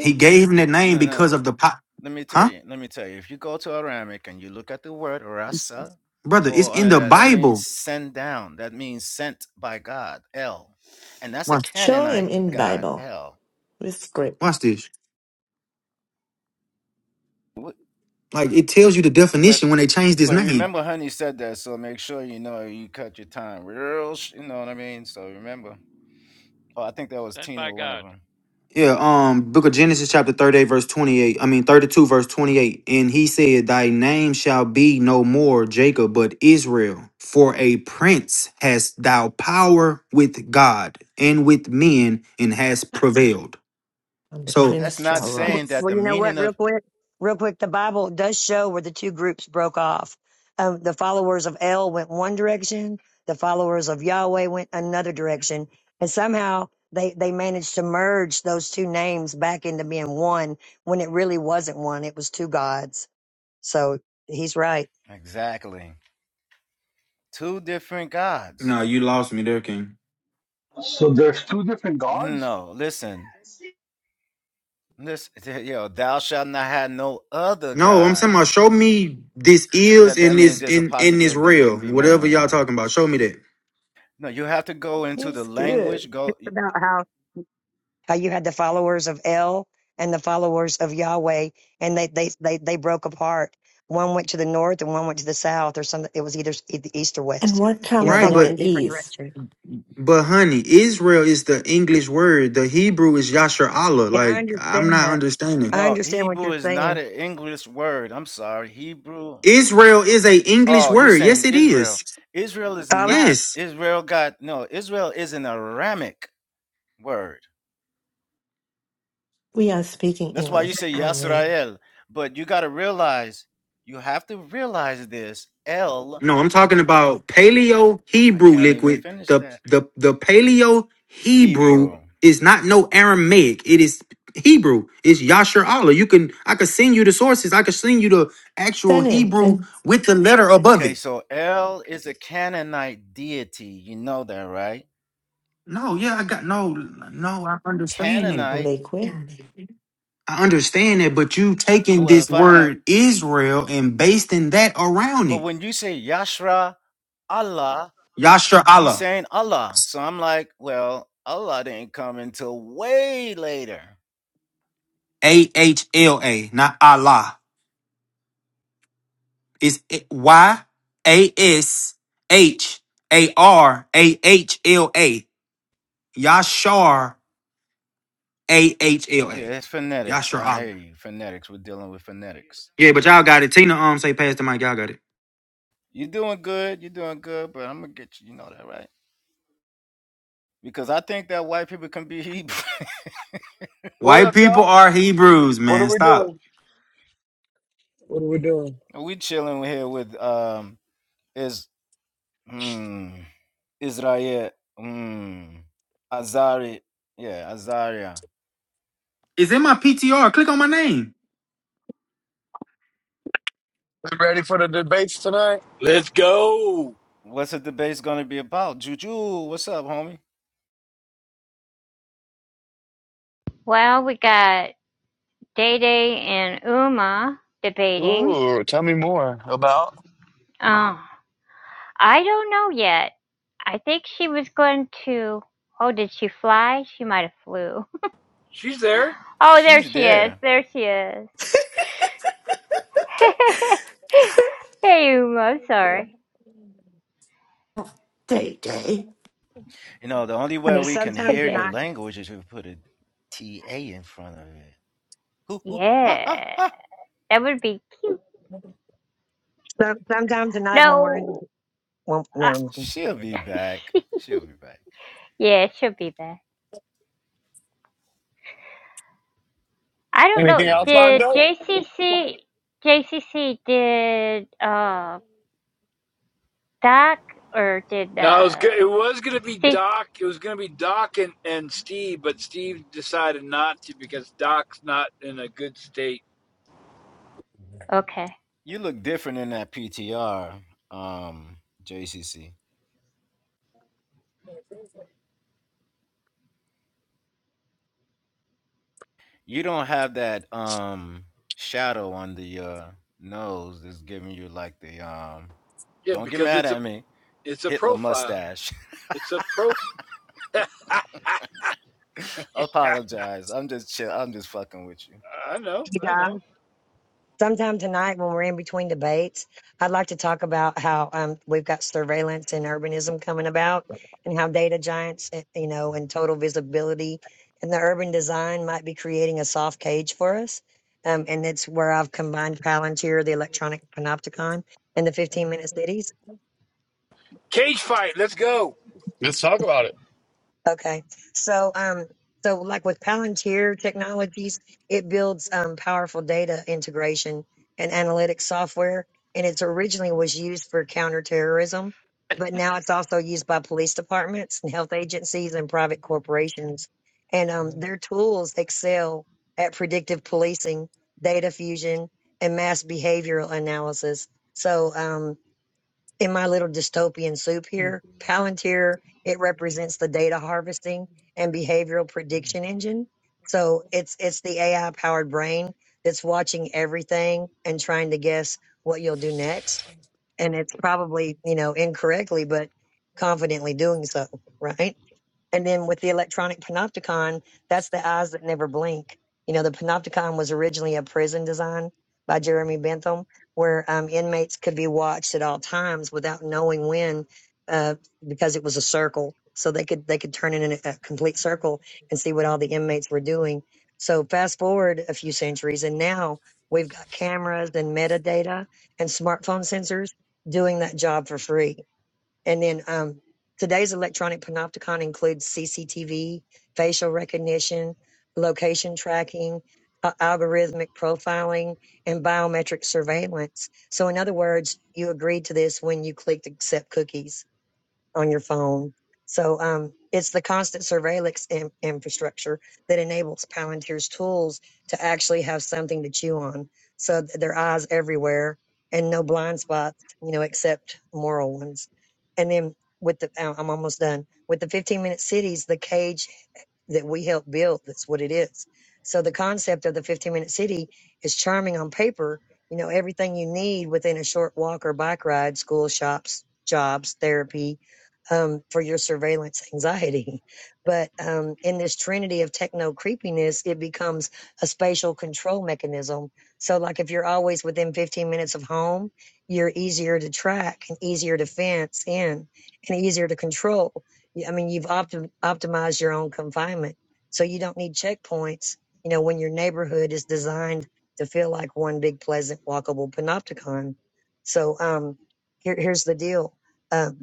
J: He gave him that name
Q: No, no, no.
J: because of the po-
Q: Let me tell
J: huh,
Q: you. Let me tell you. If you go to Aramaic and you look at the word rasa,
J: brother. It's
Q: or
J: in
Q: under
J: the
Q: that, that means
J: Bible.
Q: send down. That means sent by God, El, and that's a
J: Watch,
H: Show him
Q: Canaanite
H: in
Q: god,
H: Bible
Q: El.
H: with script.
J: watch this. Like it tells you the
Q: but
J: definition when they changed his
Q: but
J: name.
Q: remember honey said that so make sure you know you cut your time real sh- you know what i mean so remember oh i think that was
O: sent
Q: tina
O: by
Q: one of
O: God.
Q: them
J: Yeah, um, Book of Genesis chapter thirty-eight, verse twenty-eight. I mean thirty-two, verse twenty-eight. And he said, "Thy name shall be no more Jacob, but Israel, for a prince hast thou power with God and with men, and hast prevailed."
H: And the
J: So
Q: that's
H: prince
Q: not
H: shall
E: it.
Q: saying
H: rise.
Q: that
E: Well,
Q: the
E: you know what?
Q: meaning
E: Real
Q: of
E: quick, real quick, the Bible does show where the two groups broke off. Um, the followers of El went one direction. The followers of Yahweh went another direction, and somehow they they managed to merge those two names back into being one when it really wasn't one. It was two gods. So he's right.
Q: exactly two different gods
J: No, you lost me there, King.
L: So there's two different gods?
Q: no listen listen (laughs) yo thou shalt not have no other
J: no, I'm saying, about
Q: gods
J: show me this is
Q: that that
J: in
Q: means
J: this
Q: there's a
J: in in this
Q: possibility that it
J: real
Q: can be more
J: whatever
Q: than
J: y'all
Q: one
J: talking about. Show me that,
Q: no you have to go into the
H: He's good.
Q: language go
E: It's about how how you had the followers of El and the followers of Yahweh, and they they they they broke apart. One went to the north and one went to the south, or some It was either s- e- the east or
H: And
E: west.
H: what
E: You
H: come
E: know, they
J: right?
H: from
E: went
H: the
J: But
E: in different
H: east?
E: directions.
J: but honey, Israel is the English word. The Hebrew is Yasher Allah.
E: And I
J: Like I'm
E: understand
J: not
E: that.
J: understanding.
E: I
Q: no
E: understand what
Q: hebrew
E: you're
Q: is not
E: saying.
Q: an english word i'm sorry hebrew
J: Israel is a English
Q: Oh, you
J: word. Yes,
Q: saying
J: it is.
Q: Israel. Israel is
E: I was
Q: not.
J: Yes.
Q: Israel got no, Israel is an Aramic word.
H: We are speaking
Q: That's why you
H: English,
Q: say
H: aren't we?
Q: Yisrael. But you gotta realize, you have to realize this. El,
J: No, I'm talking about paleo
Q: I
J: Hebrew
Q: can't even
J: liquid.
Q: finish
J: The
Q: that.
J: the the paleo Hebrew
Q: Hebrew.
J: is not no Aramaic. It is Hebrew. It's Yasher Allah. You can I could send you the sources. I could send you the actual
H: Surname
J: Hebrew
H: and
J: with the letter above
Q: Okay,
J: it.
Q: so El is a Canaanite deity. You know that, right?
J: No, yeah, I got no no, I understand that.
Q: Canaanite.
H: liquid.
J: I understand that, but you taking
Q: Well,
J: this
Q: if I have
J: word Israel and basting that around
Q: but
J: it.
Q: when you say Yashra Allah.
J: Yasher
Q: you
J: Allah.
Q: saying Allah. So I'm like, well, Allah didn't come until way later.
J: A H L A, not Allah. It's Y A S H A R A H L A. Yashar A H L
Q: Yeah,
J: A.
Q: it's phonetics.
J: Yashar
Q: I
J: Allah.
Q: hear you. Phonetics. We're dealing with phonetics.
J: Yeah, but y'all got it. Tina um say pass the mic. Y'all got it.
Q: You're doing good. You're doing good, but I'm gonna get you. You know that, right? Because I think that white people can be Hebrew.
P: What
J: White
P: up,
J: people
P: y'all?
J: are Hebrews,
P: What are
J: man.
P: we
J: Stop.
P: doing? What are we doing?
Q: (laughs) we chilling here with um is hmm Israel hmm Azari. Yeah, Azaria.
J: It's in my PTR. Click on my name.
P: Ready for the debates tonight?
R: Let's go.
Q: What's the debate's gonna be about? Juju, what's up, homie?
B: Well, we got Day Day and Uma debating.
P: Ooh, tell me more about
B: Oh, I don't know yet. I think she was going to. Oh, did she fly? She might have flew. (laughs)
R: She's there.
B: Oh, there
Q: She's
B: she is.
Q: there.
B: There she is. (laughs) hey, Uma, I'm sorry.
H: Day Day.
Q: You know, the only way we can
E: sometimes
B: (laughs)
Q: hear your
E: tonight.
Q: language is if we put a T A in front of it. Hoo, hoo, ha, ha,
B: yeah,
Q: ha.
B: that would be cute.
E: Some, sometimes tonight when we're in the
B: No.
E: well, never
B: Uh,
E: mind.
Q: She'll be back. She'll be back.
B: (laughs) yeah, it should be there. I don't
Q: She
B: know.
P: anything else
Q: definitely be
P: lined
Q: back.
B: Did
P: up.
B: JCC, JCC, did uh, Doc or did
R: No, it was go-
B: uh,
R: it was gonna be
B: Steve?
R: Doc. It was gonna be Doc and, and Steve, but Steve decided not to because Doc's not in a good state.
B: Okay.
Q: You look different in that PTR, um, JCC. You don't have that um shadow under your nose that's giving you like the um.
R: Yeah,
Q: Don't get
R: because
Q: mad
R: it's a.
Q: at me.
R: It's a
Q: Hitler
R: profile.
Q: mustache.
R: It's a profile. (laughs) I
Q: (laughs) Apologize. I'm just chill. I'm just fucking with you.
R: know. I know.
E: sometime tonight when we're in between debates, I'd like to talk about how um, we've got surveillance and urbanism coming about and how data giants, eh, you know, and total visibility and the urban design might be creating a soft cage for us. Um, and it's where I've combined Palantir, the electronic panopticon, and the 15 minute cities.
R: Cage fight. Let's go.
P: Let's talk about
E: Okay. So, um, so like with Palantir Technologies, it builds um, powerful data integration and analytics software, and it's originally was used for counterterrorism, but now it's also used by police departments and health agencies and private corporations. And um, their tools excel at predictive policing, data fusion, and mass behavioral analysis. So, um, in my little dystopian soup
P: it.
E: here, Palantir, it represents the data harvesting and behavioral prediction engine. So it's it's the AI powered brain that's watching everything and trying to guess what you'll do next. And it's probably, you know, incorrectly but confidently doing so, right? And then with the electronic panopticon, that's the eyes that never blink. You know, the panopticon was originally a prison design by Jeremy Bentham, where um, inmates could be watched at all times without knowing when, uh, because it was a circle. So they could they could turn it in a, a complete circle and see what all the inmates were doing. So fast forward a few centuries, and now we've got cameras and metadata and smartphone sensors doing that job for free and then um, today's electronic panopticon includes CCTV, facial recognition, location tracking, uh, algorithmic profiling, and biometric surveillance. So, in other words, you agreed to this when you clicked accept cookies on your phone. So um, it's the constant surveillance in- infrastructure that enables Palantir's tools to actually have something to chew on. So th- their eyes everywhere and no blind spots, you know, except moral ones. And then with the, I- I'm almost done with the 15 minute cities, the cage that we helped build. That's what it is. So the concept of the 15 minute city is charming on paper. You know, everything you need within a short walk or bike ride, school, shops, jobs, therapy, um, for your surveillance anxiety. But um, in this trinity of techno creepiness, it becomes a spatial control mechanism. So, like if you're always within 15 minutes of home, you're easier to track and easier to fence in and easier to control. I mean, you've optim- optimized your own confinement. So, you don't need checkpoints, you know, when your neighborhood is designed to feel like one big, pleasant, walkable panopticon. So, um, here, here's the deal Um,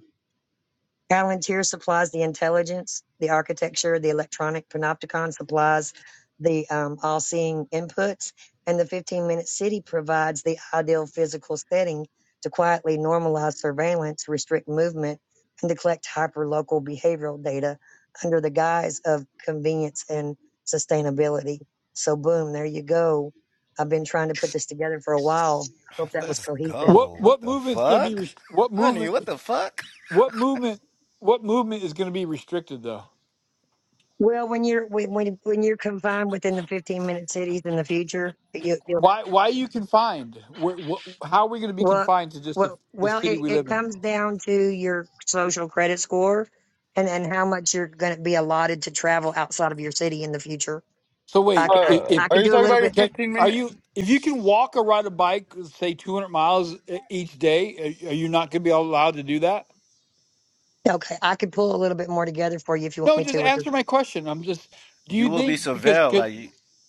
E: Palantir supplies the intelligence, the architecture, the electronic panopticon supplies the um, all seeing inputs, and the 15 minute city provides the ideal physical setting to quietly normalize surveillance, restrict movement, and to collect hyperlocal behavioral data under the guise of convenience and sustainability. So, boom, there you go. I've been trying to put this together for a while. I hope
Q: (laughs)
E: that was
Q: Let's
E: cohesive.
R: What
Q: go. What
R: what
Q: the
R: movement's going to be
Q: fuck,
R: rest- what
Q: honey?
R: movement
Q: What the fuck?
R: what movement what movement is going to be restricted though?
E: Well, when you're when when when you're confined within the 15 minute cities in the future, you, you
R: Why why are you confined? What, what, how are we going to be
E: well,
R: confined to just the,
E: well,
R: the
E: well,
R: city
E: it,
R: we
E: it
R: live in?
E: comes down to your social credit score and and how much you're going to be allotted to travel outside of your city in the future.
R: So
E: I
R: wait,
E: could I,
R: if,
P: Uh,
R: if
E: I
P: are
E: could
P: you
E: do a
P: talking
E: little
P: about your
E: bit.
R: can
P: 15
R: are
P: minute?
R: you if you can walk or ride a bike say 200 miles e- each day, are are you not going to be allowed to do that?
E: Okay, I could pull a little bit more together for you if you want
R: No,
E: me
R: just
E: to with this.
R: answer my question. I'm just do you
Q: You will be
R: think because
Q: surveilled.
R: 'cause
Q: Like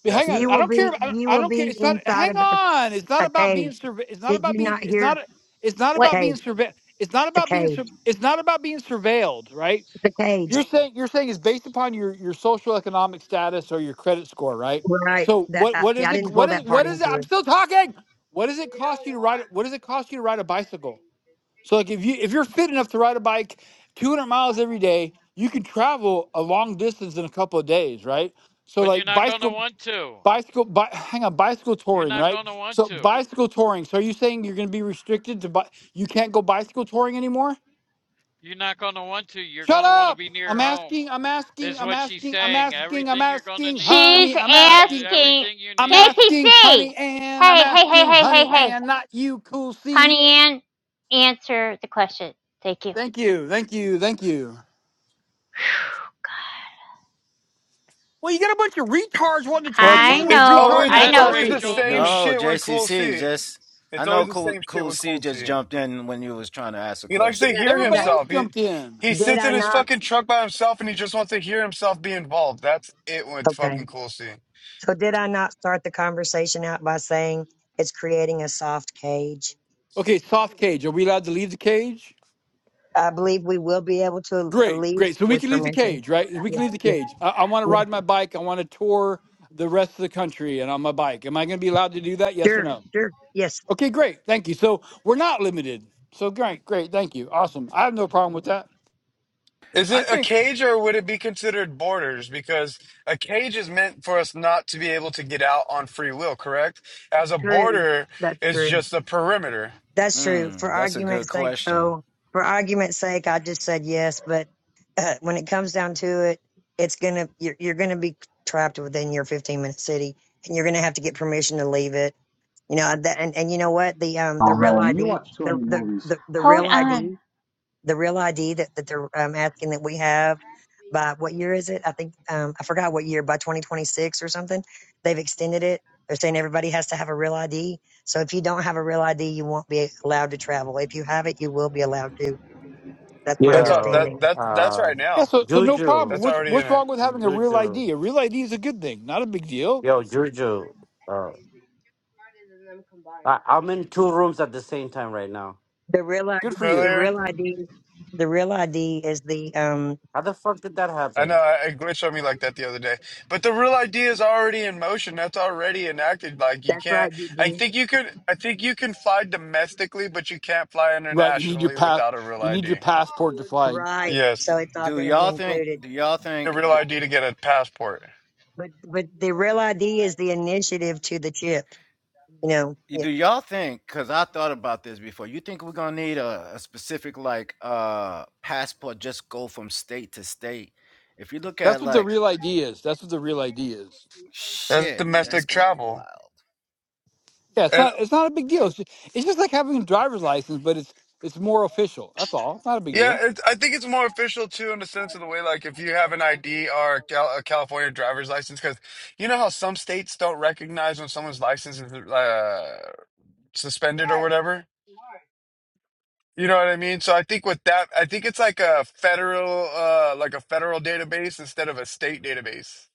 R: But hang
Q: that's
R: on,
E: You
Q: the
R: I
E: will
R: don't care.
E: be
R: I don't,
E: you
R: I
E: will
R: don't care.
E: be
R: It's not.
E: inside
R: Hang
E: of a,
R: on. It's not
E: a
R: about being
E: cage.
R: surve. It's not
E: Did
R: about
E: you
R: being.
E: not
R: It's
E: hear?
R: not. It's not
B: What?
R: about
E: Cage.
R: being surve. It's not
E: It's a
R: about being.
E: cage.
R: sur- It's not about being surveilled, right?
E: It's a cage.
R: You're saying you're saying it's based upon your your social economic status or your credit score, right?
E: Right.
R: So
E: That
R: what
E: I,
R: what is
E: I
R: it?
E: didn't pull
R: What is
E: that part
R: what is it?
E: into
R: I'm
E: it.
R: still talking. What does it
S: They
R: cost
S: don't
R: you to ride?
S: want
R: What does it
S: fuck
R: cost you to ride a
S: that
R: bicycle?
S: they
R: So like if
S: see
R: you if you're fit enough to ride a bike 200 miles every day, you can travel a long distance in a couple of days, right? So
O: But you're
R: like
O: not going to
R: bicycle
O: want to.
R: bicycle bi- hang on bicycle
O: You're
R: touring
O: not
R: right
O: going to want
R: so
O: to.
R: bicycle touring so are you saying you're going to be restricted to bi- you can't go bicycle touring anymore
O: You're not going to want to. You're
R: shut
O: going to
S: White
O: want to
R: up
O: be
S: people
R: i'm
O: near
S: not
O: home,
R: asking i'm
S: fucking doctor.
R: asking
O: is
R: i'm
O: what she's
R: asking i'm
O: saying.
R: asking i'm
O: Everything you're going to
R: asking
O: need.
B: She's
R: honey i'm
O: Uh,
R: asking
B: asking
O: everything you
R: i'm
O: need.
R: asking
B: JCC.
R: honey and i'm
B: Hey, hey, hey,
R: asking
B: hey, hey,
R: honey
B: hey,
R: and not you cool c
B: honey, Ann, answer the question. Thank you.
R: thank you thank you thank you
B: (sighs)
R: well you got a bunch of retards wanting to
P: Well,
R: chime
P: it's,
B: I
R: in with
P: it's
B: know,
R: retard
P: always
B: I
P: it's
O: Yes,
B: know,
P: always the
R: responses
O: Rachel.
P: same
B: GCC.
Q: no
P: shit with Cool C.
Q: JCC. Just I
P: It's
Q: know
P: always the
Q: cool
P: same shit
Q: cool
P: with
Q: C
P: Cool C.
Q: just jumped in when you was trying to ask a
P: He likes
E: Did
P: to
Q: question.
E: I,
P: hear
E: did
R: everybody
E: I
R: else
P: himself. He
R: jumped in
P: he
E: Did
P: sits
E: I
P: in his
E: not?
P: fucking truck by himself and he just wants to hear himself be involved. That's it with
E: Okay.
P: fucking Cool C.
E: So did I not start the conversation out by saying it's creating a soft cage?
R: okay soft cage are we allowed to leave the cage
E: I
S: I love you,
E: believe we will be able to
R: Great,
S: hard.
E: lead
R: great. So we
E: with
R: can leave the
S: Don't
E: permission.
R: cage,
S: fuck
R: right?
S: the
R: We can
E: Yes,
R: leave the
S: white
E: yes,
R: cage.
S: flag.
R: I, I want to
E: yes.
R: ride my bike. I want to tour the rest of the country and on my bike. Am I going to be allowed to do that? Yes or
E: Sure,
R: no?
E: sure. Yes,
S: Raspberry
R: Okay, great. Thank you. So we're not limited. So great, great. Thank you. Awesome. I have no problem with that.
P: Is
Q: I
P: it a
Q: think
P: cage or would it be considered borders? Because a cage is meant for us not to be able to get out on free will, correct? As a
E: true.
P: border
E: That's
P: is
E: true.
P: just a perimeter.
E: That's true. For
Q: mm, that's a good
E: argument's sake,
Q: question.
E: though, for argument's sake, I just said yes. But uh, when it comes down to it, it's gonna you're, you're gonna be trapped within your 15 minute city, and you're gonna have to get permission to leave it. You know that, and and you know what the um the
L: Oh
E: real
L: man, you
E: ID
L: watch too
E: the
L: many
E: the
L: movies.
E: the, the
B: Hold
E: real ID
B: on.
E: the real ID that, that they're um, asking that we have by what year
S: tail.
E: is it? I think, um, I forgot what year, by 2026 or something. They've extended it. They're saying everybody has to have a real ID. So if you don't have a real ID, you won't be allowed to travel. If you have it, you will be allowed to. That's my
P: That's
S: Yeah.
P: all, that
M: yo
E: understanding.
P: that that's
M: uh
P: right
R: Yeah.
P: now.
R: So so no
M: Juju
R: problem.
P: That's
R: What's
P: already in
R: what's
P: it.
R: wrong with having a real
M: Juju
R: ID? A real ID is a good thing, not a big deal.
M: yo Juju uh
S: Anyways, you're smarter than them
M: I,
S: combined.
M: I'm in two rooms at the same time right now.
E: The real ID,
R: Good for you.
E: the
P: earlier.
E: real ID, the real ID is the, um,
M: How the fuck did that
P: I know
M: happen?
P: I- it glitched on me like
S: I
P: that the other day, but the real idea is already in motion. That's already enacted. Like you
E: that's right,
P: can't.
E: you
P: I
E: do.
S: know
P: think
S: it's
P: you could. I think
S: movement.
P: you can fly domestically, but you can't fly
R: Right. You need your
P: internationally
R: pass.
P: without a real
R: You need your
P: ID.
R: passport to
S: No,
R: fly.
S: that's not
E: Right.
S: the
P: Yes,
E: So it's
S: point.
E: all
Q: Do
E: going to be
Q: y'all
S: That's
Q: think?
E: included.
Q: Do
S: my
Q: y'all
P: a
Q: think?
P: real
Q: That,
S: fault.
P: ID to get a passport.
E: But, but the
S: Oh
E: real
S: my
E: ID
S: god.
E: is the
S: Oh god.
E: initiative to the chip, you know,
Q: do y'all think? Because I thought about this before. You think we're gonna need a, a specific like uh passport? Just go from state to state. If you look
R: That's
Q: at
R: what the
Q: like
R: real
S: That
R: ID
S: is
R: is.
S: 15
R: That's what the real ID
S: minutes
R: is.
S: city. From 15
P: That's
Q: shit,
S: minutes.
Q: that's
P: domestic
Q: gonna be
P: travel,
Q: wild.
R: Yeah, it's
P: and
R: not it's not a big deal. It's just, it's just like having a driver's license, but it's it's more
S: Oh
R: official. That's
S: my
R: all. It's not a
S: gosh.
R: big
P: Yeah,
R: deal.
S: Shut
P: it,
S: the
P: I think it's
S: fuck
P: more
S: up.
P: official too in
S: You're
P: the sense of the
S: retarded.
P: way, like, if
S: I
P: you
S: swear
P: have
S: to
P: an
S: God, you
P: ID or a,
S: smoke.
P: Cal a California driver's license, because you know how some states don't recognize when someone's license is uh, suspended or
S: Yes.
P: whatever.
S: You are.
P: You know what I mean? So I think with that, I think it's like a federal, uh, like a federal database instead of a state database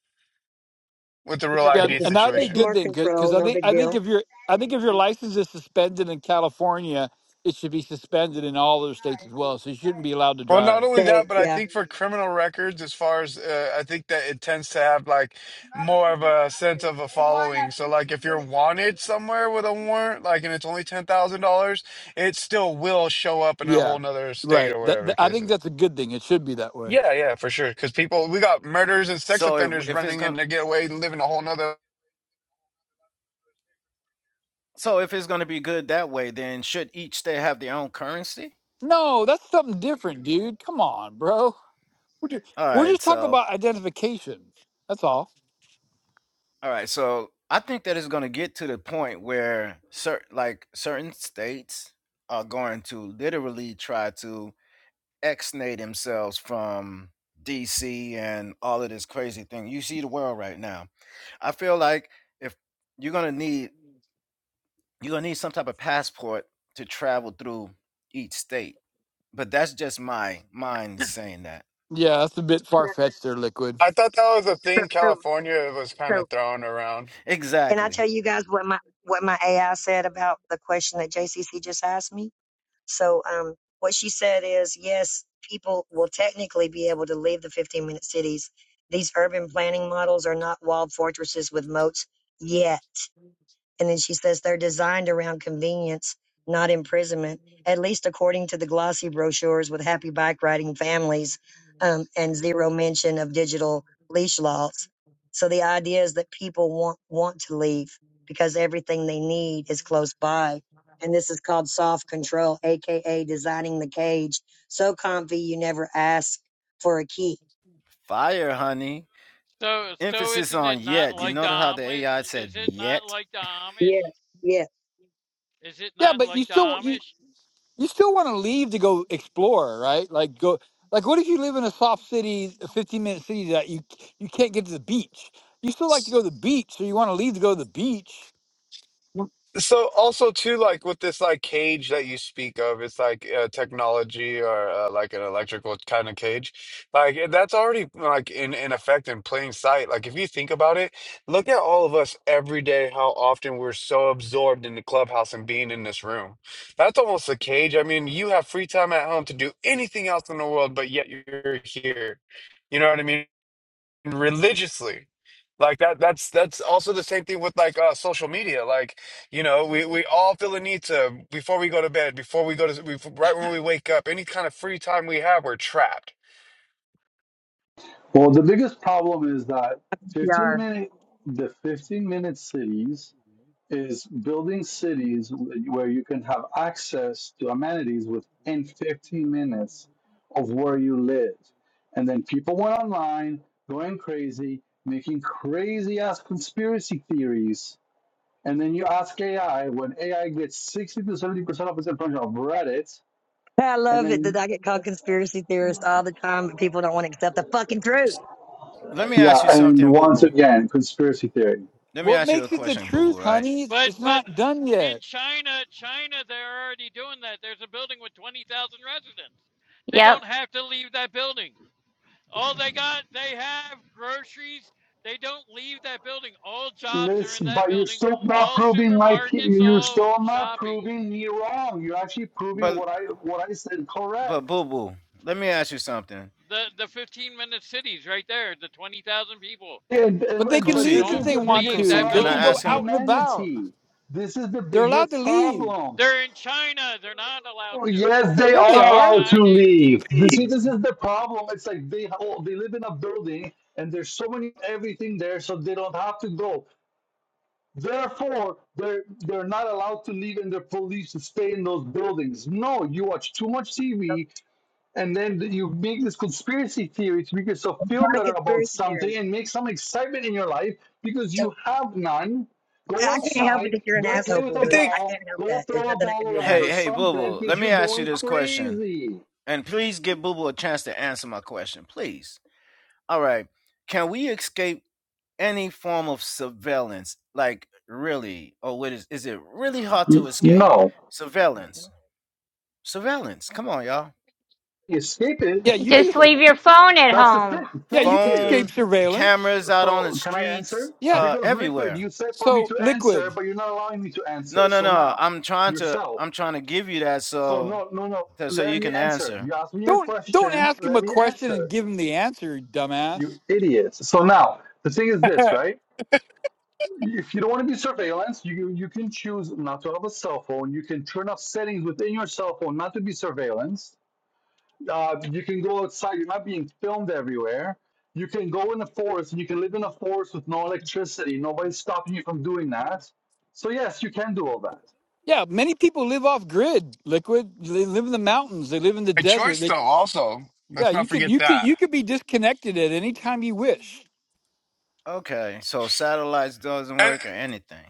P: with the real
R: Yeah,
E: (laughs)
P: ID
S: No.
R: and that would be a
E: It's
P: situation.
R: good
E: more
S: You
R: thing
S: do.
R: because
E: control,
R: I
E: no
R: think
E: big
S: You're
R: I
S: not
R: think
E: deal.
R: if your I
S: understanding.
R: think if your
S: Un-
R: license is suspended in California, it should be
S: no,
R: suspended in
S: you-
R: all other
S: you're not.
R: states as well.
S: It's
R: So you shouldn't
S: guys.
R: be allowed to
P: Well, not
R: drive.
P: only that,
E: They,
P: but I
E: yeah.
P: think
S: No, no,
P: for
S: no. no.
P: criminal records, as far as uh, I think that it tends to have like
S: It's not a
P: more of
S: criminal
P: a sense
S: record.
P: of a
S: They want a
P: following. So,
S: 15
P: like if you're
S: minute city.
P: wanted
S: Are you
P: somewhere with
S: fucking
P: a
S: stupid?
P: warrant, like and it's only ten thousand dollars, it still will show up in a
S: 15
P: whole
R: Yeah,
S: minutes.
P: nother state
R: right.
P: or
R: That,
P: whatever
R: that
P: the
R: I
P: case
R: think
P: is.
R: that's a good thing. It should be that way.
P: Yeah, yeah, for sure. Because people, we got murders and sex
Q: So if
P: offenders
Q: if it's
P: running
Q: gonna
P: in to get away and living a whole nother.
Q: So if it's going to be good that way, then should each state have their own currency?
R: No, that's something different, dude. Come on, bro. We're just,
Q: All
R: we're
Q: right.
R: just talking
Q: So
R: about identification. That's all.
Q: all right. So I think that it's going to get to the point where certain like certain states are going to literally try to exnate themselves from DC and all of this crazy thing. You see the world right now. I feel like if you're gonna need you're gonna need some type of passport to travel through each state. But that's just my mind saying that.
R: Yeah, that's a bit far
E: Yeah,
R: fetched there, liquid.
P: I thought that was a thing
E: So,
P: California was kind
E: so,
P: of throwing around.
E: can I
Q: Exactly.
E: tell you guys what my what my AI said about the question that JCC just asked me. So, um, what she said is, yes, people will technically be able to leave the 15 minute cities. These urban planning models are not walled fortresses with moats yet And then she says they're designed around convenience, not imprisonment, at least according to the glossy brochures with happy bike riding families um, and zero mention of digital leash laws. So the idea is that people want, want to leave because everything they need is close by. And this is called soft control, AKA designing the cage. So comfy, you never ask for a key.
Q: Fire, honey.
O: So, so
Q: Emphasis
O: isn't
Q: on
O: it not
Q: yet. You
O: like the
Q: notice how the
O: Amish?
Q: AI said
O: Is it not
Q: yet?
O: like the
E: Yeah,
O: Amish?
E: yeah.
O: Is it
R: Yeah,
O: not
R: but
O: like
R: you
O: the
R: still
O: Amish?
R: you still want to leave to go explore, right? Like go like what if you live in a soft city, a 15 minute city that you you can't get to the beach? You still like to go to the beach, so you want to leave to go to the beach.
P: So also too, like with this like cage that you speak of, it's like uh, technology or uh, like an electrical kind of cage. Like eh, that's already like in in effect in plain sight. Like if you think about it, look at all of us every day. How often we're so absorbed in the clubhouse and being in this room. That's almost a cage. I mean, you have free time at home to do anything else in the world, but yet you're here. You know what I mean? religiously like that that's that's also the same thing with like uh social media like you know we we all feel the need to before we go to bed before we go to we, right when we wake up any kind of free time we have we're trapped
L: Well, the biggest problem is that 15 minute the 15 minute cities is building cities where you can have access to amenities within 15 minutes of where you live. And then people went online going crazy, making crazy ass conspiracy theories. And then you ask AI when AI gets 60 to 70% of its information of Reddit.
E: I
L: And
E: love it that
L: then,
E: I get called conspiracy theorist all the time, but people don't want to accept the fucking truth.
Q: Let me
L: yeah,
Q: ask you
L: and
Q: something, boo
L: once
Q: boo.
L: again, conspiracy theory.
Q: Let me
R: What
Q: ask you a
R: makes it the
Q: question, boo
R: truth,
Q: boo, right?
R: honey? It's,
O: But,
R: it's
O: but
R: not done
O: uh, in
R: yet.
O: China, China, they're already doing that. There's a building with 20,000 residents. They
B: Yep.
O: don't have to leave that building. All they got, they have groceries. They don't leave that building. All jobs are in
L: Listen,
O: that
L: but you're
O: building.
L: still not
O: All
L: proving my.
O: supermarkets,
L: You're
O: all
L: still not
O: shopping.
L: proving me wrong. You're actually proving
Q: But
L: what I what I said
Q: but boo
L: correct.
Q: boo, let me ask you something.
O: The the 15 minute cities right there. The 20,000 people
L: And,
R: But
L: and,
R: they
L: and
R: can
L: but
Q: Kusi,
R: leave
L: this
O: don't
R: if
L: is
R: they
L: the
R: want
O: leave
L: biggest
Q: Kusi,
O: that
R: to. They
Q: can I
R: can
L: problem
O: building.
L: with
R: go
Q: ask him?
R: out and about.
L: humanity. This is the
R: They're allowed
L: biggest
R: to leave.
L: problem.
O: They're in China. They're not allowed to
L: Yes, they
R: Yeah,
L: are
R: they
O: without getting an
R: are.
L: allowed to
O: ID.
L: leave. This, see, this is the problem. It's like they oh, they live in a building and there's so many everything there, so they don't have to go. Therefore, they're they're not allowed to leave, and the police to stay in those buildings. No, you watch too much
E: So
L: TV, and then you make this conspiracy theory to make yourself feel
E: Donna
L: better
E: gets
L: about
E: very generic.
L: something and make some excitement in your life because
E: So
L: you have none. Go
E: I can't help it
L: outside,
E: that you're an
L: go play
E: asshole,
L: with
E: boo
L: a
P: i
E: boo. I
P: think
E: can't
L: ball,
E: help
L: go
E: that. There's
L: throw a
E: nothing I
L: ball
E: can do
L: around
E: about
Q: Hey,
E: it.
L: or
Q: hey, boo
L: something
Q: boo,
L: because
Q: let me
L: you're
Q: ask you
L: going
Q: this question.
L: crazy.
Q: And please give boo boo a chance to answer my question, please. All right. Can we escape any form of surveillance? Like, really? Or what is, is it really hard to escape
L: No,
Q: surveillance? Surveillance. Come on, y'all.
L: escape it.
R: Yeah, you can
B: Just
R: es-
B: leave your phone at
L: That's the
B: home.
L: thing.
R: yeah, you
L: Thank
R: can
Q: phone
L: you.
R: escape surveillance.
Q: cameras out on the
L: So can I
Q: streets
L: answer?
R: Yeah.
Q: uh
L: Because liquid,
Q: everywhere
L: you said for me
R: So
L: to answer,
R: liquid.
L: but you're not allowing me to answer.
Q: no no
L: So
Q: no
L: now,
Q: i'm trying to
L: yourself.
Q: i'm trying to give you that
L: So
Q: so
L: no, no, no.
Q: so so
L: Let
Q: you
L: me
Q: can
L: answer.
Q: answer
L: You asked me a
R: Don't don't
L: question.
R: ask him
L: Let
R: a
L: me
R: question and
L: answer.
R: give him the answer, dumbass.
L: You idiot. So now, the thing is this,
P: uh,
L: right? If you don't want to be surveillance, you you can choose not to have a cell phone. You can turn off settings within your cell phone not to be surveillance Uh, you can go outside. You're not being filmed everywhere. You can go in the forest and you can live in a forest with no electricity. Nobody's stopping you from doing that. So yes, you can do all that.
R: Yeah, many people live off grid, liquid. They live in the mountains. They live in the
P: a
R: desert.
P: choice
R: They,
P: though also
R: yeah,
P: let's not
R: you could
P: forget
R: you could
P: that
R: you could be disconnected at any time you wish,
Q: okay so satellites doesn't
P: and
Q: work or anything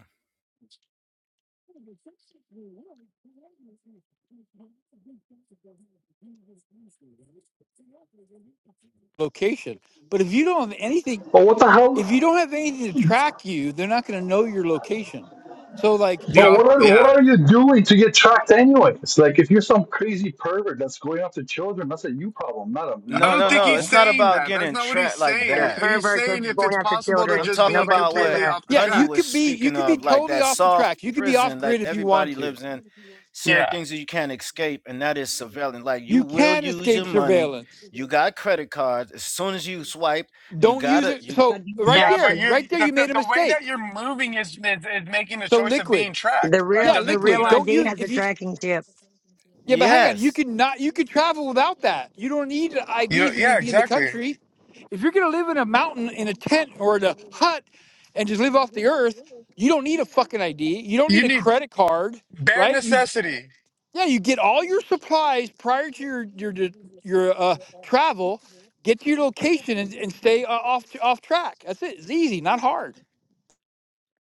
R: location. But if you don't have anything,
L: But what the
R: if you
L: hell?
R: don't have anything to track you, they're not going to know your location. So like
P: you
R: if
L: But
P: know
L: what are what
P: yeah
L: are you doing to get tracked anyways? Like if you're some crazy pervert that's going after children, that's a you problem, not a
P: i
L: me
Q: no
P: don't
Q: no
P: think
Q: no
P: he's
Q: it's
L: problem.
Q: not
P: saying
Q: about
P: that that's
Q: getting
P: not what he's
Q: trapped like
E: What
P: saying
E: a
Q: that
P: he's
E: pervert for
P: saying if
E: going
P: it's
E: after
P: possible to
Q: i'm
E: children.
P: just
Q: talking
P: be
E: Nobody
Q: about
E: said
Q: what
P: completely
E: that.
P: off the
R: yeah,
Q: honey
R: you
P: track
Q: was
R: could be you
Q: speaking
R: could be
Q: of like
R: totally
Q: that
R: off the
Q: soft
R: track. You could be off
Q: prison that
R: grid if you want
Q: everybody
R: to.
Q: lives in certain
P: Yeah.
Q: things that you can't escape and that is surveillance like you
R: You
Q: will
R: can
Q: use your
R: escape
Q: money
R: surveillance.
Q: you got credit cards as soon as you swipe you
R: Don't use
Q: gotta
R: it.
Q: you
E: I
R: So
E: do
R: right
P: Yeah,
E: Fact
P: but
R: there,
E: two.
P: you're
R: right there,
P: the,
R: you
P: the
R: made a
P: the way that
R: mistake.
P: you're moving is, is is making the
R: So
P: choice of
R: liquid,
P: being
E: The
P: tracked. Like,
E: real
R: yeah,
P: does
E: the
P: it? Do you
E: real
R: liquid.
P: not?
R: Don't
E: ID
R: use
E: has a
R: if you
E: tracking chip.
R: Yeah, but hang on. You
Q: Yes.
R: can not. You could travel without that. You don't need an
P: You
R: ID if you're going
P: yeah,
R: to be in the
P: exactly.
R: country. If you're going to live in a mountain in a tent or in a hut and just live off the earth, you don't need a fucking ID. You don't need
P: You
R: a
P: need
R: credit card,
P: bare
R: right? You
P: necessity.
R: yeah. You get all your supplies prior to your your your uh, travel. Get to your location and, and stay uh, off off track. That's it. It's easy, not hard.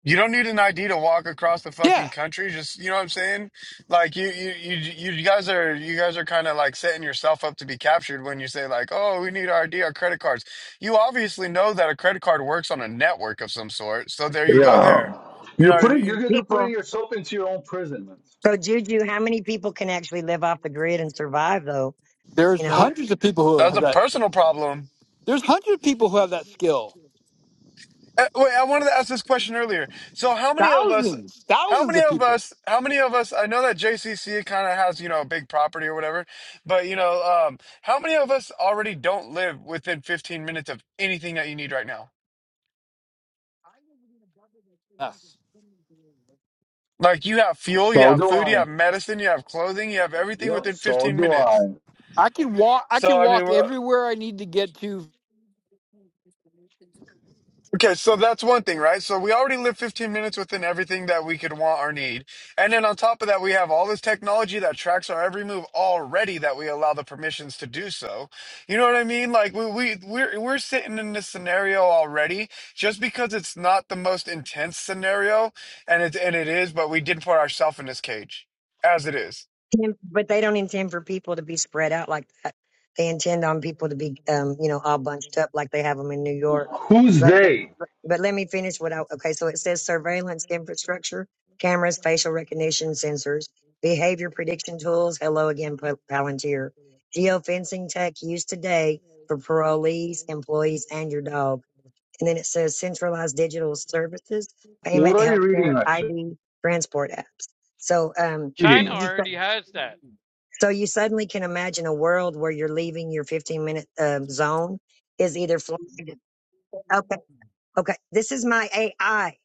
P: You don't need an ID to walk across the
R: Yeah,
P: fucking country. Just you know what I'm saying? Like you you you you guys are you guys are kind of like setting yourself up to be captured when you say like, "Oh, we need our ID, our credit cards." You obviously know that a credit card works on a network of some sort. So there you go there.
L: Yeah.
P: You know
L: You're
P: what I
L: putting
P: mean?
L: you guys are putting
E: People
L: yourself into your own imprisonment.
E: so Juju, how many people can actually live off the grid and survive though?
R: there's
E: You know?
P: Well,
R: hundreds of people who
P: that's
R: have
P: a
R: that.
P: personal problem.
R: There's hundreds of people who have that skill.
P: Uh, wait, I wanted to ask this question earlier. So, how many of us?
R: Thousands,
P: How
R: thousands
P: many
R: of
P: of
R: people.
P: us? How many of us? I know that JCC kind of has you know a big property or whatever, but you know, um, how many of us already don't live within 15 minutes of anything that you need right now?
R: Yes.
P: Like you have fuel, you
L: So
P: have
L: do
P: food, you
L: I.
P: have medicine, you have clothing, you have everything
L: Yep,
P: within
L: so
P: 15
L: do I.
P: minutes.
R: I can walk. I
P: So,
R: can
P: I mean,
R: walk
P: we're
R: everywhere I need to get to.
P: Okay, so that's one thing, right? So we already live 15 minutes within everything that we could want or need. And then on top of that, we have all this technology that tracks our every move already that we allow the permissions to do so. You know what I mean? Like we, we we're we're sitting in this scenario already just because it's not the most intense scenario and it and it is, but we did put ourselves in this cage as it is.
E: intend- but they don't intend for people to be spread out like that. They intend on people to be, um, you know, all bunched up like they have them in New York.
L: Who's
E: But, but,
L: they?
E: but, but let me finish what I, okay. So it says surveillance infrastructure, cameras, facial recognition sensors, behavior prediction tools. Hello again, Pal- Palantir. Geofencing tech used today for parolees, employees, and your dog. And then it says centralized digital services,
L: What
E: payment,
L: are you
E: healthcare,
L: reading actually?
E: ID, transport apps. So, um,
O: China
L: Reading.
E: you
O: already has that.
E: so you suddenly can imagine a world where you're leaving your 15 minute um, zone is either flagged. Okay. Okay. This is my AI.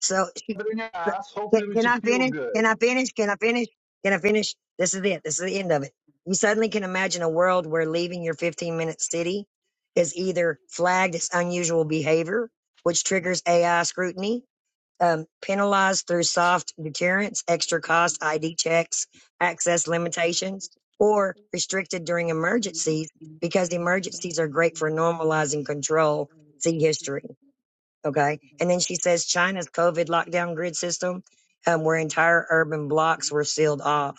E: So she-
L: gathering ass.
E: can,
L: Hopefully, we
E: can
L: should
E: I
L: feel
E: finish? Can
L: good.
E: I finish? Can I finish? Can I finish? This is it. This is the end of it. You suddenly can imagine a world where leaving your 15 minute city is either flagged as unusual behavior, which triggers AI scrutiny, um, penalized through soft deterrence, extra cost ID checks, access limitations, or restricted during emergencies because emergencies are great for normalizing control. See history. Okay. And then she says China's COVID lockdown grid system, um, where entire urban blocks were sealed off.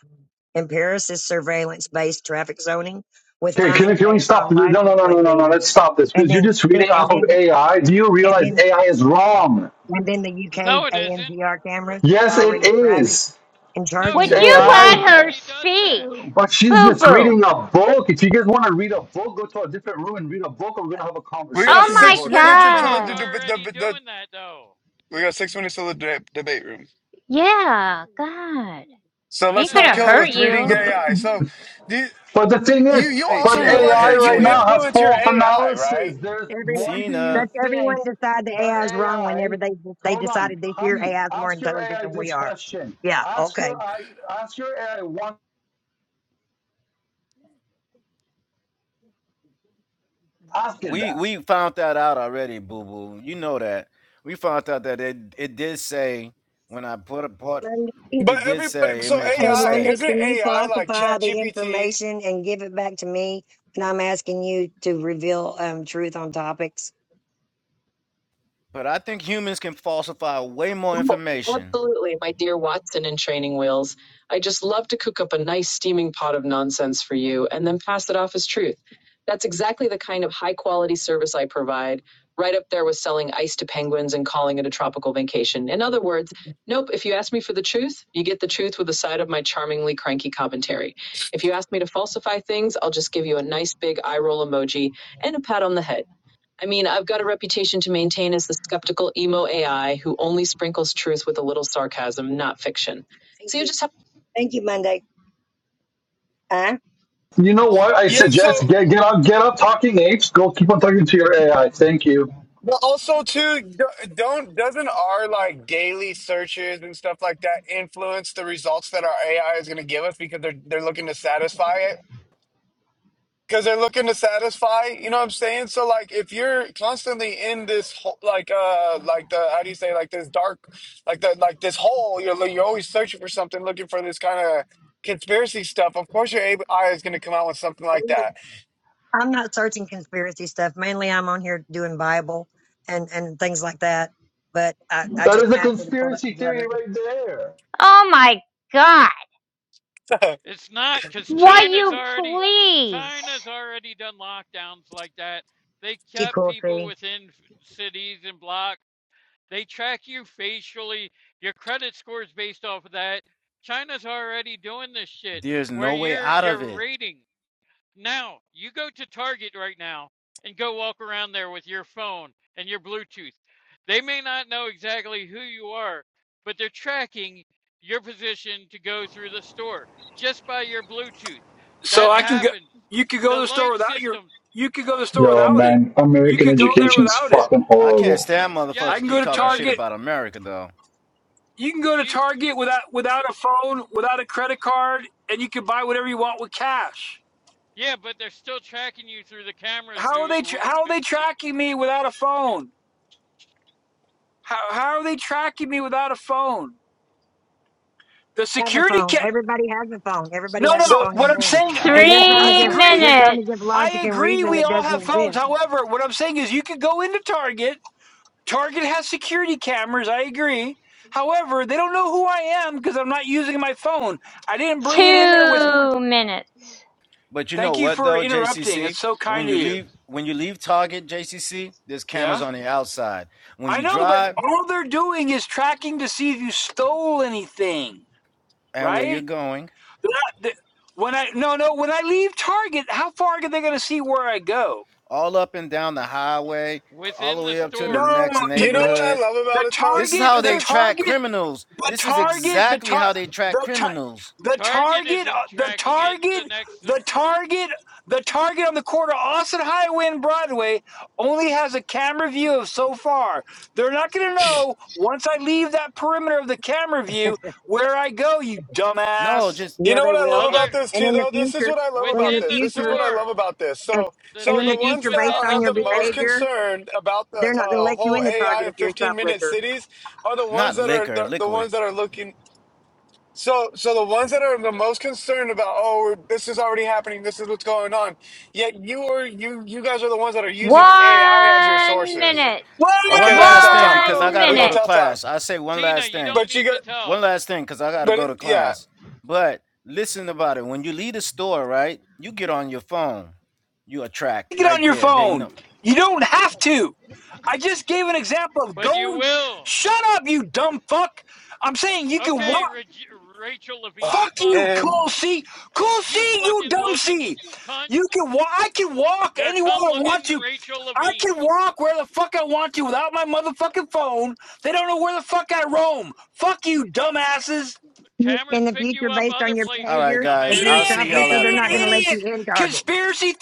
E: And Paris's surveillance based traffic zoning with
L: Okay, can,
E: fines
L: we- can we
E: based on
L: stop? No, no,
E: license
L: no,
E: plate
L: no, no, no.
E: data.
L: Let's stop this
E: And
L: because you're
E: then,
L: just
E: then,
L: reading
E: and
L: off of
E: then, the-
L: AI. Do you
E: and
L: realize
E: then,
L: AI is wrong?
E: and then the UK's
O: No, it isn't.
E: ANPR cameras
L: Yes, it
E: already tracking
L: is.
E: and
O: No,
E: charging
B: Would
O: because
E: you for
B: you
O: China
B: let
L: AI,
E: movement.
B: her
O: already does
B: speak?
O: that.
L: but she's
B: Boo
L: just
B: boo.
L: reading a book. If you guys want to read a book, go to a different room and read a book, or we're going to have a
B: Oh
P: We got
L: conversation here
B: my
P: 6
L: about
P: minutes
L: something.
P: until
O: China's
P: the, the,
B: god.
P: the,
O: already
P: the, the
O: doing that, though.
P: we got 6 minutes till the de- debate room.
B: Yeah, God.
P: So let's
B: Ain't
O: China's
P: not
B: gonna
P: kill it
B: hurt
P: with
O: already doing
P: reading
B: you.
O: that.
L: The
P: AI. So the
L: But the thing is,
P: you you
Q: Hey
L: but
P: also
Q: Tina.
P: realize
L: AI
Q: Hey
P: that
L: right
P: you
L: now
Q: Tina.
L: has
P: influence your
L: false
P: AI, right?
L: analysis. There's
E: Every
L: why do you
Q: Tina.
E: that's everyone
L: think
E: decide the
L: that
E: AI is wrong whenever
L: AI?
E: they they
L: Hold on,
E: decided this year
L: honey.
E: AI is more
L: Ask your
E: intelligent
L: AI
E: than we
L: this
E: are.
L: question.
E: Yeah,
L: Ask
E: okay.
L: your I ask your AI one. Ask it
Q: We
L: that.
Q: we found that out already, boo boo. You know that. We found out that it it did say when I put a part
E: Monday, hey
P: But
Q: it did
P: everybody,
Q: say it
P: so
Q: makes a
P: AI
E: Monday,
P: isn't
Q: mistake.
E: can you
P: AI like
E: falsify the
P: ChatGPT?
E: information and give it back to me? And I'm asking you to reveal um, truth on topics.
Q: But I think humans can falsify way more
E: Well,
Q: information.
E: absolutely, my dear Watson and training wheels. I just love to cook up a nice steaming pot of nonsense for you and then pass it off as truth. That's exactly the kind of high quality service I provide, right up there with selling ice to penguins and calling it a tropical vacation. In other words, nope, if you ask me for the truth, you get the truth with a side of my charmingly cranky commentary. If you ask me to falsify things, I'll just give you a nice big eye roll emoji and a pat on the head. I mean, I've got a reputation to maintain as the skeptical emo AI who only sprinkles truth with a little sarcasm, not fiction. Thank So you you. just have Thank you, Monday. Huh?
L: You know what? I
P: Yeah. So,
L: suggest get get up, get up, talking apes. Go keep on talking to your AI. Thank you.
P: but also too, d- don't doesn't our like daily searches and stuff like that influence the results that our AI is going to give us because they're they're looking to satisfy it? because they're looking to satisfy you know what i'm saying so like if you're constantly in this ho- like uh like the how do you say like this dark like the like this hole you're li- you're always searching for something looking for this kind of conspiracy stuff of course your A- ai is going to come out with something
E: I'm
P: like
E: not,
P: that
E: I'm not searching conspiracy stuff. Mainly, I'm on here doing Bible and and things like that. But I I
L: That
E: just
L: is a
E: asked her to pull that
L: conspiracy theory
E: together.
L: right there.
B: Oh my god.
O: It's not because
B: Why
O: China's
B: you
O: already
B: please?
O: China's already done lockdowns like that. They
E: Thank You
O: kept
E: cool, C.
O: people within cities and blocks They track you facially. Your credit score is based off of that. China's already doing this shit
Q: There's
O: where
Q: no way
O: you're
Q: out of
O: you're
Q: it.
O: rating. Now, you go to Target right now and go walk around there with your phone and your Bluetooth. They may not know exactly who you are, but they're tracking your position to go through the store just by your Bluetooth.
R: So
O: That
R: I can go.
O: happens.
R: You could go
O: The
R: to the store
O: light
R: without your.
O: systems.
R: You could go to the store
L: Yo,
R: without it.
L: man,
R: You
L: American
R: could go there
L: education's
R: without it.
L: fucking
Q: I
L: horrible.
Q: can't stand
R: I
Q: motherfuckers
R: can
O: Yes,
R: go
Q: keep
O: you
R: to
Q: talking shit
O: could.
R: Target.
Q: about America though.
R: You can go to
O: You
R: Target without without a phone, without a credit card, and you can buy whatever you want with cash.
O: Yeah, but they're still tracking you through the cameras
R: How are they? Tra- how are they tracking me without a phone? How, how are they tracking me without a phone? The
E: have a
R: security
E: phone.
R: cat.
E: Everybody has a phone.
P: (laughs)
E: Everybody
R: No,
E: has
R: no.
E: a
P: so
E: phone in
R: What I'm
E: hand.
R: saying.
E: So
R: Yeah,
E: you're trying to
R: I
B: Three
E: give
R: agree.
E: you're trying to give
B: minutes.
R: I
E: logic and
R: agree
E: reason
R: we
E: that
R: all
E: doesn't
R: have phones.
E: exist.
R: However, what I'm saying is you could go into Target. Target has security cameras, I agree. However, they don't know who I am because I'm not using my phone. I didn't bring it in there with me.
B: Two minutes.
Q: But you know
R: Thank you
Q: what
R: for
Q: though,
R: interrupting.
Q: JCC?
R: It's so
Q: When
R: kind of
Q: you
R: you.
Q: leave when you leave Target, JCC, there's cameras
R: Yeah?
Q: on the outside. When
R: I
Q: you
R: know, but
Q: drive
R: all they're doing is tracking to see if you stole anything,
Q: and where you're
R: right?
Q: going,
R: They're not- they- When I no no when I leave Target, how far are they going to see where I go?
Q: all up and down the highway, all
O: within
Q: the
O: the
Q: way up to the
R: No,
O: store.
Q: next
R: t-
P: you know
R: the
P: what
R: t-
P: i
Q: neighborhood.
P: love
R: the
P: about it though
Q: This is
R: Target
Q: how
P: This
R: the
Q: they
P: is.
Q: track
R: Target
Q: criminals.
R: The
Q: This is
R: target, the
Q: exactly
R: tar,
Q: how they track
R: the tar,
Q: criminals.
R: the
O: Target
R: target, uh,
O: isn't
R: the
O: tracking it. The
R: target,
O: next
R: the target, the target on the corner, Austin Highway and Broadway, only has a camera view of so far. They're not going to know once I leave that perimeter of the camera view where I go. You
Q: No,
R: dumbass!
Q: just
P: You
E: Yeah,
P: know
E: they
P: what I
E: will.
P: love
E: And,
P: about
O: other
P: this
E: and
P: too,
E: in the
P: though. This is
E: future,
P: what I love
E: and in
P: about
E: the
O: within
P: this.
O: the
P: This is
E: future,
P: what I love
O: store.
P: about this.
E: and,
P: So,
O: The
E: and
P: so
E: in
P: the
E: the
O: thing is
P: ones
E: future,
P: that
E: based
O: within
P: are
O: the
E: on
P: have
E: your
P: the most
O: store.
E: behavior,
P: concern about the
E: they're not going to
P: uh,
E: let you
P: whole
E: in the
P: AI
E: Target if
P: and
E: you're a
P: fifteen minute
E: shoplifter.
P: cities are the ones
Q: not
P: that are
Q: liquor,
P: the, the
Q: liquid.
P: ones that are looking. So, so the ones that are the
O: Th-
P: most concerned about, oh, this is already happening. This is what's going on. Yet you are you you guys are the ones that are using AI as your
B: One
P: sources.
B: minute.
R: Whoa!
Q: One
P: Okay, we can
Q: last
P: tell
Q: thing
P: time.
Q: because I
B: One
Q: got to
P: We
Q: go
P: can
Q: to
B: minute.
P: tell time.
Q: class. I say one
O: Tina,
Q: last
O: you
Q: thing.
O: don't
P: But you
O: need to
P: got,
O: tell
Q: One
O: us,
Q: last thing because I got to go to
P: but yeah,
Q: class. But listen about it. When you leave the store, right, you get on your phone. You attract
R: Get on
Q: right
R: your
Q: there. They
R: phone.
Q: know.
R: You do.
O: but you will.
R: Shut up, you dumb fuck! I'm saying you can
O: Okay,
R: walk.
O: Reg- Rachel Levine,
R: Fuck
O: fuck
R: you,
P: Ugh,
R: cool C. Cool C,
O: you,
R: you
O: fucking
R: dumb C.
O: looking cunt.
R: You can walk. I can walk
O: You're a
R: anywhere
O: cunt
R: I want
O: looking
R: to.
O: Rachel
R: I
O: Levine.
R: can walk where the fuck I want to without my motherfucking phone. They don't know where the fuck I roam. Fuck you, dumbasses.
E: In
O: Cameras
E: the
O: pick you
E: future,
O: up
E: based on
O: other
E: your
Q: All
O: places,
Q: right,
E: behavior, if
Q: guys.
E: you're a
Q: I'll
O: dumbasses.
R: Idiot,
Q: see y'all
E: shoplifter, they're
Q: after
R: idiot,
E: not going to let
R: idiot.
E: you
Q: class.
E: in Target.
R: Conspiracy